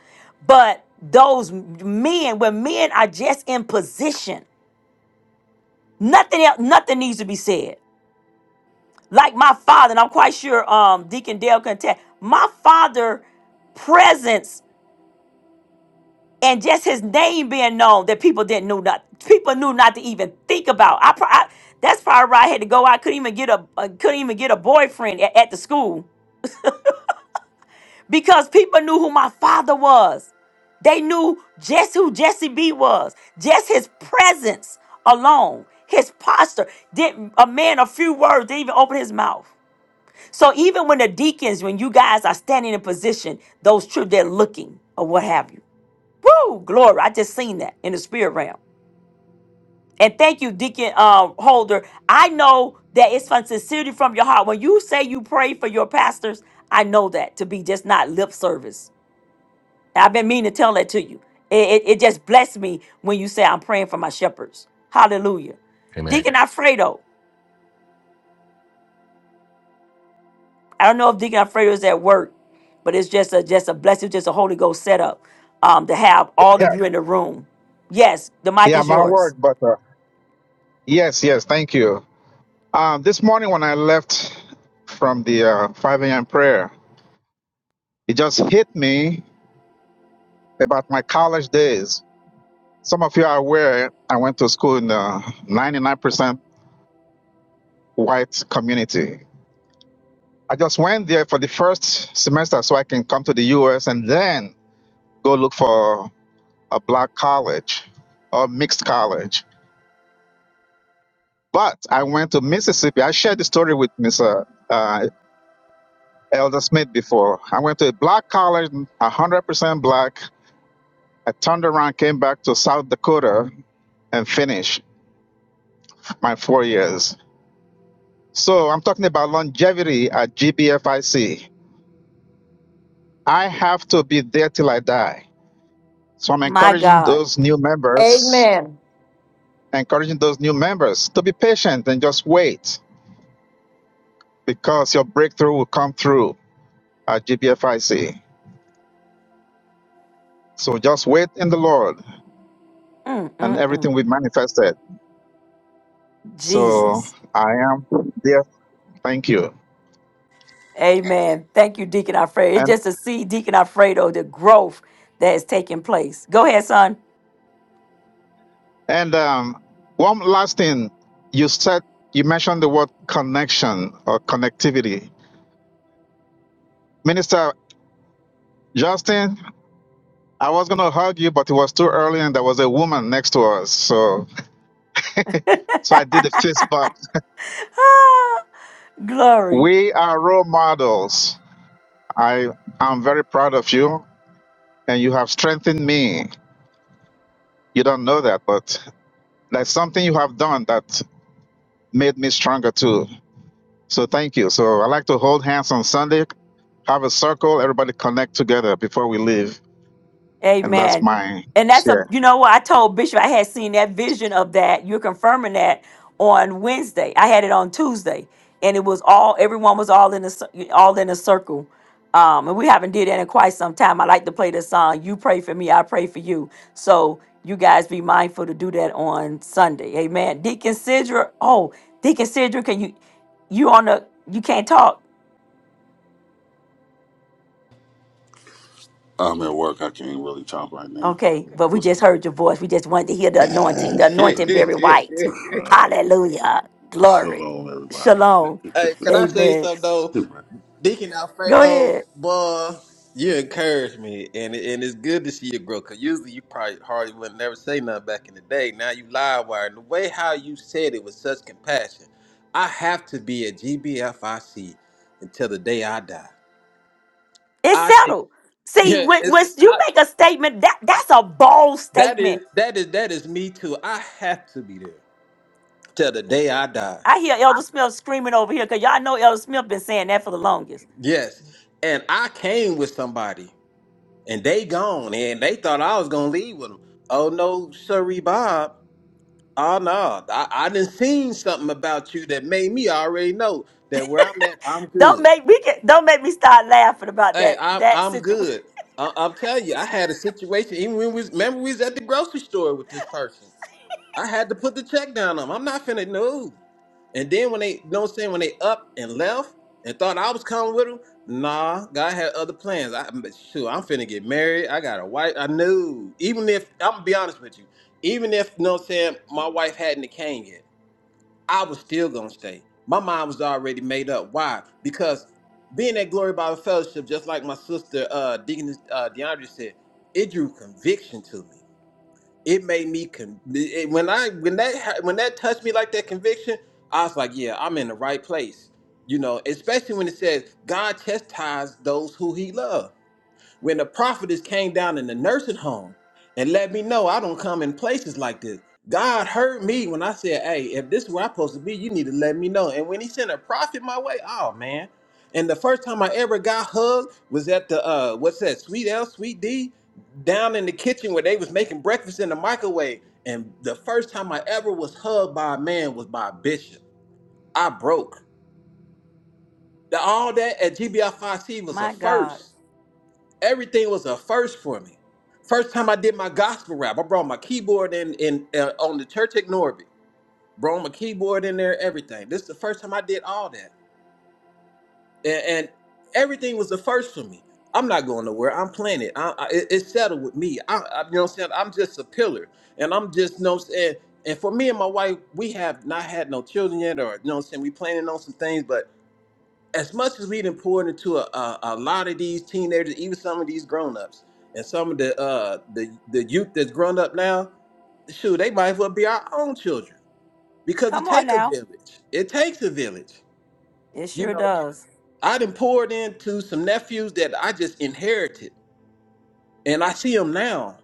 But those men, when men are just in position, nothing else, nothing needs to be said. Like my father, and I'm quite sure um, Deacon Dale can tell. My father presence and just his name being known that people didn't know not people knew not to even think about. I, pro- I that's probably why I had to go. I couldn't even get a I couldn't even get a boyfriend at, at the school because people knew who my father was. They knew just who Jesse B was, just his presence alone, his posture. Didn't a man a few words didn't even open his mouth. So even when the deacons, when you guys are standing in position, those truth they're looking or what have you. Woo, glory! I just seen that in the spirit realm. And thank you, Deacon um, Holder. I know that it's from sincerity from your heart. When you say you pray for your pastors, I know that to be just not lip service I've been meaning to tell that to you. It, it, it just blessed me when you say I'm praying for my shepherds. Hallelujah.
Amen.
Deacon Alfredo. I don't know if Deacon Alfredo is at work, but it's just a just a blessing, just a Holy Ghost setup um, to have all
Yeah,
of you in the room. Yes, the mic
yeah,
is
my
yours.
word, but uh, yes, yes, thank you. Um, this morning when I left from the uh, 5 a.m. prayer, it just hit me about my college days. Some of you are aware I went to school in a 99% white community. I just went there for the first semester so I can come to the U.S. and then go look for a black college or mixed college. But I went to Mississippi. I shared the story with Mr. Elder Smith before. I went to a black college, 100% black. I turned around, came back to South Dakota, and finished my four years. So I'm talking about longevity at GBFIC. I C. I have to be there till I die. So I'm
My
encouraging
God.
those new members,
Amen.
encouraging those new members to be patient and just wait because your breakthrough will come through at GBFIC. So just wait in the Lord
Mm,
and
mm,
everything
mm.
will be manifested. So
Jesus.
I am there Thank you.
Amen. Thank you, Deacon Alfredo. It's
And
just to see Deacon Alfredo, the growth that is taking place. Go ahead, son.
and um, one last thing, you said you mentioned the word connection or connectivity. Minister Justin, I was gonna hug you, but it was too early, and there was a woman next to us, so so I did a fist bump.
Ah, Glory.
We are role models. I am very proud of you, and you have strengthened me. You don't know that, but that's something you have done that made me stronger too. So thank you. So I like to hold hands on Sunday have a circle, everybody connect together before we leave. And that's
Amen.
my
And that's a,
share.
you know what? I told Bishop I had seen that vision of that. You're confirming that on Wednesday. I had it on Tuesday, and it was all everyone was all in a cir- all in a circle. Um, and we haven't did that in quite some time. I like to play this song. You pray for me, I pray for you. So you guys be mindful to do that on Sunday. Amen. Deacon Sidra, oh, Deacon Sidra, can you you on the you can't talk?
I'm at work. I can't really talk right now.
Okay,
Okay.
but we
What's going
just
on?
heard your voice. We just wanted to hear the anointing. The anointing very white.
Uh,
Hallelujah. Glory.
shalom, everybody.
Shalom.
Hey, can I say
Amen.
something though? Deacon
Go
Alfredo,
ahead.
boy, you encourage me, and and it's good to see you grow. Cause usually you probably hardly would never say nothing back in the day. Now you live wire, and the way how you said it with such compassion, I have to be a GBFIC until the day I die.
It's
I think,
settled. See,
yeah,
when,
it's
when you
I,
make a statement, that that's a bold
that
statement.
is that is that is me too. I have to be there till the day I die.
I hear
I,
Elder Smith screaming over here because y'all know Elder Smith been saying that for the longest.
yes, and I came with somebody. and they gone, and they thought I was gonna leave with them. Oh no, sorry, Bob. Oh no, I, I done seen something about you that made me already know that where I'm at, I'm
Don't
good.
make me get, don't make me start laughing about
Hey,
that
I'm
that
I'm
situation.
good. I, I'm telling you, I had a situation. Even when we was, remember we was at the grocery store with this person, I had to put the check down on. 'em. I'm not finna know. And then when they, you know what I'm saying, when they up and left and thought I was coming with them, nah, God had other plans. I, am sure I'm finna get married. I got a wife. I knew. Even if, I'm gonna be honest with you, even if, you know what I'm saying, my wife hadn't came yet, I was still gonna stay. My mind was already made up. Why? Because being at Glory Bible Fellowship, just like my sister uh, Deacon, uh, DeAndre said, it drew conviction to me it made me con- it, when I when that ha- when that touched me like that conviction, I was like, yeah, I'm in the right place. You know, especially when it says God chastised those who He loves. When the prophetess came down in the nursing home and let me know I don't come in places like this, God heard me when I said, Hey, if this is where I'm supposed to be, you need to let me know. And when he sent a prophet my way, oh man. And the first time I ever got hugged was at the uh what's that, Sweet L, Sweet D, down in the kitchen where they was making breakfast in the microwave. And the first time I ever was hugged by a man was by a bishop. I broke. The, all that at GBI 5C was a
My God,
first everything was a first for me. First time I did my gospel rap, I brought my keyboard in in uh, on the church at Norby. Brought my keyboard in there, everything. This is the first time I did all that, and, and everything was the first for me. I'm not going nowhere. I'm playing it. I, I, it- it's settled with me. I, I, you know what I'm saying? I'm just a pillar, and I'm just, you know what I'm saying. And for me and my wife, we have not had no children yet, or you know what I'm saying. We planning on some things, but as much as we done poured into a, a, a lot of these teenagers, even some of these grown-ups and some of the uh the, the youth that's grown up now, shoot, they might as well be our own children. Because it
come on
takes a
now,
village. It takes a village.
it
You
sure
know,
does.
I done poured into some nephews that I just inherited. And I see them now.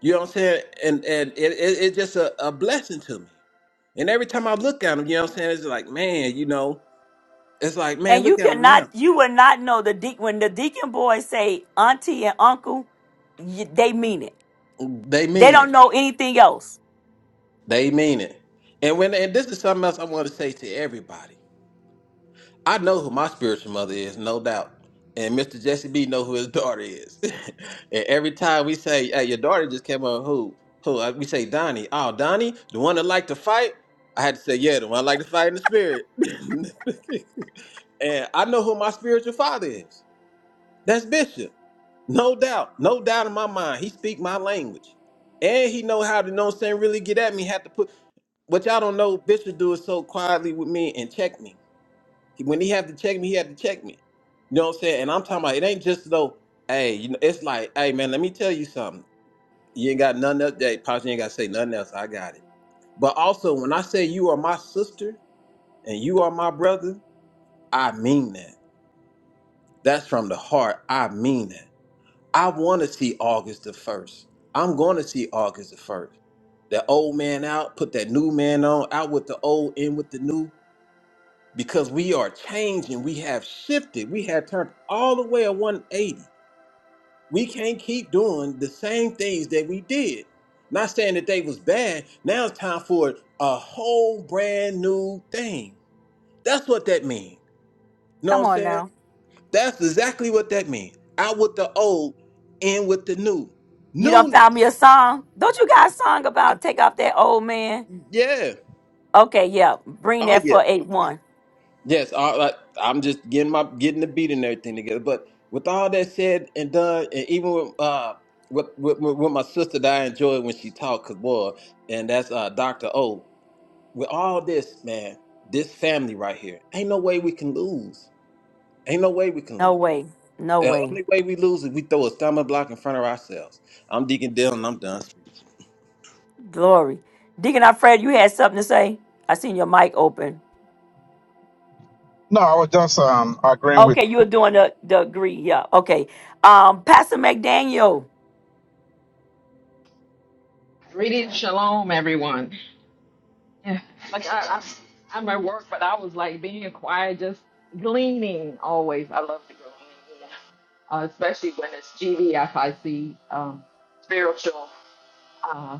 You know what I'm saying? And and it, it, it's just a, a blessing to me. And every time I look at them, you know what I'm saying? It's like, man, you know, it's like, man,
And you
look at them
cannot,
now.
you will not know the deacon when the deacon boys say auntie and uncle, you, they mean it.
They
They
mean it.
don't know anything else.
They mean it. And when and this is something else I want to say to everybody. I know who my spiritual mother is, no doubt. And Mr. Jesse B know who his daughter is. and every time we say, Hey, your daughter just came on who? Who? Uh, We say Donnie. Oh, Donnie, the one that liked to fight? I had to say, Yeah, the one that liked to fight in the spirit. and I know who my spiritual father is. That's Bishop. No doubt. No doubt in my mind. He speak my language. And he know how to know what I'm saying really get at me. Had to put what y'all don't know, Bishop do it so quietly with me and check me. He- When he had to check me, he had to check me. You know what I'm saying? And I'm talking about it ain't just though, hey, you know, it's like, hey man, let me tell you something. You ain't got nothing else. Hey, Pops, you ain't gotta say nothing else. I got it. But also when I say you are my sister and you are my brother, I mean that. That's from the heart. I mean that. I wanna see August the first. I'm gonna see August the first. That old man out, put that new man on, out with the old, in with the new. because we are changing. We have shifted. We have turned all the way at 180. We can't keep doing the same things that we did. Not saying that they was bad. Now it's time for a whole brand new thing. That's what that means. You know
Come
what I'm
on
saying?
now,
That's exactly what that means. Out with the old, in with the new.
you done
Newness.
found me a song. Don't you got a song about take off that old man?
Yeah.
Okay, yeah, bring
Oh
that
yeah.
for eight one.
Yes, I, I, I'm just getting my getting the beat and everything together. But with all that said and done, and even with uh with with, with with my sister that I enjoy when she talk, cause boy, and that's uh Doctor O. With all this, man, this family right here, ain't no way we can lose. Ain't no way we can
No
lose.
way, no
The
way.
only way we lose is we throw a stumbling block in front of ourselves. I'm Deacon Dale, and I'm done speaking.
Glory, Deacon Alfred, you had something to say. I seen your mic open.
No, I was just um, agreeing with.
Okay, you were doing the degree. Yeah. Okay. Um, Pastor McDaniel,
Greetings, shalom, everyone. Yeah, Like I, I, I'm at work, but I was like being quiet, just gleaning. Always, I love to glean, you know, uh, especially when it's GDFIC um, spiritual uh,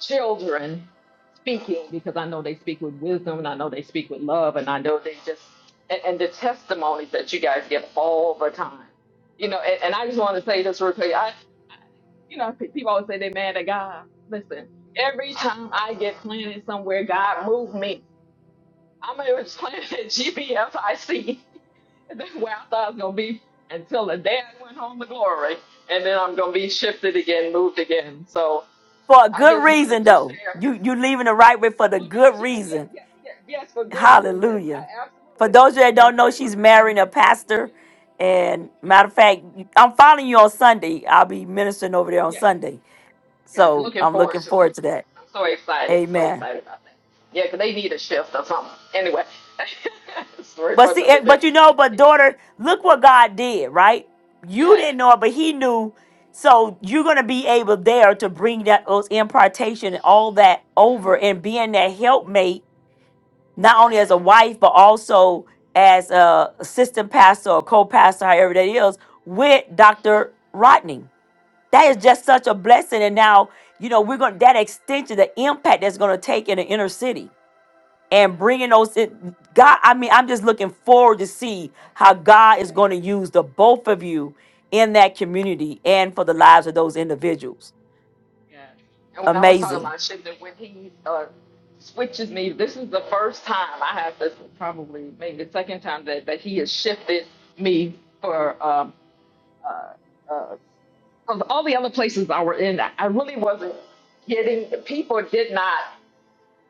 children speaking, because I know they speak with wisdom, and I know they speak with love, and I know they just and, and the testimonies that you guys give all the time. You know, and, and I just want to say this real quick you know, pe- people always say they're mad at God. Listen, every time I get planted somewhere, God moved me. I'm it was planted at GBFIC. That's where I thought I was gonna be until the day I went home to glory, and then I'm gonna be shifted again, moved again. So
for a
I
good
just wanted
reason
to
though.
share.
You you leaving the right way for the
Oh
good
yes, yes, yes,
reason.
yes, yes, yes for good reason. I,
Hallelujah. For
absolutely.
those that
Yeah,
don't
for,
know, she's
for,
marrying a pastor. And matter of fact, I'm following you on Sunday. I'll be ministering over there on
yes,
Sunday.
yes.
So
Looking
I'm
forward
looking
to it.
forward to that.
I'm so excited. So
Amen.
excited about that. Yeah, 'cause they need a shift or something. Anyway, story
But
for
see, eh,
another day.
but you know,
But
but
it,
daughter, look what God did, right? You
yes.
didn't know it, but He knew. So you're gonna be able there to bring that those impartation and all that over,
hmm
and being that helpmate, not only
Yes.
as a wife, but also as a assistant pastor or co-pastor, however that is, with Dr. Rodney. That is
hmm
just such a blessing. And now, you know, we're gonna that extension, the impact that's gonna take in the inner city and
Yes.
bringing those in. God, I mean, I'm just looking forward to see
That's
how
it.
God is
Yes.
going to use the both of you in that community and for the lives of those individuals.
Yes. And when I was talking
Amazing.
about shifting, when he uh, switches me, this is the first time I have this, probably maybe the second time that, that he has shifted me for um, uh, uh, 'cause all the other places I were in, I I really wasn't getting, people did not.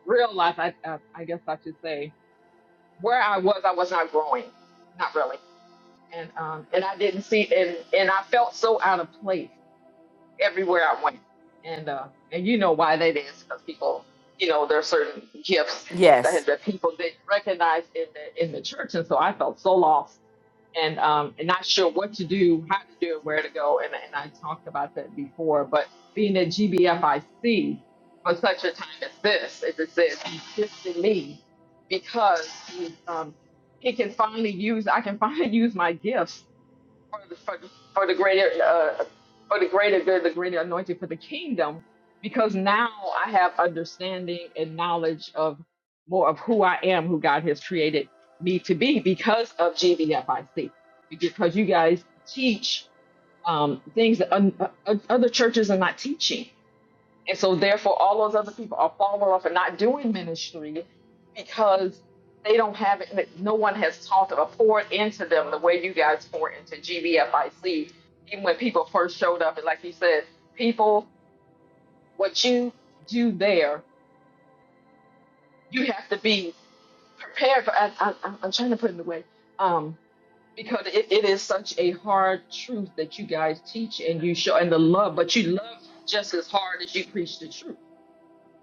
real life, I, I I guess I should say, where I was, I was not growing, not really, and um, and I didn't see, and and I felt so out of place everywhere I went. And uh, and you know why that is because people, you know, there are certain gifts that
Yes.
that people didn't recognize in the in the church, and so I felt so lost and um and not sure what to do, how to do it, where to go, and and I talked about that before. But being at GBFIC for such a time as this, as it says, he gifted me because he, um, he can finally use I can finally use my gifts for the, for, for the greater uh, for the greater good, the greater anointing for the kingdom, because now I have understanding and knowledge of more of who I am, who God has created me to be, because of GBFIC. Because you guys teach um, things that un- uh, other churches are not teaching, and so, therefore, all those other people are falling off and not doing ministry because they don't have it. No one has taught or poured into them the way you guys poured into GBFIC. Even when people first showed up, and like you said, people, what you do there, you have to be prepared for. I, I, I'm I'm trying to put it in the way. Um, because it, it is such a hard truth that you guys teach and you show and the love, but you love just as hard as you preach the truth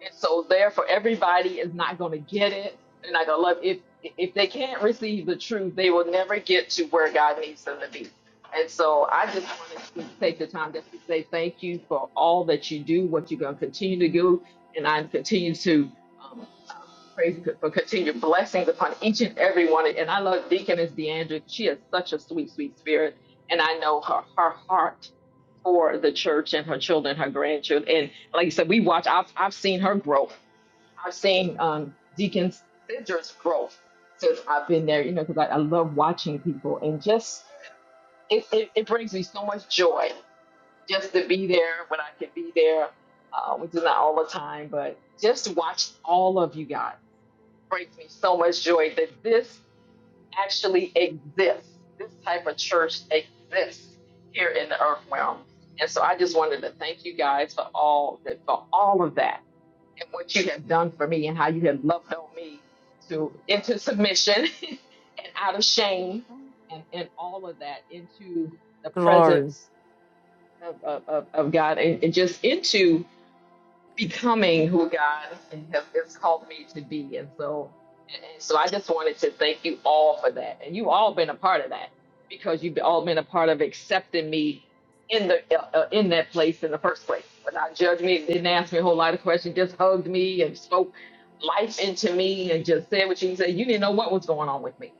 And so therefore everybody is not going to get it. They're not going to love if if they can't receive the truth, they will never get to where God needs them to be. And so I just wanted to take the time just to say thank you for all that you do, what you're going to continue to do, and I continue to um, pray c- for continued blessings upon each and every one. of- And I love Deaconess DeAndre. She has such a sweet, sweet spirit, and I know her her heart for the church and her children, her grandchildren, and like you said, we watch. I've I've seen her growth I've seen um, Deacon Sidger's growth since I've been there, you know, because I, I love watching people and just it, it, it brings me so much joy just to be there when I can be there, uh, which is not all the time, but just to watch all of you guys brings me so much joy that this actually exists. This type of church exists here in the earth realm. And so I just wanted to thank you guys for all that, for all of that and what you have done for me and how you have loved on me to into submission and out of shame and, and all of that into the
Glory.
presence of, of, of of God and, and just into becoming who God has, has called me to be. And so, and so I just wanted to thank you all for that. And you all been a part of that because you've all been a part of accepting me in the uh, uh, in that place in the first place. Without judging me, didn't ask me a whole lot of questions, just hugged me and spoke life into me and just said what you can say. You didn't know what was going on with me.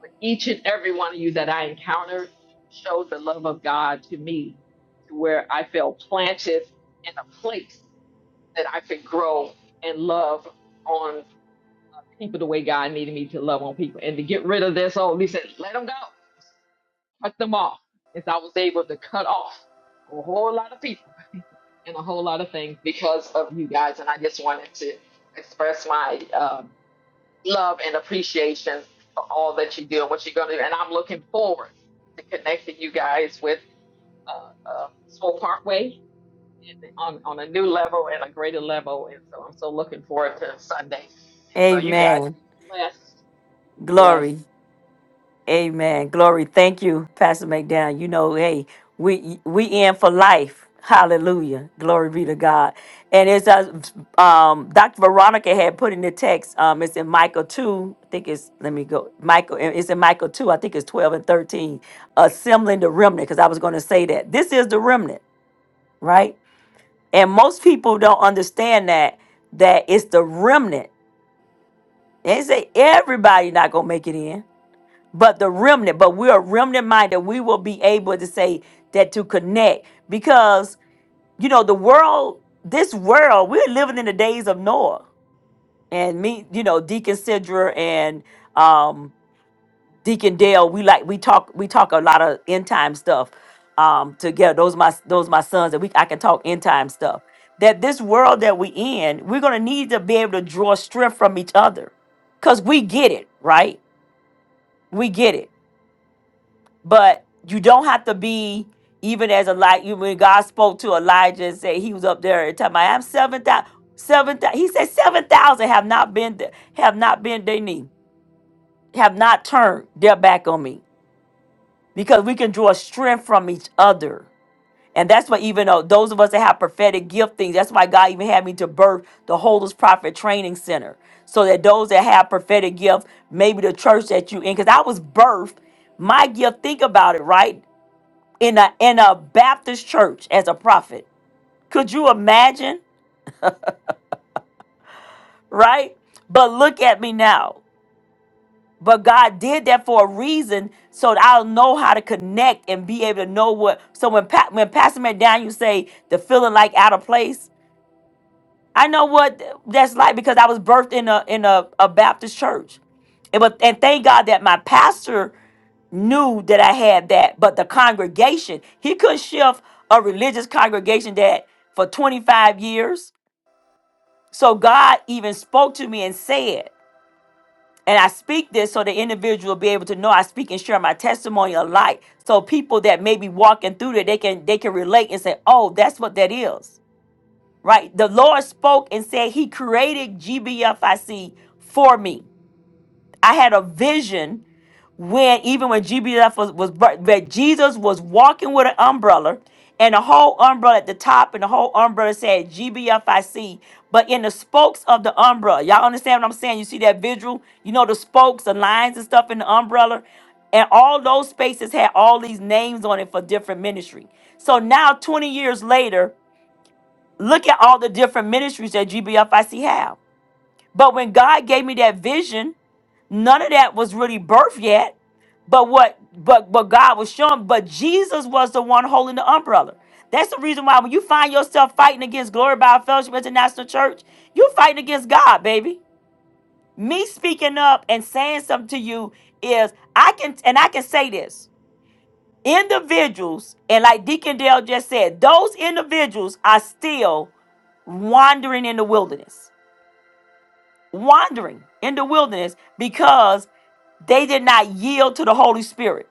But each and every one of you that I encountered showed the love of God to me to where I felt planted in a place that I could grow and love on people the way God needed me to love on people and to get rid of this old, he said, let them go, cut them off. As I was able to cut off a whole lot of people and a whole lot of things because of you guys. And I just wanted to express my um, love and appreciation for all that you do and what you're going to do. And I'm looking forward to connecting you guys with uh, uh, Soul Parkway and on, on a new level and a greater level. And so I'm so looking forward to Sunday So you guys
Amen.
be blessed. Blessed.
Glory. Amen. Glory. Thank you, Pastor McDowell. You know, hey, we we in for life. Hallelujah. Glory be to God. And it's uh, um Dr. Veronica had put in the text, um, it's in Michael 2. I think it's let me go. Michael, uh, it's in Michael 2, I think it's 12 and 13. Assembling the remnant, because I was gonna say that. This is the remnant, right? And most people don't understand that that it's the remnant. They say everybody not gonna make it in but the remnant, but we're a remnant minded. We will be able to say that to connect because you know the world, this world, we're living in the days of Noah and me. You know, Deacon Sidra and um, Deacon Dale. We like we talk we talk a lot of end time stuff um, together. Those my those my sons, and we I can talk end time stuff. That this world that we in, we're gonna need to be able to draw strength from each other because we get it, right? We get it. but you don't have to be even as a light. You when God spoke to Elijah and said he was up there and talking about I'm seven thousand. Seven, thou-" he said, seven thousand have not been, have not been their knee, have not turned their back on me, because we can draw strength from each other, and that's what even though those of us that have prophetic gift things. that's why God even had me to birth the Holders Prophet Training Center, so that those that have prophetic gifts, maybe the church that you in, because I was birthed my gift think about it right in a in a Baptist church as a prophet. Could you imagine? Right? But look at me now. But God did that for a reason, so that I'll know how to connect and be able to know what. So when pa- when Pastor McDaniel say the feeling like out of place, I know what that's like because I was birthed in a in a, a Baptist church. And but and thank God that my pastor knew that I had that, but the congregation, he couldn't shift a religious congregation that for 25 years. So God even spoke to me and said, and I speak this so the individual will be able to know I speak and share my testimony alike. So people that may be walking through there, they can they can relate and say, oh, that's what that is right? The Lord spoke and said, He created GBFIC for me. I had a vision when, even when GBF was, was bur- that Jesus was walking with an umbrella and a whole umbrella at the top, and the whole umbrella said GBFIC. But in the spokes of the umbrella, y'all understand what I'm saying? You see that visual? You know the spokes, the lines and stuff in the umbrella? And all those spaces had all these names on it for different ministry. So now, 20 years later, Look at all the different ministries that GBFIC have. But when God gave me that vision, none of that was really birthed yet. But what but but God was showing, but Jesus was the one holding the umbrella. That's the reason why when you find yourself fighting against Glory by Fellowship International Church, you're fighting against God, baby. Me speaking up and saying something to you is I can and I can say this individuals, and like Deacon Dale just said, those individuals are still wandering in the wilderness, wandering in the wilderness because they did not yield to the Holy Spirit.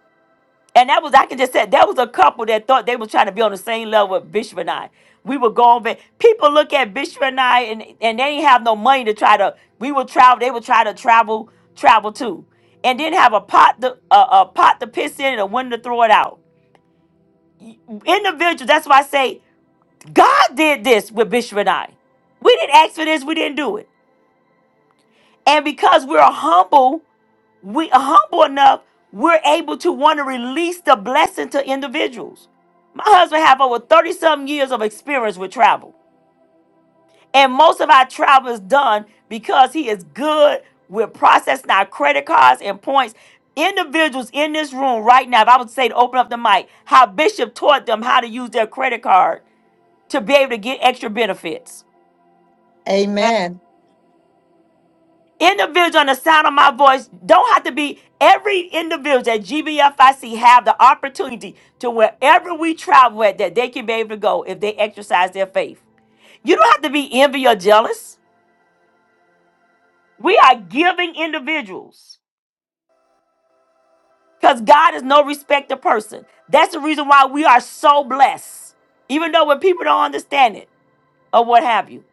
And that was, I can just say, that was a couple that thought they was trying to be on the same level with Bishop and I. We were going back. People look at Bishop and I and, and they didn't have no money to try to, we would travel, they would try to travel, travel too. And didn't have a pot to, a, a pot to piss in and a window to throw it out. Individuals, that's why I say God did this with Bishop and I. We didn't ask for this, we didn't do it. And because we're humble, we are humble enough, we're able to want to release the blessing to individuals. My husband have over 30 some years of experience with travel. And most of our travel is done because he is good with processing our credit cards and points. Individuals in this room right now, if I would say to open up the mic, how Bishop taught them how to use their credit card to be able to get extra benefits.
Amen.
Individual on the sound of my voice don't have to be every individual at GBFIC have the opportunity to wherever we travel at that they can be able to go if they exercise their faith. You don't have to be envy or jealous. We are giving individuals because God is no respecter person. That's the reason why we are so blessed, even though when people don't understand it or what have you.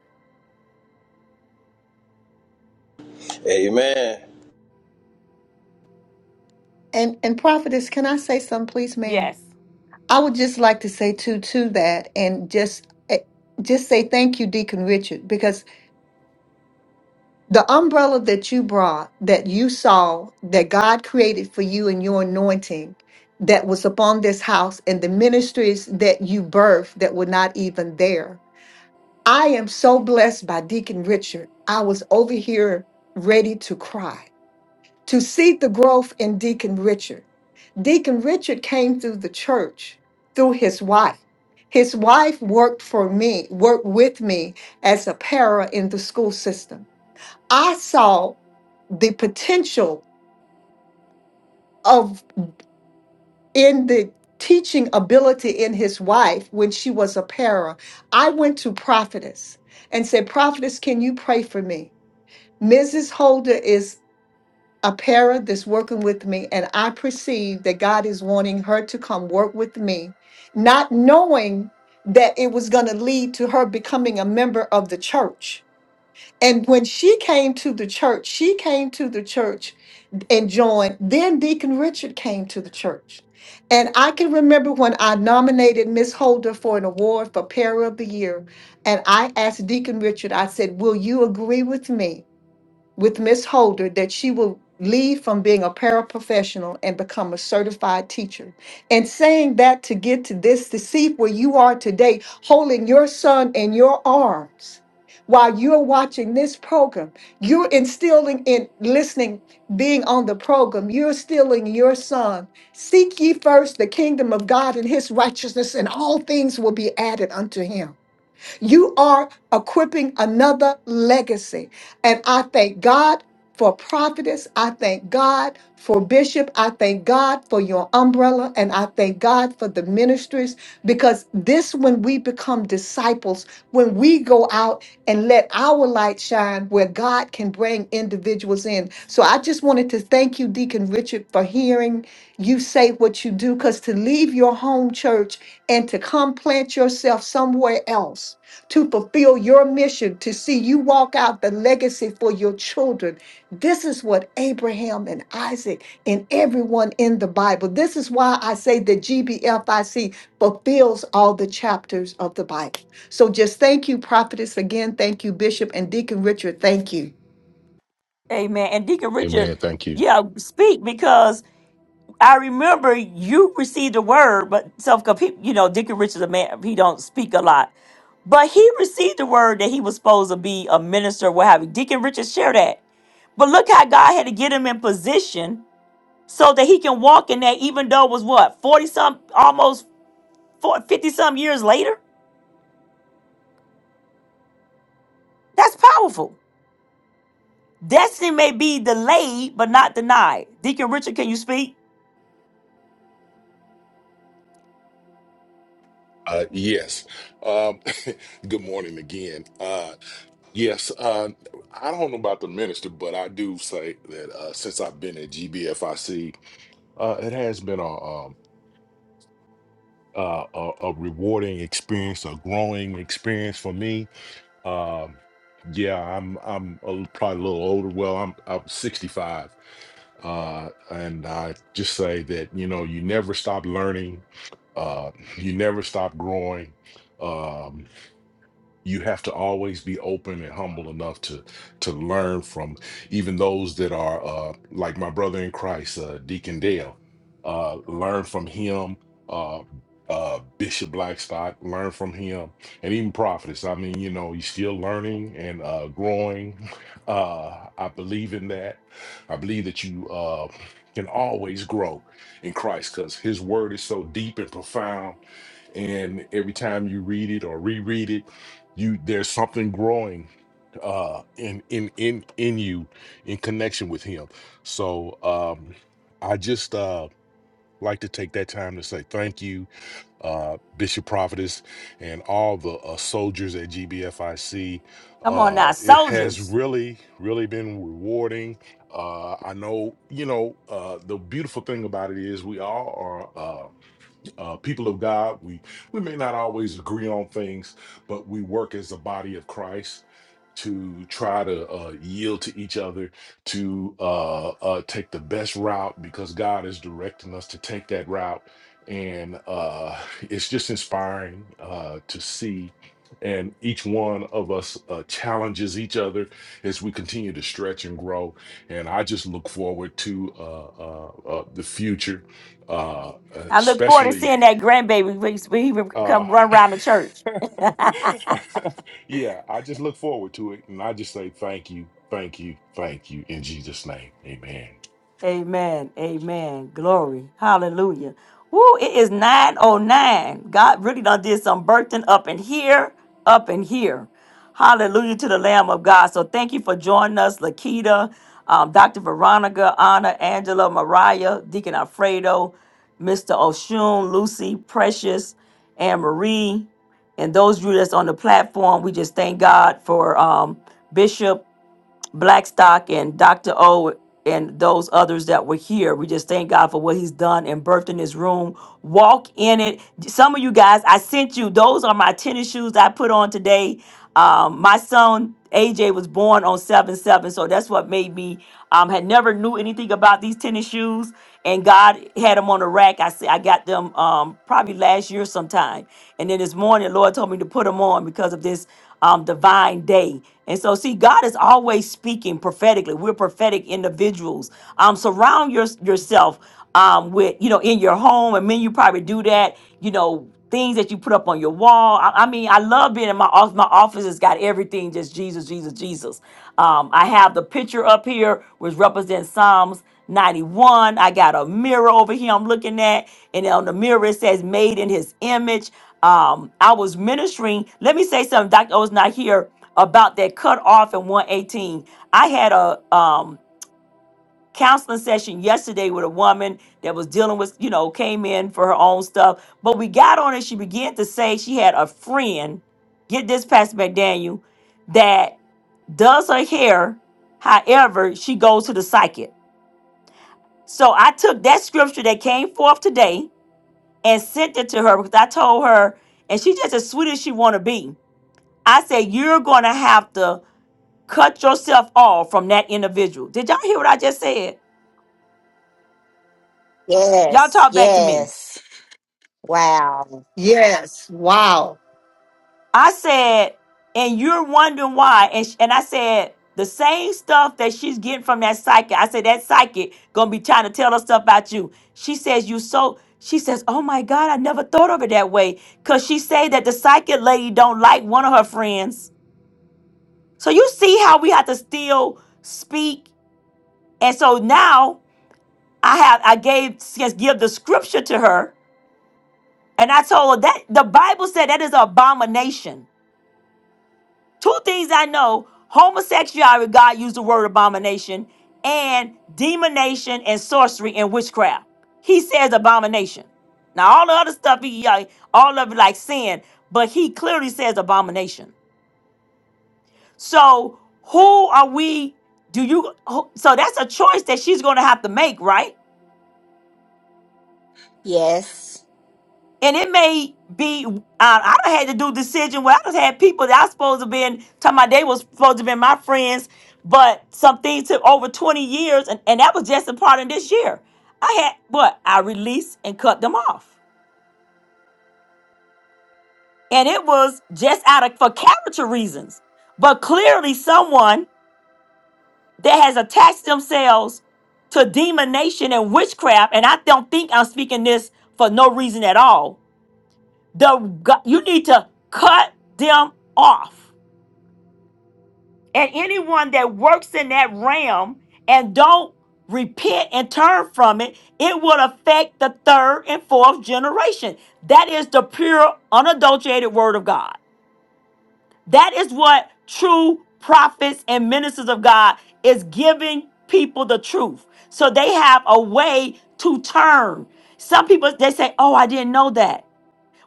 Amen.
And and prophetess, can I say something, please, ma'am?
Yes.
I would just like to say too to that, and just eh, just say thank you, Deacon Richard, because the umbrella that you brought, that you saw, that God created for you and your anointing, that was upon this house, and the ministries that you birthed that were not even there. I am so blessed by Deacon Richard. I was over here ready to cry to see the growth in Deacon Richard. Deacon Richard came through the church through his wife. His wife worked for me, worked with me as a para in the school system. I saw the potential of in the teaching ability in his wife when she was a para. I went to prophetess and said, Prophetess, can you pray for me? Mrs. Holder is a para that's working with me, and I perceive that God is wanting her to come work with me, not knowing that it was going to lead to her becoming a member of the church. And when she came to the church, she came to the church and joined. Then Deacon Richard came to the church. And I can remember when I nominated Miss Holder for an award for Para of the Year. And I asked Deacon Richard, I said, Will you agree with me with Miss Holder that she will leave from being a paraprofessional and become a certified teacher. And saying that to get to this, to see where you are today, holding your son in your arms while you're watching this program, you're instilling in listening, being on the program, you're instilling your son. Seek ye first the kingdom of God and his righteousness, and all things will be added unto him. You are equipping another legacy. And I thank God for prophetess. I thank God for bishop. I thank God for your umbrella. And I thank God for the ministries because this, when we become disciples, when we go out and let our light shine where God can bring individuals in. So I just wanted to thank you, Deacon Richard, for hearing you say what you do because to leave your home church and to come plant yourself somewhere else to fulfill your mission, to see you walk out the legacy for your children. This is what Abraham and Isaac and everyone in the Bible, this is why I say that GBFIC fulfills all the chapters of the Bible. So just thank you, prophetess, again. Thank you, Bishop and Deacon Richard. Thank you.
Amen. And Deacon Richard,
Amen. Thank you.
yeah, speak because I remember you received a word, but self, cause he, you know, Dickie Richards, a man, he don't speak a lot, but he received the word that he was supposed to be a minister, what have you. Deacon Richards shared that. But look how God had to get him in position so that he can walk in that, even though it was what, 40 some, almost 50 some years later? That's powerful. Destiny may be delayed, but not denied. Deacon Richard, can you speak?
Uh, yes. Um, good morning again. Uh, yes. Uh, I don't know about the minister, but I do say that uh, since I've been at GBFIC, uh, it has been a, um, uh, a, a rewarding experience, a growing experience for me. Um, yeah, I'm I'm a, l- probably a little older. Well, I'm I'm 65, uh, and I just say that you know you never stop learning, uh, you never stop growing. Um, you have to always be open and humble enough to to learn from even those that are uh like my brother in christ uh deacon dale uh learn from him uh uh bishop blackstock learn from him and even prophets i mean you know you're still learning and uh growing uh i believe in that i believe that you uh can always grow in christ because his word is so deep and profound and every time you read it or reread it you there's something growing uh in in in in you in connection with him so um i just uh like to take that time to say thank you uh bishop prophetess and all the uh, soldiers at gbfic
Come on
uh
now,
it has
soldiers.
really really been rewarding uh i know you know uh the beautiful thing about it is we all are uh, uh, people of God. We we may not always agree on things, but we work as a body of Christ to try to uh, yield to each other to uh, uh, take the best route because God is directing us to take that route, and uh, it's just inspiring uh, to see. And each one of us uh, challenges each other as we continue to stretch and grow. And I just look forward to uh, uh, uh, the future uh,
I look forward to
especially
seeing that grandbaby when he when he
uh,
come run around the church.
yeah, I just look forward to it, and I just say thank you, thank you, thank you in Jesus' name, Amen.
Amen. Amen. Glory. Hallelujah. Woo, it is 909. God really done did some birthing up in here, up in here. Hallelujah to the Lamb of God. So thank you for joining us, Lakita, um, Dr. Veronica, Anna, Angela, Mariah, Deacon Alfredo, Mr. Oshun, Lucy, Precious, and Marie. And those of you that's on the platform, we just thank God for um, Bishop Blackstock and Dr. O and those others that were here. We just thank God for what he's done and birthed in this room. Walk in it. Some of you guys, I sent you. Those are my tennis shoes I put on today. Um, my son AJ was born on 7-7, so that's what made me um had never knew anything about these tennis shoes. And God had them on the rack. I see I got them um probably last year sometime. And then this morning, Lord told me to put them on because of this um, divine day. And so, see, God is always speaking prophetically. We're prophetic individuals. Um, surround your, yourself um, with, you know, in your home. And men, you probably do that, you know, things that you put up on your wall. I, I mean, I love being in my office. My office has got everything just Jesus, Jesus, Jesus. Um, I have the picture up here, which represents Psalms. 91. I got a mirror over here I'm looking at, and on the mirror it says made in his image. Um, I was ministering. Let me say something, Dr. O's not here about that cut off in 118. I had a um counseling session yesterday with a woman that was dealing with, you know, came in for her own stuff. But we got on and she began to say she had a friend, get this Pastor McDaniel, that does her hair. However, she goes to the psychic. So I took that scripture that came forth today and sent it to her because I told her, and she just as sweet as she want to be. I said, you're going to have to cut yourself off from that individual. Did y'all hear what I just said? Y'all talk
Yes.
back to me.
Yes. Wow.
I said, and you're wondering why. And sh- and I said, the same stuff that she's getting from that psychic. I said, that psychic gonna be trying to tell her stuff about you. She says, you so. She says, oh my God, I never thought of it that way. Cause she say that the psychic lady don't like one of her friends. So you see how we have to still speak. And so now I have I gave just give the scripture to her. And I told her that the Bible said that is an abomination. Two things I know homosexuality, God used the word abomination, and demonation and sorcery and witchcraft. He says abomination. Now, all the other stuff, he, uh, all of it like sin, but he clearly says abomination. So, who are we? Do you? who- So, that's a choice that she's going to have to make, right?
Yes.
And it may be, uh, I done had to do decision where I just had people that I supposed to been talking about they was supposed to be my friends, but some things took over 20 years, and, and that was just a part of this year. I had what? I released and cut them off. And it was just out of for character reasons. But clearly someone that has attached themselves to demonation and witchcraft, and I don't think I'm speaking this for no reason at all the go- you need to cut them off and anyone that works in that realm and don't repent and turn from it it will affect the third and fourth generation that is the pure unadulterated word of god that is what true prophets and ministers of god is giving people the truth so they have a way to turn some people they say oh i didn't know that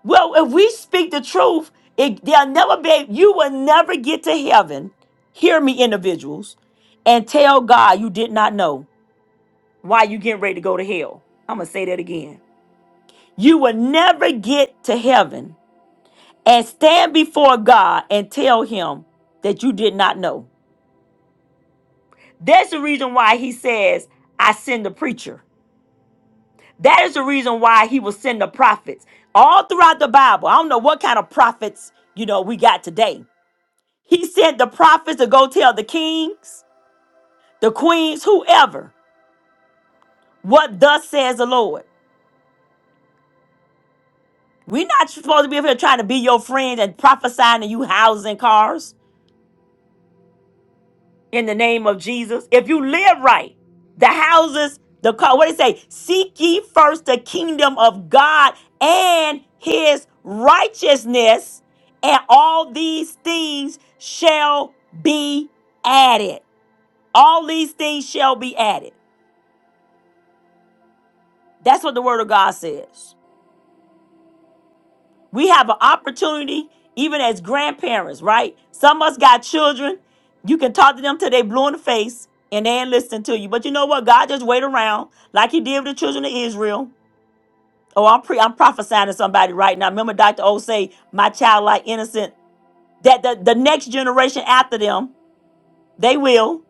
Well, if we speak the truth, it, they'll never be, you will never get to heaven. Hear me, individuals, and tell God you did not know why you getting ready to go to hell. I'm going to say that again. You will never get to heaven and stand before God and tell him that you did not know. That's the reason why he says, I send the preacher. That is the reason why he will send the prophets all throughout the Bible. I don't know what kind of prophets, you know, we got today. He said the prophets to go tell the kings, the queens, whoever, what thus says the Lord. We're not supposed to be up here trying to be your friend and prophesying to you houses and cars in the name of Jesus. If you live right, the houses, the car, what did it say? Seek ye first the kingdom of God and his righteousness, and all these things shall be added. All these things shall be added. That's what the word of God says. We have an opportunity, even as grandparents, right? Some of us got children. You can talk to them till they blue in the face and they ain't listening to you. But you know what? God just wait around like he did with the children of Israel. Oh, I'm pre I'm prophesying to somebody right now. Remember Dr. O say, my child like innocent. That the, the next generation after them, they will.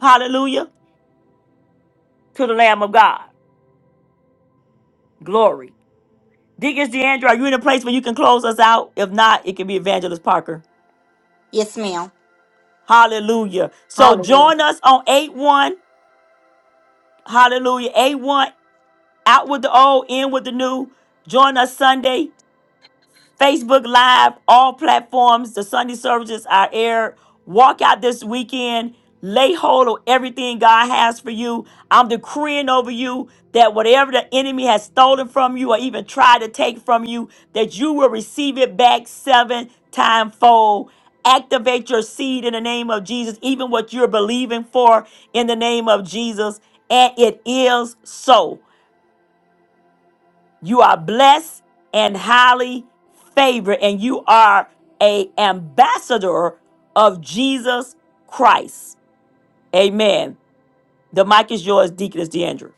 Hallelujah. To the Lamb of God. Glory. Deacons DeAndre, are you in a place where you can close us out? If not, it can be Evangelist Parker.
Yes, ma'am.
Hallelujah. So join us on 8 1. Hallelujah. 8 1. Out with the old, in with the new. Join us Sunday. Facebook Live, all platforms. The Sunday services are aired. Walk out this weekend. Lay hold of everything God has for you. I'm decreeing over you that whatever the enemy has stolen from you or even tried to take from you, that you will receive it back seven time fold. Activate your seed in the name of Jesus, even what you're believing for in the name of Jesus. And it is so. You are blessed and highly favored, and you are a ambassador of Jesus Christ. Amen. The mic is yours, Deaconess DeAndre.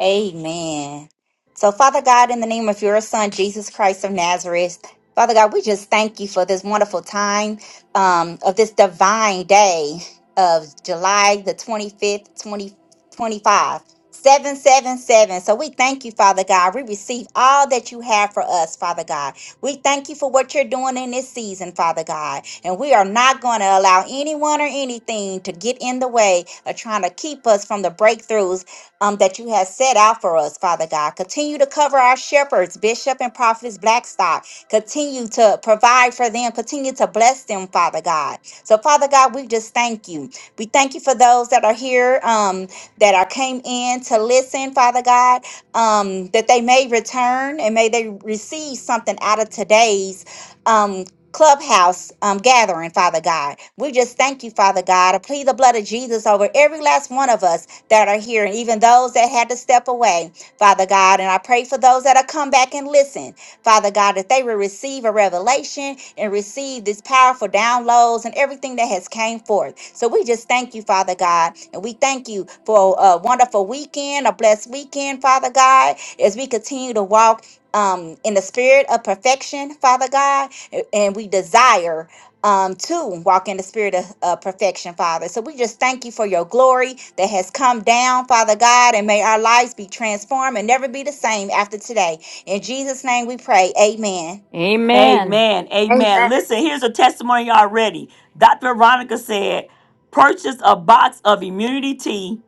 Amen. So, Father God, in the name of your Son, Jesus Christ of Nazareth, Father God, we just thank you for this wonderful time um, of this divine day of July the 25th, five, seven seven seven. So we thank you, Father God. We receive all that you have for us, Father God. We thank you for what you're doing in this season, Father God. And we are not going to allow anyone or anything to get in the way of trying to keep us from the breakthroughs um, that you have set out for us, Father God. Continue to cover our shepherds, Bishop and Prophetess Blackstock. Continue to provide for them. Continue to bless them, Father God. So, Father God, we just thank you. We thank you for those that are here, um, that are came in to listen, Father God, um, that they may return and may they receive something out of today's um, clubhouse um, gathering, Father God. We just thank you, Father God. I plead the blood of Jesus over every last one of us that are here, and even those that had to step away, Father God. And I pray for those that have come back and listen, Father God, that they will receive a revelation and receive these powerful downloads and everything that has came forth. So we just thank you, Father God, and we thank you for a wonderful weekend, a blessed weekend, Father God, as we continue to walk um, in the spirit of perfection, Father God, a- and we desire um, to walk in the spirit of uh, perfection, Father. So we just thank you for your glory that has come down, Father God, and may our lives be transformed and never be the same after today. In Jesus' name we pray. Amen.
Amen.
Amen.
Yes.
Amen. Listen, here's a testimony already. Dr. Veronica said, purchased a box of immunity tea.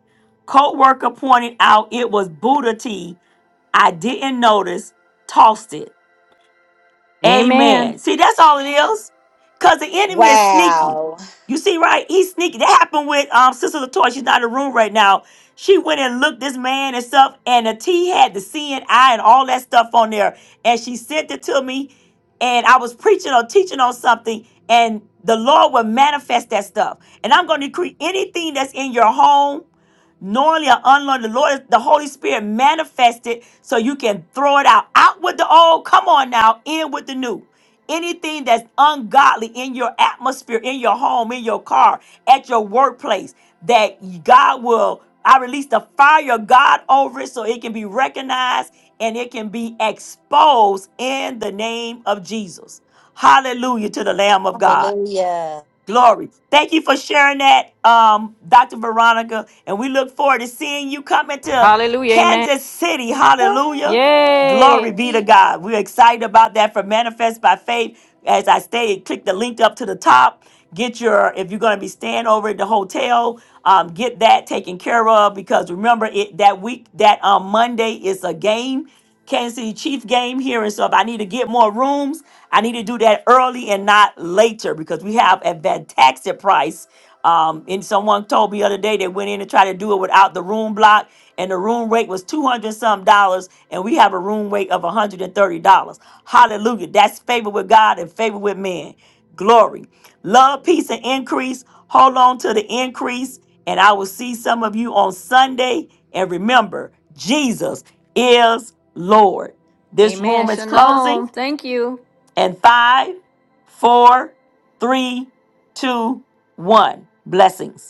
Co-worker pointed out it was Buddha tea. I didn't notice, tossed it.
Amen.
Amen. See, that's all it is. Cause the enemy is sneaky.
Wow.
You see, right? He's sneaky. That happened with um Sister Latoya. She's not in the room right now. She went and looked this man and stuff, and the T had the C and I and all that stuff on there. And she sent it to me. And I was preaching or teaching on something, and the Lord will manifest that stuff. And I'm going to decree anything that's in your home knowingly or unknowingly, the Lord, the Holy Spirit manifested so you can throw it out. Out with the old, come on now, in with the new. Anything that's ungodly in your atmosphere, in your home, in your car, at your workplace, that God will, I release the fire of God over it so it can be recognized and it can be exposed in the name of Jesus. Hallelujah to the Lamb of God.
Yeah.
Glory. Thank you for sharing that, um, Dr. Veronica. And we look forward to seeing you coming to
Hallelujah. Amen.
Kansas City. Hallelujah. Glory
Yay.
be to God. We're excited about that for Manifest by Faith. As I stated, click the link up to the top. Get your, if you're going to be staying over at the hotel, um, get that taken care of because remember it that week, that um, Monday is a game, Kansas City Chief game here. And so if I need to get more rooms, I need to do that early and not later because we have a fantastic price um, and someone told me the other day they went in and tried to do it without the room block, and the room rate was two hundred some dollars, and we have a room rate of one hundred and thirty dollars. Hallelujah! That's favor with God and favor with men. Glory, love, peace, and increase. Hold on to the increase, and I will see some of you on Sunday. And remember, Jesus is Lord. This
Amen.
room is closing.
Shalom. Thank you.
And five, four, three, two, one. Blessings.